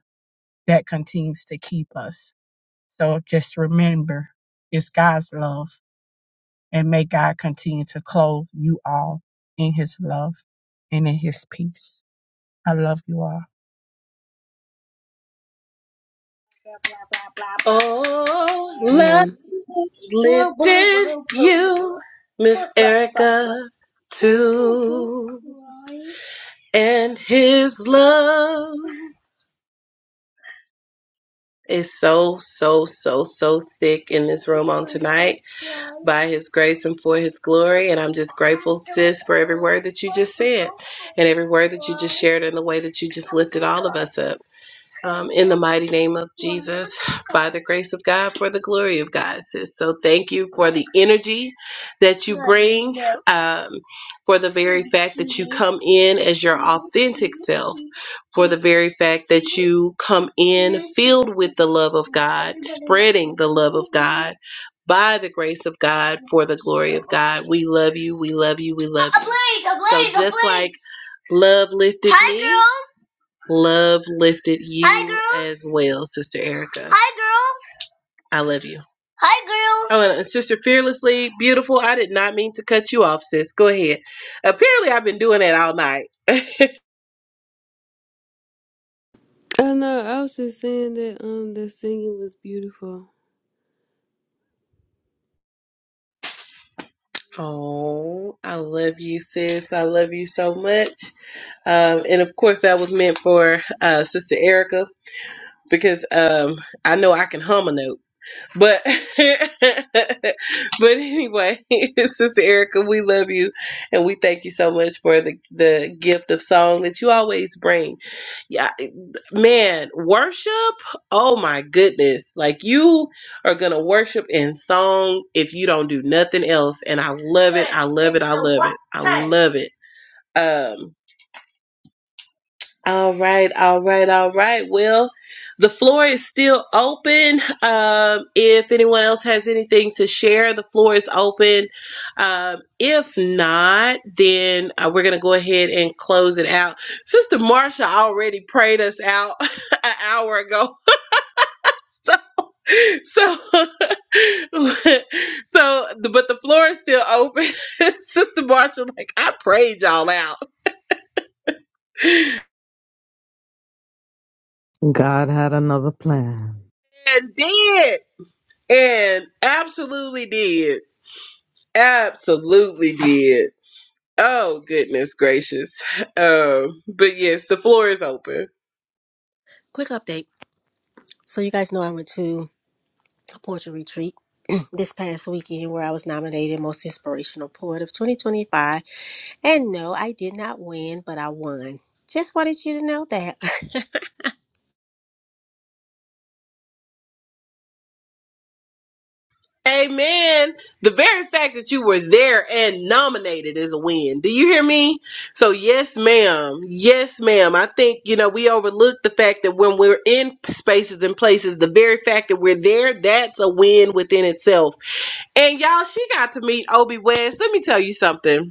[SPEAKER 4] that continues to keep us. So just remember, it's God's love And may God continue to clothe you all in his love and in his peace. I love you all.
[SPEAKER 1] Oh, love,
[SPEAKER 10] Yeah.
[SPEAKER 1] me love too, and his love is so, so, so, so thick in this room on tonight by his grace and for his glory. And I'm just grateful for this word that you and every word you shared and the way that you just lifted all of us up. Um, in the mighty name of Jesus, by the grace of God, for the glory of God, sis. So thank you for the energy that you. bring um, for the very come in as your very fact you come in filled with the love of God, spreading the love of God by the grace of God for the glory of God. We love you. We love you. We love you. love lifted. Love lifted you well, Sister Erica. I love you. Uh, Sister Fearlessly, beautiful. I did not mean to cut you off, sis. Go ahead. Apparently, I've been doing that all night. <laughs>
[SPEAKER 10] Oh no, I was just saying that um the singing was beautiful.
[SPEAKER 1] oh, I love you, sis. I love you so much. Um, and of course, that was meant for uh, Sister Erica because um, I know I can hum a note. But <laughs> but anyway, <laughs> Sister Erica, we love you and we thank you so much for the the gift of song that you always bring. Yeah, man, worship. Oh my goodness, like you are gonna worship in song if you don't do nothing else, and I love I love it. Um, All right, all right, all right. Well, the floor is still open. Um, if anyone else has anything to share, the floor is open. Um, if not, then uh, we're going to go ahead and close it out. Sister Marsha already prayed us out <laughs> an hour ago. So, <laughs> so, but the floor is still open. <laughs> Sister Marsha, like, I prayed y'all out
[SPEAKER 2] God had another plan.
[SPEAKER 1] and did, and absolutely did. Absolutely did. Oh goodness gracious. <laughs> Um, but yes, the floor is open.
[SPEAKER 6] <laughs> Quick update. So you guys know I went to a poetry retreat <clears throat> this past weekend where I was nominated Most Inspirational Poet of 2025. And no, I did not win, but I won. Just wanted you to know that. <laughs>
[SPEAKER 1] Amen. The very fact that you were there and nominated is a win. Do you hear me? So yes, ma'am. Yes, ma'am. I think, you know, we overlook the fact that when we're in spaces and places, the very fact that we're there, that's a win within itself. And y'all, she got to meet Obie West. Let me tell you something.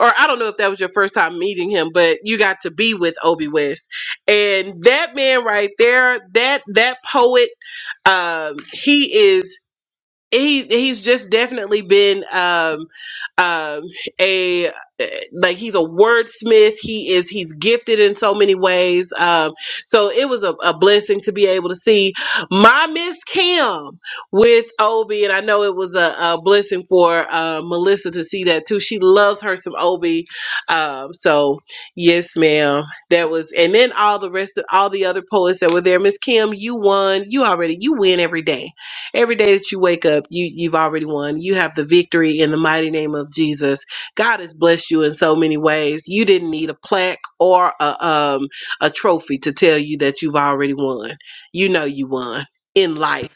[SPEAKER 1] or I don't know if that was your first time meeting him, but you got to be with Obie West. And that man right there, that that poet, um, he is he he's just definitely been um um a eh, like he's a wordsmith he is he's gifted in so many ways um so it was a, a blessing to be able to see my miss kim with obi and i know it was a, a blessing for uh, melissa to see that too she loves her some obi um so yes ma'am that was and then all the rest of all the other poets that were there miss kim you won you already you win every day Every day that you wake up, you you've already won. You have the victory in the mighty name of Jesus. God has blessed you in so many ways. You didn't need a plaque or a um a trophy to tell you that you've already won. You know you won in life.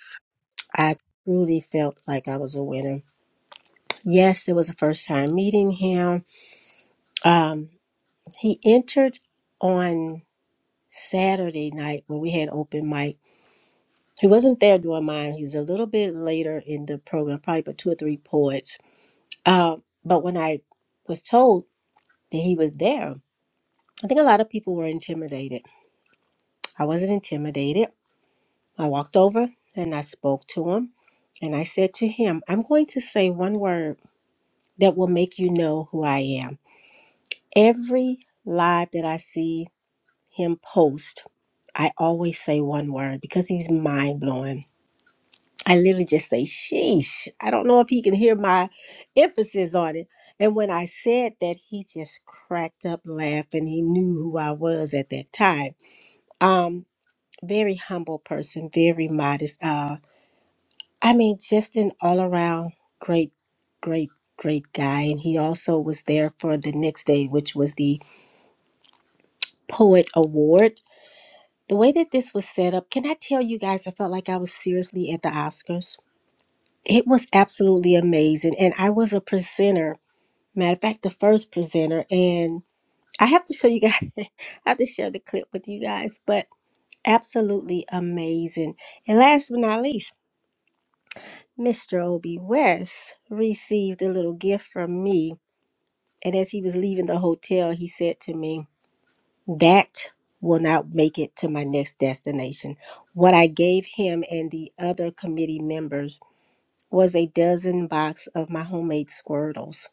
[SPEAKER 6] I truly felt like I was a winner. Yes, it was the first time meeting him. Um, he entered on Saturday night when we had open mic. He wasn't there doing mine. He was a little bit later in the program, probably about two or three poets. Um, but when I was told that he was there, I think a lot of people were intimidated. I wasn't intimidated. I walked over and I spoke to him and I said to him, I'm going to say one word that will make you know who I am. Every live that I see him post, I always say one word because he's mind blowing. I literally just say, sheesh. I don't know if he can hear my emphasis on it. And when I said that, he just cracked up laughing. He knew who I was at that time. Um, very humble person, very modest. Uh, I mean, just an all around great, great, great guy. And he also was there for the next day, which was the Poet Award The way that this was set up, can I tell you guys, I felt like I was seriously at the Oscars. It was absolutely amazing. And I was a presenter, matter of fact, the first presenter. And I have to show you guys, <laughs> I have to share the clip with you guys, but absolutely amazing. And last but not least, Mr. Obie West received a little gift from me. And as he was leaving the hotel, he said to me, that will not make it to my next destination. What I gave him and the other committee members was a dozen box of my homemade squirtles.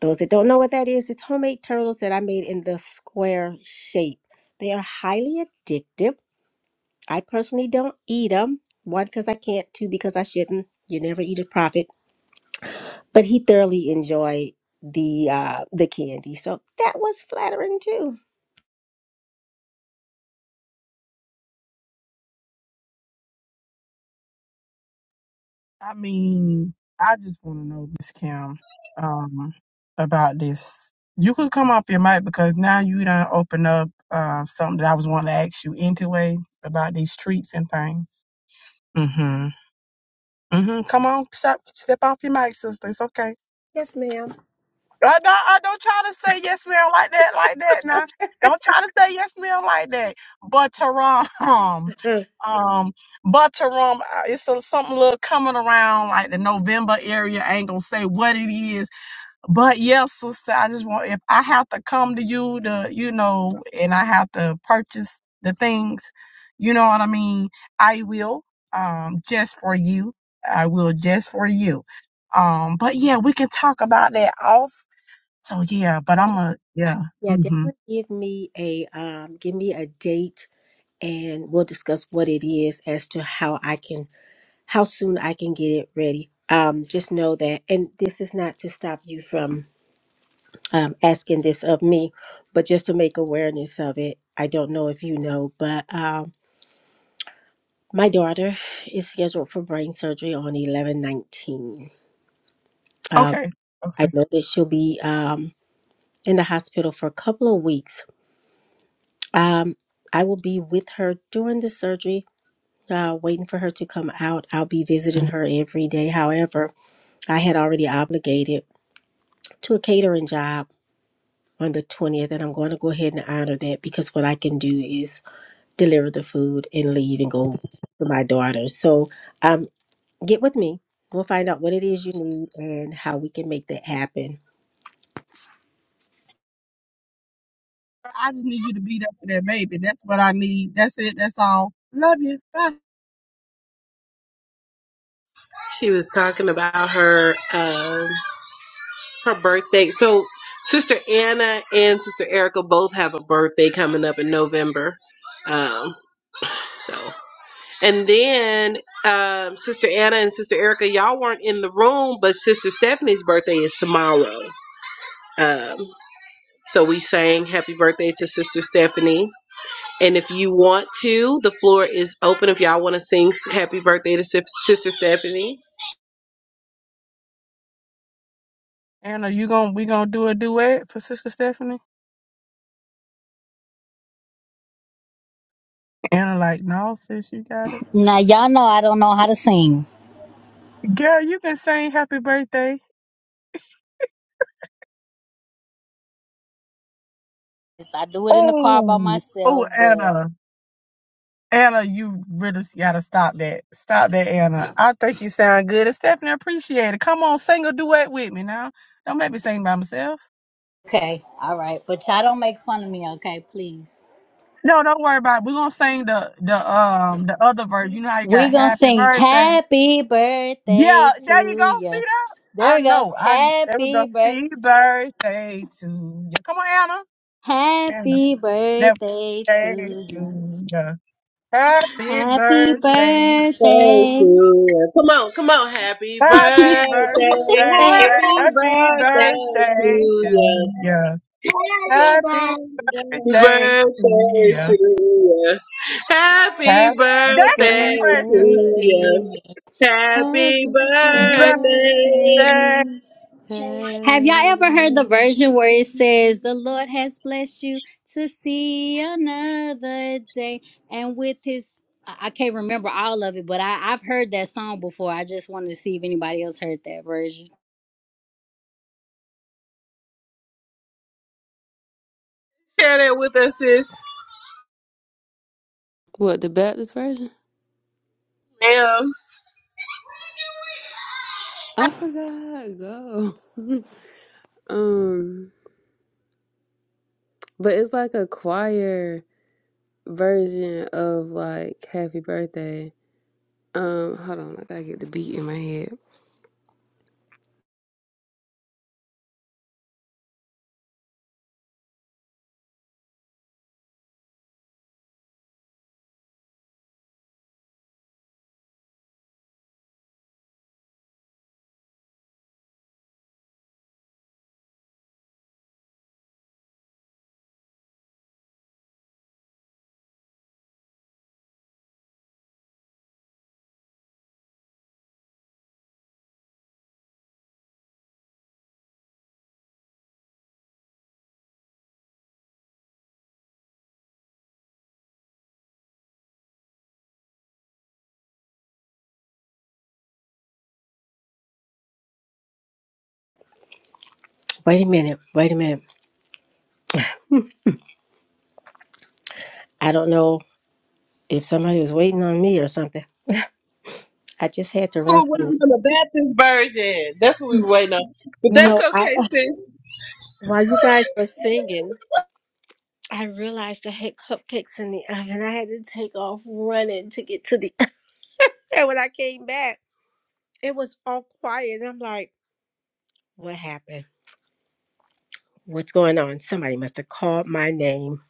[SPEAKER 6] Those that don't know what that is, it's homemade turtles that I made in the square shape. They are highly addictive. I personally don't eat them. One, because I can't. Two, because I shouldn't. You never eat a profit. But he thoroughly enjoyed the uh, the candy, so that was flattering too.
[SPEAKER 4] I mean, I just want to know, Miss Kim, um, about this. You could come off your mic because now you done open up uh, something that I was wanting to ask you anyway about these treats and things. Mm-hmm. Mm-hmm. Come on, step step off your mic, sister. It's okay.
[SPEAKER 6] Yes, ma'am.
[SPEAKER 4] I don't, I don't try to say yes, ma'am, like that, like that. Now, don't try to say yes, ma'am, like that. But Taram, <laughs> um, um, but um, it's a, something little coming around like the November area. I ain't gonna say what it is, but yes, sister, I just want if I have to come to you to, you know, and I have to purchase the things, you know what I mean. I will, um, just for you. I will just for you. Um, but yeah, we can talk about that so yeah, but
[SPEAKER 6] That
[SPEAKER 4] I'm a
[SPEAKER 6] I-
[SPEAKER 4] yeah.
[SPEAKER 6] yeah,
[SPEAKER 4] hmm
[SPEAKER 6] definitely give me a um, give me a date, and we'll discuss what it is as to how I can how soon I can get it ready. Um, just know that, and this is not to stop you from um, asking this of me, but just to make awareness of it. I don't know if you know, but um, my daughter is scheduled for brain surgery on eleven nineteen. Um,
[SPEAKER 4] Okay.
[SPEAKER 6] I
[SPEAKER 4] Okay.
[SPEAKER 6] know that she'll be um, in the hospital for a couple of weeks Um, I will be with her during the surgery, uh, waiting for her to come out. I'll be visiting her every day. However, I had already obligated to a catering job on the 20th, and I'm going to go ahead and honor that because what I can do is deliver the food and leave and go to my daughter. So um, get with me. We'll find out what it is you need and how we can make that happen.
[SPEAKER 4] I just need you to beat up for that baby. That's what I need. That's it. That's all. Love you. Bye.
[SPEAKER 1] She was talking about her um her birthday. So Sister Anna and Sister Erica both have a birthday coming up in November. Um, so And then um, Sister Anna and Sister Erica, y'all weren't in the room, but Sister Stephanie's birthday is tomorrow. Um, so we sang happy birthday to Sister Stephanie. And if you want to, the floor is open if y'all want to sing s- happy birthday to Sis- Sister Stephanie.
[SPEAKER 4] Anna, you gonna we gonna do a duet for Sister Stephanie? Anna, like, no, sis, you got it.
[SPEAKER 9] Now y'all know I don't know how to sing.
[SPEAKER 4] Girl, you can sing happy birthday.
[SPEAKER 9] Yes, I do it in the car by
[SPEAKER 4] Oh, oh,
[SPEAKER 9] myself, but
[SPEAKER 4] Anna. Anna, you really gotta stop that. Stop that, Anna. I think you sound good. And Stephanie, appreciate it. Come on, sing a duet with me now. Don't make me sing by myself.
[SPEAKER 9] okay, all right. But y'all don't make fun of me, okay? Please.
[SPEAKER 4] No, don't worry about it. We're gonna sing the the um the other verse. You know how you got
[SPEAKER 9] We're gonna
[SPEAKER 4] happy
[SPEAKER 9] sing
[SPEAKER 4] birthday.
[SPEAKER 9] happy
[SPEAKER 4] Yeah,
[SPEAKER 9] birthday
[SPEAKER 4] there you
[SPEAKER 9] to
[SPEAKER 4] go. See
[SPEAKER 9] you.
[SPEAKER 4] that?
[SPEAKER 9] There
[SPEAKER 4] I
[SPEAKER 9] we go.
[SPEAKER 4] know. I there we
[SPEAKER 9] Happy
[SPEAKER 4] go.
[SPEAKER 9] birth
[SPEAKER 4] See birthday to you. Come on, Anna. Anna.
[SPEAKER 9] happy
[SPEAKER 4] That
[SPEAKER 9] birthday
[SPEAKER 4] birthday
[SPEAKER 9] to
[SPEAKER 4] to
[SPEAKER 9] you.
[SPEAKER 4] you. Happy
[SPEAKER 9] Happy
[SPEAKER 4] birthday.
[SPEAKER 1] Thank
[SPEAKER 9] birthday.
[SPEAKER 1] you. Come on, come on. Happy
[SPEAKER 4] Happy
[SPEAKER 1] birthday.
[SPEAKER 4] birthday.
[SPEAKER 9] Happy
[SPEAKER 1] Happy
[SPEAKER 4] Happy
[SPEAKER 1] birthday to
[SPEAKER 4] birthday
[SPEAKER 1] you.
[SPEAKER 4] to you. Happy birthday to
[SPEAKER 1] birthday
[SPEAKER 4] you.
[SPEAKER 1] to you. Happy
[SPEAKER 4] Happy. That's it,
[SPEAKER 1] birthday to
[SPEAKER 4] precious.
[SPEAKER 9] birthday to
[SPEAKER 1] you.
[SPEAKER 9] you.
[SPEAKER 1] Happy
[SPEAKER 10] Happy
[SPEAKER 1] birthday.
[SPEAKER 10] birthday.
[SPEAKER 4] Birthday.
[SPEAKER 9] Birthday. Have y'all ever heard the
[SPEAKER 10] Happy.
[SPEAKER 9] version where it says, The Lord has blessed you to see another day? And with his, I I can't remember all of it, but I, I've heard that song before. I just wanted to see if anybody else heard that version.
[SPEAKER 1] Share that with us, sis.
[SPEAKER 10] What the Baptist version?
[SPEAKER 1] Ma'am.
[SPEAKER 10] I forgot. Go. <laughs> um, but it's like a choir version of like Happy Birthday. Um, hold on, I gotta get the beat in my head.
[SPEAKER 6] Wait a minute. Wait a minute. I don't know if somebody was waiting on me or something. I just had to
[SPEAKER 1] We were
[SPEAKER 6] run.
[SPEAKER 1] waiting on the Baptist version. That's what we were waiting on. But
[SPEAKER 6] No,
[SPEAKER 1] that's
[SPEAKER 6] I
[SPEAKER 1] okay, sis.
[SPEAKER 6] While you guys were singing, I realized I had cupcakes in the oven. I had to take off running to get to the <laughs> and when I came back, it was all quiet. And I'm like, what happened? What's going on? Somebody must have called my name.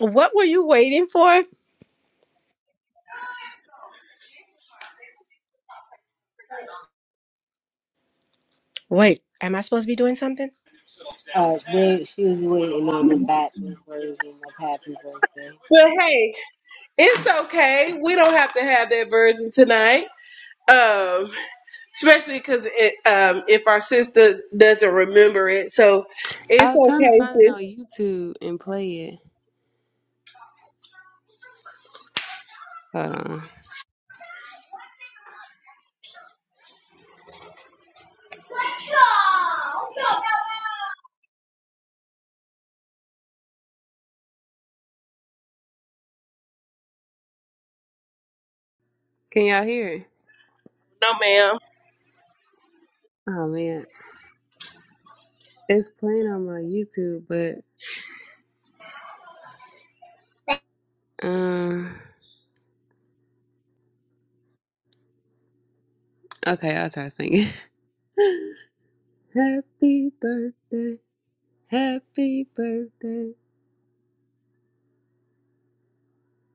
[SPEAKER 6] What were you waiting for? Wait, am I supposed to be doing something?
[SPEAKER 3] Uh, they, she was waiting on the backwards version of Happy Birthday.
[SPEAKER 1] But hey, it's okay. We don't have to have that version tonight. Um, especially because it, um, if our sister doesn't remember it, so
[SPEAKER 10] I
[SPEAKER 1] it's
[SPEAKER 10] was trying to
[SPEAKER 1] okay,
[SPEAKER 10] find it
[SPEAKER 1] sis.
[SPEAKER 10] on YouTube and play it. Hold on. Can y'all hear it?
[SPEAKER 1] No, ma'am.
[SPEAKER 10] Oh man, it's playing on my YouTube, but um, okay, I'll try singing. <laughs> happy birthday, happy birthday,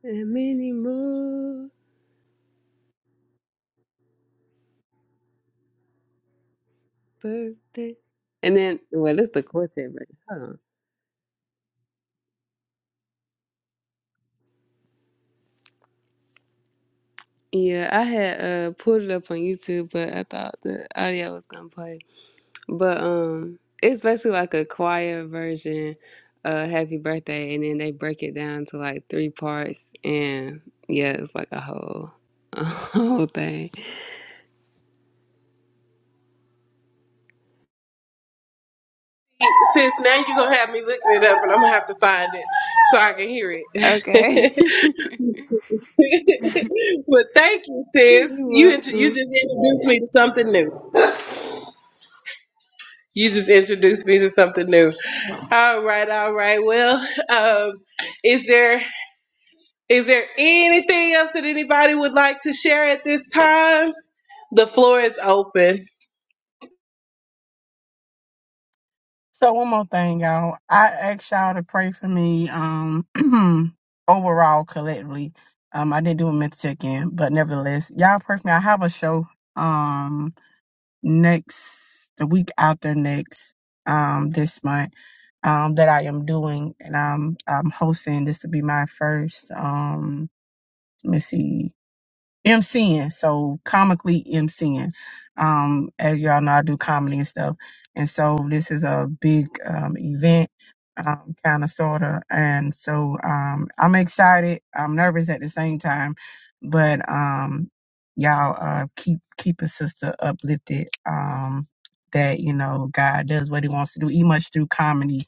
[SPEAKER 10] and many more. birthday. And then, well, it's the quartet version. Hold on. Yeah, I had uh pulled it up on YouTube, but I thought the audio was gonna play. But um, it's basically like a choir version of "Happy Birthday," and then they break it down to like three parts, and yeah, it's like a whole, a <laughs> whole thing.
[SPEAKER 1] Sis, now you're gonna have me looking it up and I'm gonna have to find it so I can hear
[SPEAKER 10] Okay,
[SPEAKER 1] it. <laughs> but thank you,
[SPEAKER 10] <laughs>
[SPEAKER 1] sis.
[SPEAKER 10] you're
[SPEAKER 1] You int- you
[SPEAKER 10] welcome.
[SPEAKER 1] just introduced me to something new. You just introduced me to something new. All right, all right. Well, um, is there is there anything else that anybody would like to share at this time? The floor is open.
[SPEAKER 4] So one more thing, y'all. I asked y'all to pray for me um <clears throat> overall collectively. Um I didn't do a mental check in, but nevertheless, y'all pray for me. I have a show um next the week after next um this month um that I am doing and I'm I'm hosting. This will be my first um let me see MCing, so comically MCing. Um, as y'all know, I do comedy and stuff, and so this is a big um, event, um, kind of sorta. And so um, I'm excited. I'm nervous at the same time, but um, y'all uh, keep keep a sister uplifted. Um, that you know God does what He wants to do, even much through comedy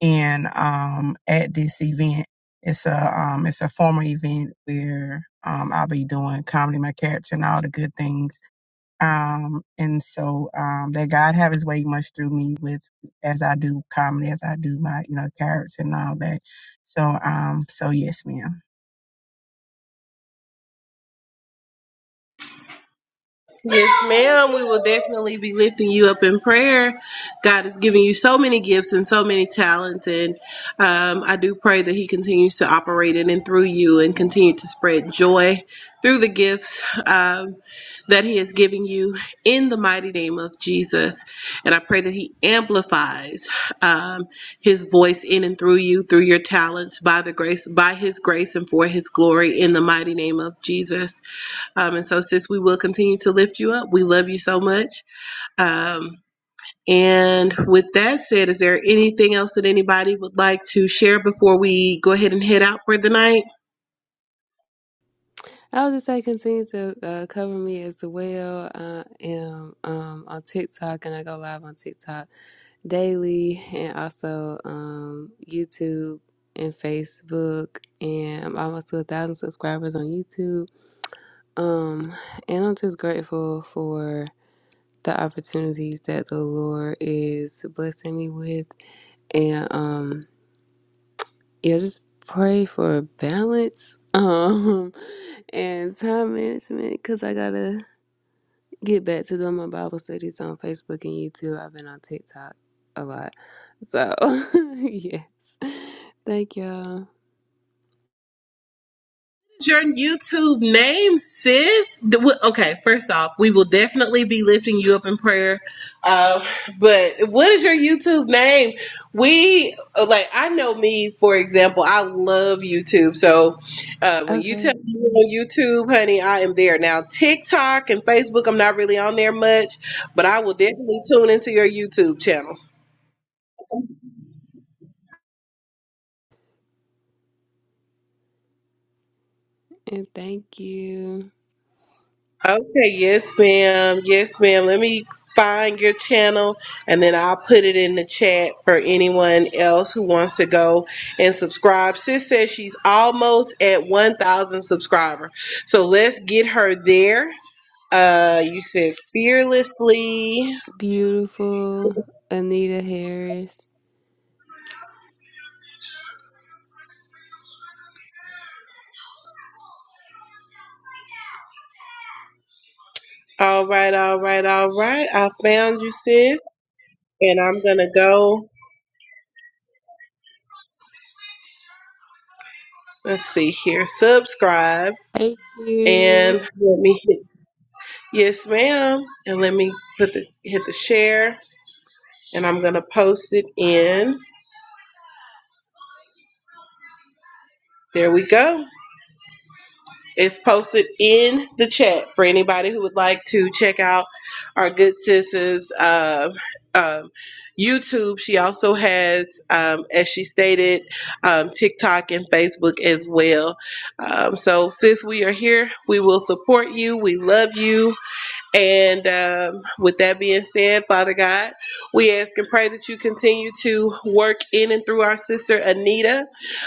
[SPEAKER 4] and um, at this event, it's a um, it's a formal event where um, I'll be doing comedy, my character, and all the good things. Um, and so um, that God have His way much through me with as I do comedy, as I do my you know character and all that. So um, so yes, ma'am.
[SPEAKER 1] Yes, ma'am. We will definitely be lifting you up in prayer. God is giving you so many gifts and so many talents, and um, I do pray that He continues to operate in and through you, and continue to spread joy through the gifts um, that He is giving you in the mighty name of Jesus. And I pray that He amplifies um, His voice in and through you, through your talents, by the grace, by His grace, and for His glory, in the mighty name of Jesus. Um, and so, sis, we will continue to lift you up. We love you so much. Um, and with that said, is there anything else that anybody would like to share before we go ahead and head out for the night?
[SPEAKER 10] I would just say continue to uh, cover me as well. I am um on TikTok, and I go live on TikTok daily and also um, YouTube and Facebook. And I'm almost to a thousand subscribers on YouTube. Um, and I'm just grateful for the opportunities that the Lord is blessing me with. And um, yeah, just pray for balance. Um, <laughs> and time management because I gotta get back to doing my Bible studies on Facebook and YouTube. I've been on TikTok a lot. So, <laughs> yes. Thank y'all.
[SPEAKER 1] your YouTube name, sis? The- w- Okay, first off, we will definitely be lifting you up in prayer. Uh, but what is your YouTube name? We like I know me, for example. I love YouTube, so uh, when you
[SPEAKER 10] Okay.
[SPEAKER 1] tell me you're on YouTube, honey, I am there now. TikTok and Facebook, I'm not really on there much, but I will definitely tune into your YouTube channel.
[SPEAKER 10] And thank you,
[SPEAKER 1] Okay, yes, ma'am. Yes, ma'am. Let me find your channel and then I'll put it in the chat for anyone else who wants to go and subscribe. Sis says she's almost at 1,000 subscriber. So let's get her there. Uh, you said fearlessly.
[SPEAKER 10] beautiful Anita Harris.
[SPEAKER 1] All right, all right, all right. I found you, sis. And I'm going to go, let's see here, subscribe.
[SPEAKER 10] Thank you.
[SPEAKER 1] And let me hit Yes, ma'am. And let me put the hit the share and I'm gonna post it in. There we go. It's posted in the chat for anybody who would like to check out our good sis's uh, um, YouTube. She also has, um, as she stated, um, TikTok and Facebook as well. Um, so, sis, we are here. We will support you. We love you. And um, with that being said, Father God, we ask and pray that you continue to work in and through our sister Anita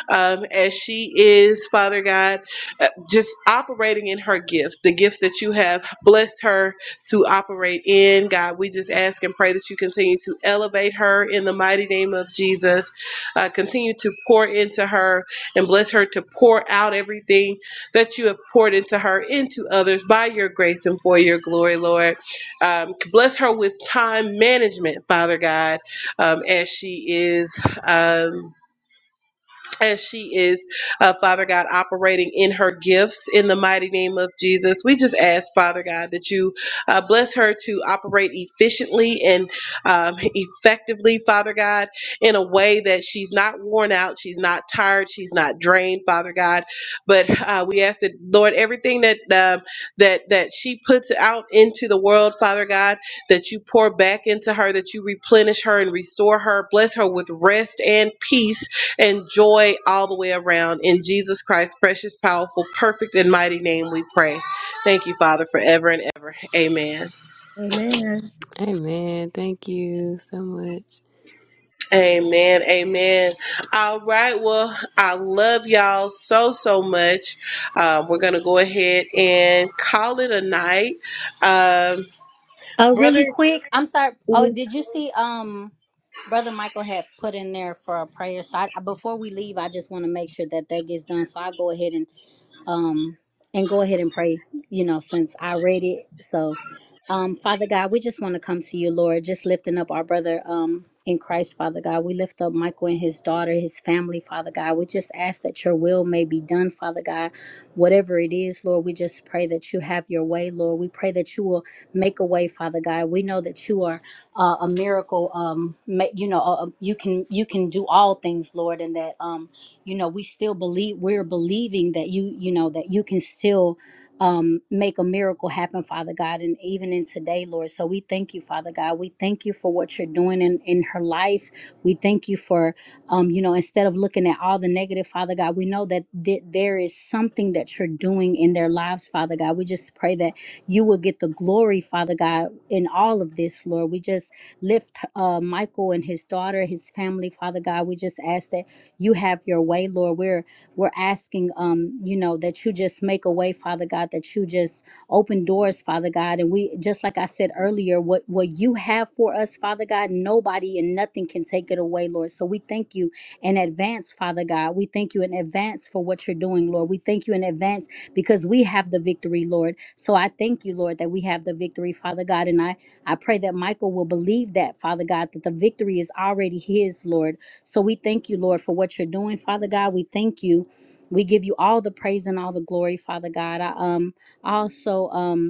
[SPEAKER 1] um, as she is, Father God, uh, just operating in her gifts, the gifts that you have blessed her to operate in. God, we just ask and pray that you continue to elevate her in the mighty name of Jesus. Uh, continue to pour into her and bless her to pour out everything that you have poured into her, into others by your grace and for your glory, Lord. Um, bless her with time management, Father God, um, as she is. Um, as she is, uh, Father God, operating in her gifts in the mighty name of Jesus. We just ask, Father God, that you uh, bless her to operate efficiently and um, effectively, Father God, in a way that she's not worn out, she's not tired, she's not drained, Father God. But uh, we ask that, Lord, everything that um that that she puts out into the world, Father God, that you pour back into her, that you replenish her and restore her, bless her with rest and peace and joy all the way around. In Jesus Christ's precious, powerful, perfect, and mighty name we pray. Thank you, Father, forever and ever. Amen.
[SPEAKER 6] Amen.
[SPEAKER 10] Amen. Thank you so much.
[SPEAKER 1] Amen. Amen. All right. Well, I love y'all so, so much. Uh, we're going to go ahead and call it a night. Um,
[SPEAKER 9] Oh,
[SPEAKER 1] brother,
[SPEAKER 9] really quick. I'm sorry. Oh, did you see, um, Brother Michael had put in there for a prayer. So I, before we leave, I just want to make sure that that gets done. So I'll go ahead and um, and go ahead and pray, you know, since I read it. So, um, Father God, we just want to come to you, Lord, just lifting up our brother um, in Christ, Father God. We lift up Michael and his daughter, his family, Father God. We just ask that your will may be done, Father God. Whatever it is, Lord, we just pray that you have your way, Lord. We pray that you will make a way, Father God. We know that you are uh, a miracle. Um, ma- you know, uh, uh, you can you can do all things, Lord, and that. Um, you know we still believe we're believing that you you know that you can still um make a miracle happen father god and even in today lord so we thank you father god we thank you for what you're doing in in her life we thank you for um you know instead of looking at all the negative father god we know that th- there is something that you're doing in their lives father god we just pray that you will get the glory father god in all of this lord we just lift uh michael and his daughter his family father god we just ask that you have your way, Lord. We're we're asking um, you know, that you just make a way, Father God, that you just open doors, Father God. And we just like I said earlier, what what you have for us, Father God, nobody and nothing can take it away, Lord. So we thank you in advance, Father God. We thank you in advance for what you're doing, Lord. We thank you in advance because we have the victory, Lord. So I thank you, Lord, that we have the victory, Father God. And I I pray that Michael will believe that, Father God, that the victory is already his, Lord so we thank you, Lord, for what you're doing, Father God. We thank you. We give you all the praise and all the glory, Father God. I um I also um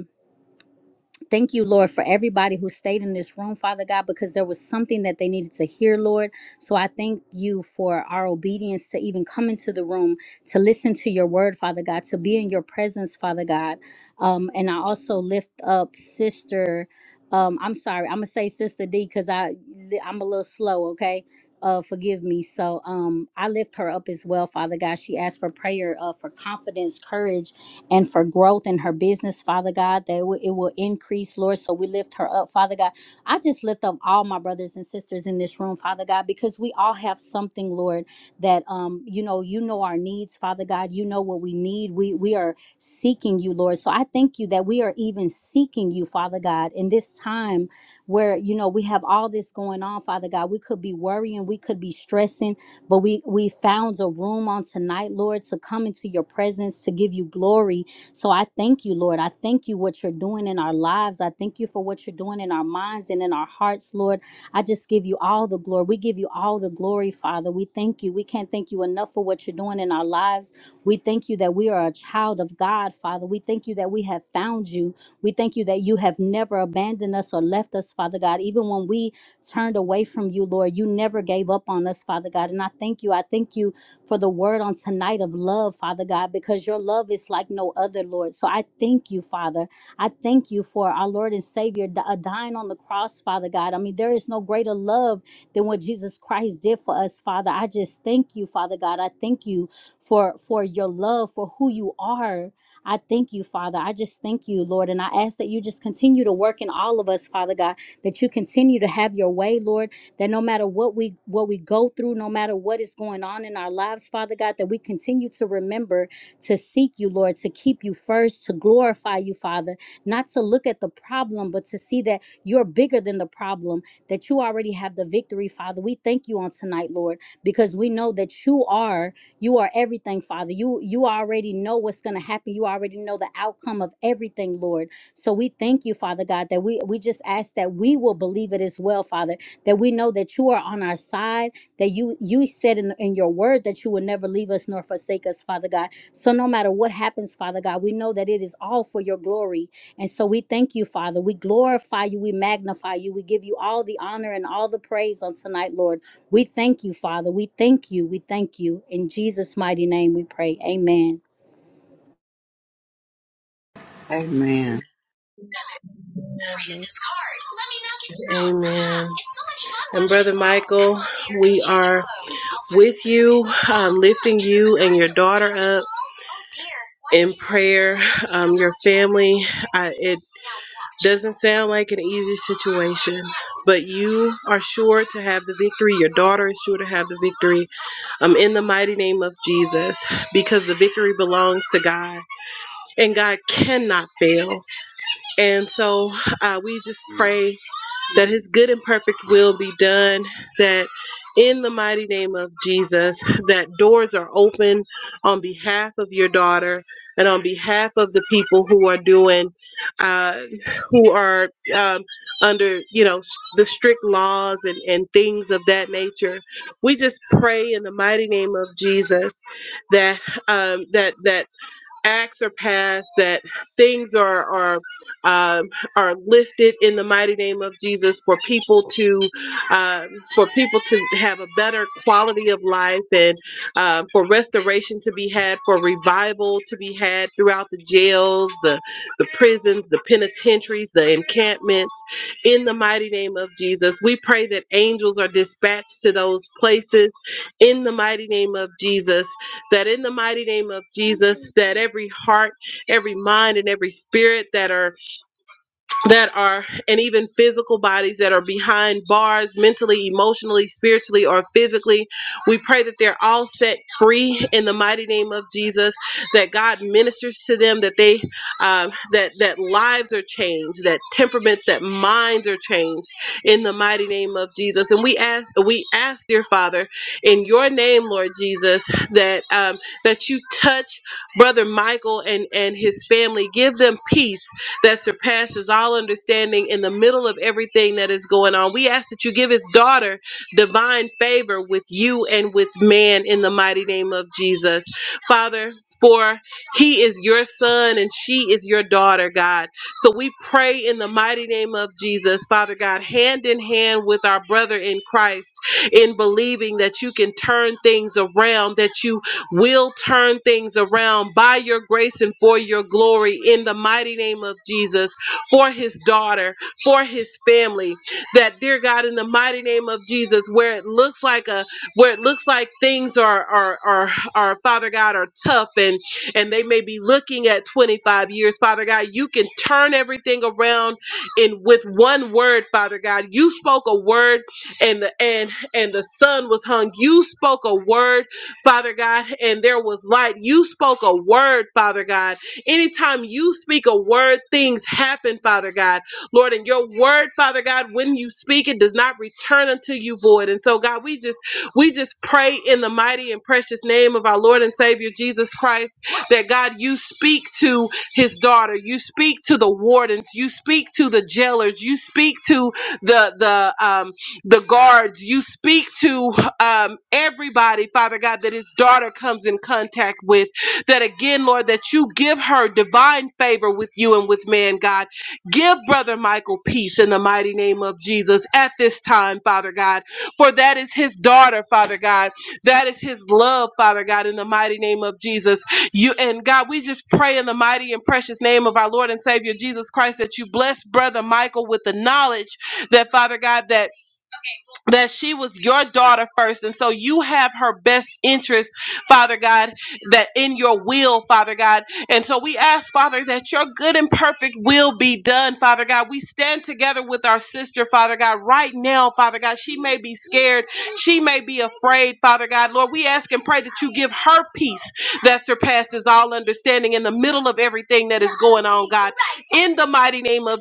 [SPEAKER 9] Thank you, Lord, for everybody who stayed in this room, Father God, because there was something that they needed to hear, Lord. So I thank you for our obedience to even come into the room, to listen to your word, Father God, to be in your presence, Father God. Um, and I also lift up Sister. Um, I'm sorry, I'm gonna say Sister D because I I'm a little slow, okay? Uh, forgive me. So um, I lift her up as well, Father God. She asked for prayer, uh, for confidence, courage, and for growth in her business, Father God, that it will, it will increase, Lord. So we lift her up, Father God. I just lift up all my brothers and sisters in this room, Father God, because we all have something, Lord, that um, you know, you know our needs, Father God. You know what we need. We we are seeking you, Lord. So I thank you that we are even seeking you, Father God, in this time where you know we have all this going on, Father God. We could be worrying, we could be stressing but we we found a room on tonight, Lord, to come into your presence to give you glory. So I thank you, Lord. I thank you what you're doing in our lives. I thank you for what you're doing in our minds and in our hearts, Lord. I just give you all the glory. We give you all the glory, Father. We thank you. We can't thank you enough for what you're doing in our lives. We thank you that we are a child of God, Father. We thank you that we have found you. We thank you that you have never abandoned us or left us, Father God. Even when we turned away from you, Lord. You never gave up on us, Father God. And I thank you. I thank you for the word on tonight of love, Father God, because your love is like no other, Lord. So I thank you, Father. I thank you for our Lord and Savior di- uh, dying on the cross, Father God. I mean, there is no greater love than what Jesus Christ did for us, Father. I just thank you, Father God. I thank you for for your love, for who you are. I thank you, Father. I just thank you, Lord, and I ask that you just continue to work in all of us, Father God that you continue to have your way, Lord, that no matter what we what we go through, no matter what is going on in our lives, Father God, that we continue to remember to seek you, Lord, to keep you first, to glorify you, Father, not to look at the problem, but to see that you're bigger than the problem, that you already have the victory, Father. We thank you on tonight, Lord, because we know that you are you are everything, Father. You you already know what's going to happen. You already know the outcome of everything, Lord. So we thank you, Father God, that we, we just ask that we will believe it as well, Father, that we know that you are on our side, that you you said in, in your word that you will never leave us nor forsake us, Father God. So no matter what happens, Father God, we know that it is all for your glory. And so we thank you, Father. We glorify you, we magnify you, we give you all the honor and all the praise on tonight, Lord. We thank you, Father. We thank you. We thank you. In Jesus' mighty name we pray. Amen.
[SPEAKER 8] Amen.
[SPEAKER 6] I
[SPEAKER 1] Amen. um, family, uh, it's Doesn't sound like an easy situation, but you are sure to have the victory. Your daughter is sure to have the victory um, in the mighty name of Jesus because the victory belongs to God and God cannot fail. And so uh, we just pray that his good and perfect will be done, that in the mighty name of Jesus, that doors are open on behalf of your daughter and on behalf of the people who are doing, uh, who are um, under, you know, s- the strict laws and, and things of that nature. We just pray in the mighty name of Jesus that um, that that acts are passed, that things are are um, are lifted in the mighty name of Jesus for people to um, for people to have a better quality of life and um, for restoration to be had, for revival to be had throughout the jails, the the prisons, the penitentiaries, the encampments. In the mighty name of Jesus, we pray that angels are dispatched to those places. In the mighty name of Jesus that in the mighty name of Jesus, that every heart, every mind, and every spirit that are that are and even physical bodies that are behind bars mentally emotionally spiritually or physically we pray that they're all set free in the mighty name of jesus that god ministers to them that they um, that that lives are changed that temperaments that minds are changed in the mighty name of jesus and we ask we ask dear father in your name lord jesus that um, that you touch brother michael and and his family give them peace that surpasses all understanding in the middle of everything that is going on. We ask that you give his daughter divine favor with you and with man in the mighty name of Jesus. Father, for he is your son and she is your daughter, God. So we pray in the mighty name of Jesus, Father God, hand in hand with our brother in Christ, in believing that you can turn things around, that you will turn things around by your grace and for your glory in the mighty name of Jesus for his daughter, for his family. That dear God, in the mighty name of Jesus, where it looks like a where it looks like things are are are, are Father God are tough and and they may be looking at 25 years, Father God, you can turn everything around in with one word, Father God. You spoke a word and the and and the sun was hung. You spoke a word Father God, and there was light. You spoke a word, Father God. Anytime you speak a word, things happen, Father God. Lord, and your word, Father God, when you speak, it does not return unto you void. And so, God, we just we just pray in the mighty and precious name of our Lord and Savior Jesus Christ that God, you speak to his daughter, you speak to the wardens, you speak to the jailers, you speak to the the um the guards, you speak to um, everybody, Father God, that his daughter comes in contact with. That again, Lord, that you give her divine favor with you and with man, God. Give Brother Michael peace in the mighty name of Jesus at this time, Father God. For that is his daughter, Father God. That is his love, Father God, in the mighty name of Jesus. You and God, we just pray in the mighty and precious name of our Lord and Savior Jesus Christ that you bless Brother Michael with the knowledge that, Father God, that that she was your daughter first. And so you have her best interest, Father God, that in your will, Father God. And so we ask, Father, that your good and perfect will be done, Father God. We stand together with our sister, Father God, right now, Father God. She may be scared. She may be afraid, Father God. Lord, we ask and pray that you give her peace that surpasses all understanding in the middle of everything that going on. In the mighty name of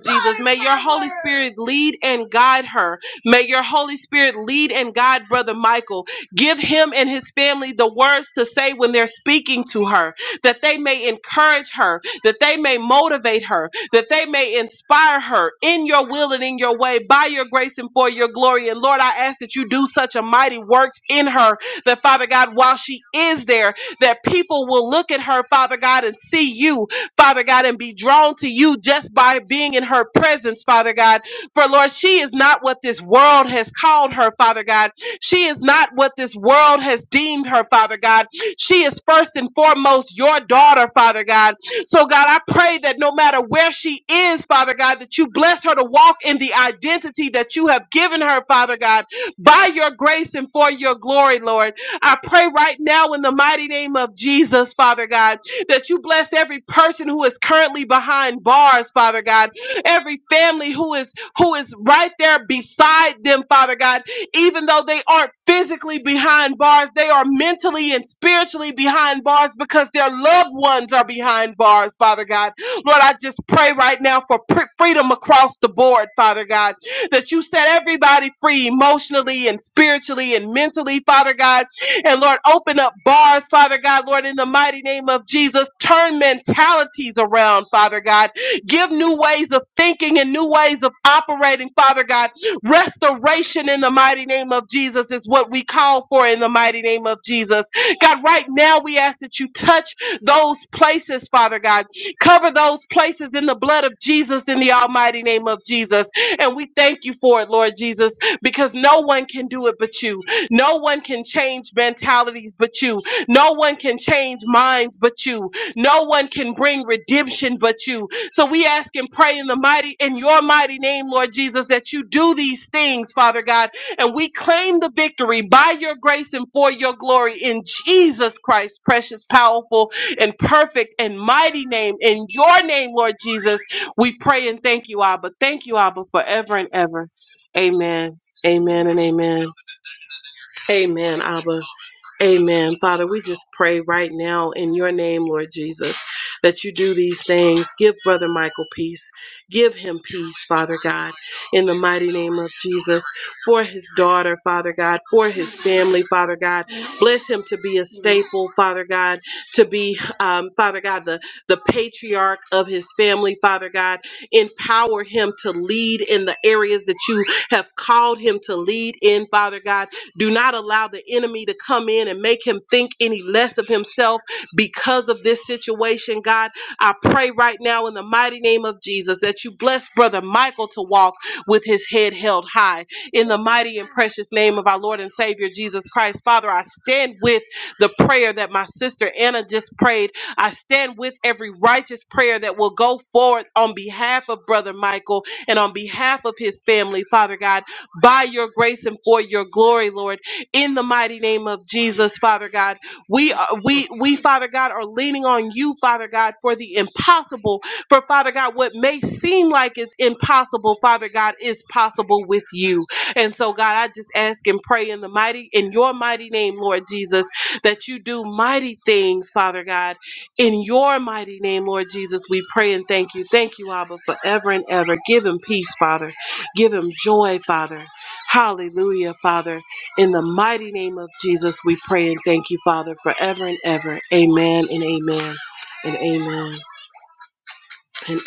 [SPEAKER 1] Spirit lead and guide her. May your Holy Spirit lead and guide Brother Michael. Give him and his family the words to say when they're speaking to her, that they may encourage her, that they may motivate her, that they may inspire her in your will and in your way, by your grace and for your glory. And Lord, I ask that you do such a mighty works in her that, Father God, while she is there, that people will look at her, Father God, and see you, Father God, and be drawn to you just by being in her presence, Father God for Lord, she is not what this world has called her, Father God. She is not what this world has deemed her, Father God. She is first and foremost your daughter, Father God. So, God, I pray that no matter where she is, Father God, that you bless her to walk in the identity that you have given her, Father God, by your grace and for your glory, Lord. I pray right now in the mighty name of Jesus, Father God, that you bless every person who is currently behind bars, Father God, every family who is who is right there beside them, Father God. Even though they aren't physically behind bars, they are mentally and spiritually behind bars because their loved ones are behind bars, Father God. Lord, I just pray right now for pr- freedom across the board, Father God, that you set everybody free emotionally and spiritually and mentally, Father God. And Lord, open up bars, Father God, Lord, in the mighty name of Jesus. Turn mentalities around, Father God Give new ways of thinking and new ways of operating, Father God. Restoration in the mighty name of Jesus is what we call for in the mighty name of Jesus. God, right now we ask that you touch those places, Father God. Cover those places in the blood of Jesus in the almighty name of Jesus. And we thank you for it, Lord Jesus, because no one can do it but you. No one can change mentalities but you. No one can change minds but you. No one can bring redemption but you. So we ask and pray in the mighty, in your mighty name, Lord Jesus, that you do these things, Father God. And we claim the victory by your grace and for your glory in Jesus Christ, precious, powerful, and perfect and mighty name. In your name, Lord Jesus, we pray and thank you, Abba. Thank you, Abba, forever and ever. Amen. Amen and amen. Amen, Abba. Amen. Father, we just pray right now in your name, Lord Jesus, that you do these things. Give Brother Michael peace. Give him peace, Father God, in the mighty name of Jesus, for his daughter, Father God, for his family, Father God. Bless him to be a staple, Father God, to be, um, Father God, the, the patriarch of his family, Father God. Empower him to lead in the areas that you have called him to lead in, Father God do not allow the enemy to come in and make him think any less of himself because of this situation, God. I pray right now in the mighty name of Jesus that you bless Brother Michael to walk with his head held high. In the mighty and precious name of our Lord and Savior Jesus Christ, Father, I stand with the prayer that my sister Anna just prayed. I stand with every righteous prayer that will go forward on behalf of Brother Michael and on behalf of his family, Father God by your grace and for your glory, Lord. In the mighty name of Jesus, Father God, we are, we we Father God are leaning on you, Father God, for the impossible. For Father God, what may seem like it's impossible, Father God, is possible with you. And so, God, I just ask and pray in the mighty in your mighty name, Lord Jesus, that you do mighty things, Father God. In your mighty name, Lord Jesus, we pray and thank you. Thank you, Abba, forever and ever. Give him peace, Father. Give him joy, Father. Hallelujah, Father. In the mighty name of Jesus, we pray and thank you, Father, forever and ever. Amen and amen and amen and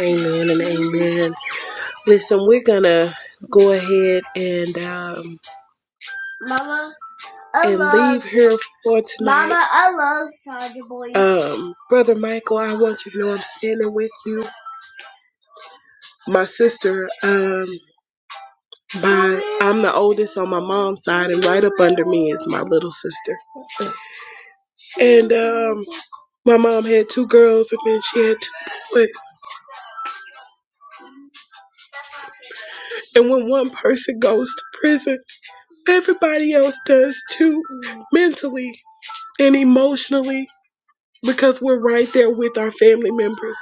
[SPEAKER 1] amen and amen. Listen, we're going to go ahead and um, hear for tonight. Um, Brother Michael, I want you to know I'm standing with you. My sister, um, by, I'm the oldest on my mom's side, and right up under me is my little sister. And um, My mom had two girls and then she had two boys. And when one person goes to prison, everybody else does too, mentally and emotionally, because we're right there with our family members.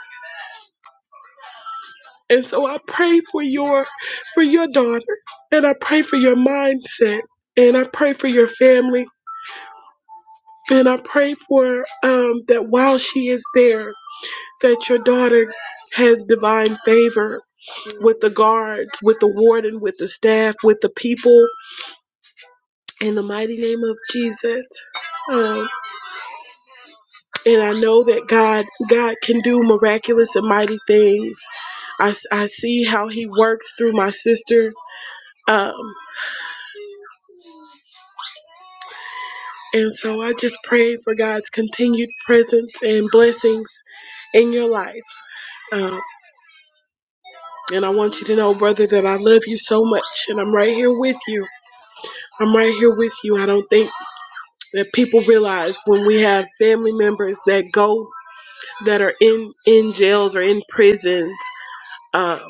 [SPEAKER 1] And so I pray for your for your daughter and I pray for your mindset and I pray for your family and I pray for um that while she is there that your daughter has divine favor with the guards, with the warden, with the staff, with the people, in the mighty name of Jesus. Um, and I know that God, God can do miraculous and mighty things. I, s- I see how He works through my sister. Um, and so I just pray for God's continued presence and blessings in your life. Um, and I want you to know, brother, that I love you so much, and I'm right here with you. I'm right here with you. I don't think that people realize when we have family members that go that are in in jails or in prisons um,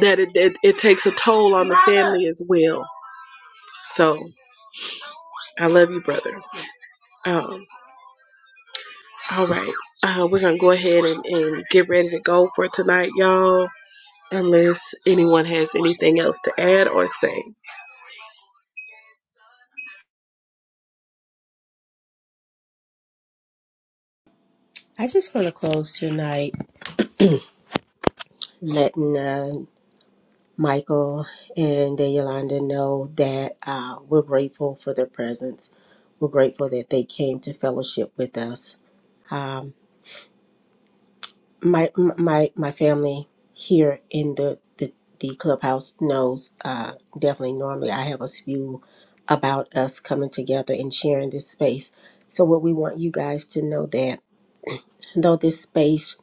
[SPEAKER 1] that it, it it takes a toll me as well. So I love you, brother. Um, all right, uh, we're gonna go ahead and, and get ready to go for tonight, y'all. Unless anyone has anything else to add or say.
[SPEAKER 6] just want to close tonight, letting uh, Michael and Yolanda know that uh, we're grateful for their presence. We're grateful that they came to fellowship with us. Um, my my my family here in the the, the clubhouse knows uh, definitely. Normally, I have a spew about us coming together and sharing this space. So, what we want you guys to know that though this space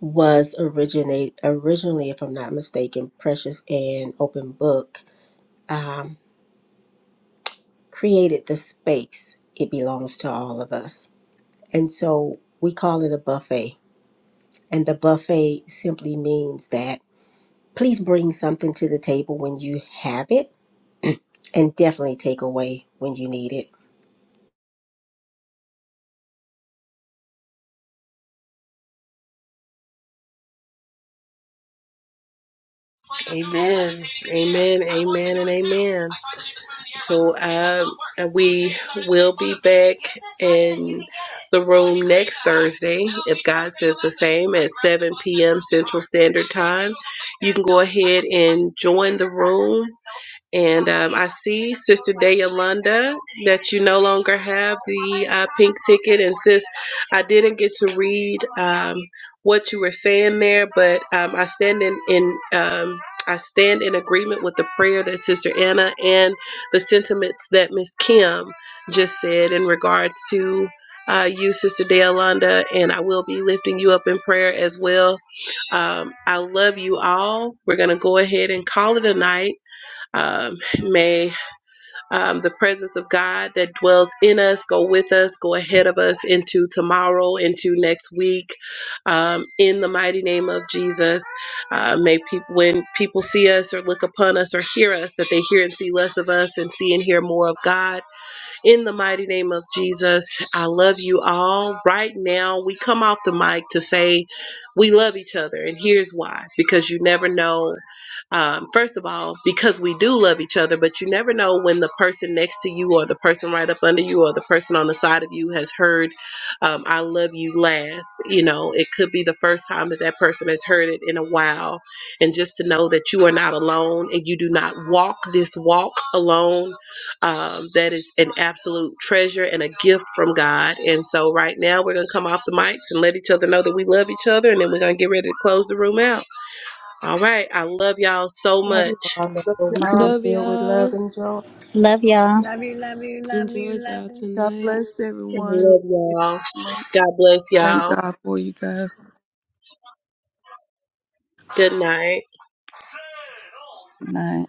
[SPEAKER 6] was originate originally, if I'm not mistaken, precious and open book. Um, created the space, it belongs to all of us. And so we call it a buffet. And the buffet simply means that please bring something to the table when you have it and definitely take away when you need it.
[SPEAKER 1] Amen. Amen. Amen. And amen. So uh, we will be back in the room next Thursday, if God says the same, at 7 p.m. Central Standard Time. You can go ahead and join the room and um, I see Sister Dayalanda that you no longer have the uh, pink ticket. And sis, I didn't get to read um, what you were saying there, but um, I stand in, in um, I stand in agreement with the prayer that Sister Anna and the sentiments that Miss Kim just said in regards to uh, you, Sister Dayalanda. and I will be lifting you up in prayer as well. Um, I love you all. We're going to go ahead and call it a night. Um, may um, the presence of God that dwells in us go with us, go ahead of us into tomorrow, into next week. Um, in the mighty name of Jesus, uh, may people when people see us or look upon us or hear us, that they hear and see less of us and see and hear more of God in the mighty name of Jesus, I love you all. Right now, we come off the mic to say we love each other. And here's why because you never know um, first of all, because we do love each other, but you never know when the person next to you, or the person right up under you, or the person on the side of you has heard um, I love you last. You know, it could be the first time that that person has heard it in a while. And just to know that you are not alone and you do not walk this walk alone um, that is an absolute treasure and a gift from God. And so, right now, we're going to come off the mics and let each other know that we love each other, and then we're going to get ready to close the room out. All right. I love y'all so
[SPEAKER 6] Love
[SPEAKER 1] much.
[SPEAKER 6] you all. May your week be
[SPEAKER 10] Love
[SPEAKER 6] filled with love
[SPEAKER 10] y'all.
[SPEAKER 6] and joy.
[SPEAKER 9] Love y'all.
[SPEAKER 7] Love you, love you, love you,
[SPEAKER 10] Enjoyed y'all
[SPEAKER 7] love.
[SPEAKER 8] God
[SPEAKER 10] tonight.
[SPEAKER 8] bless
[SPEAKER 1] I
[SPEAKER 8] everyone.
[SPEAKER 1] love y'all. God bless
[SPEAKER 8] Thank
[SPEAKER 1] y'all.
[SPEAKER 8] God for you guys
[SPEAKER 1] Good night.
[SPEAKER 8] tonight.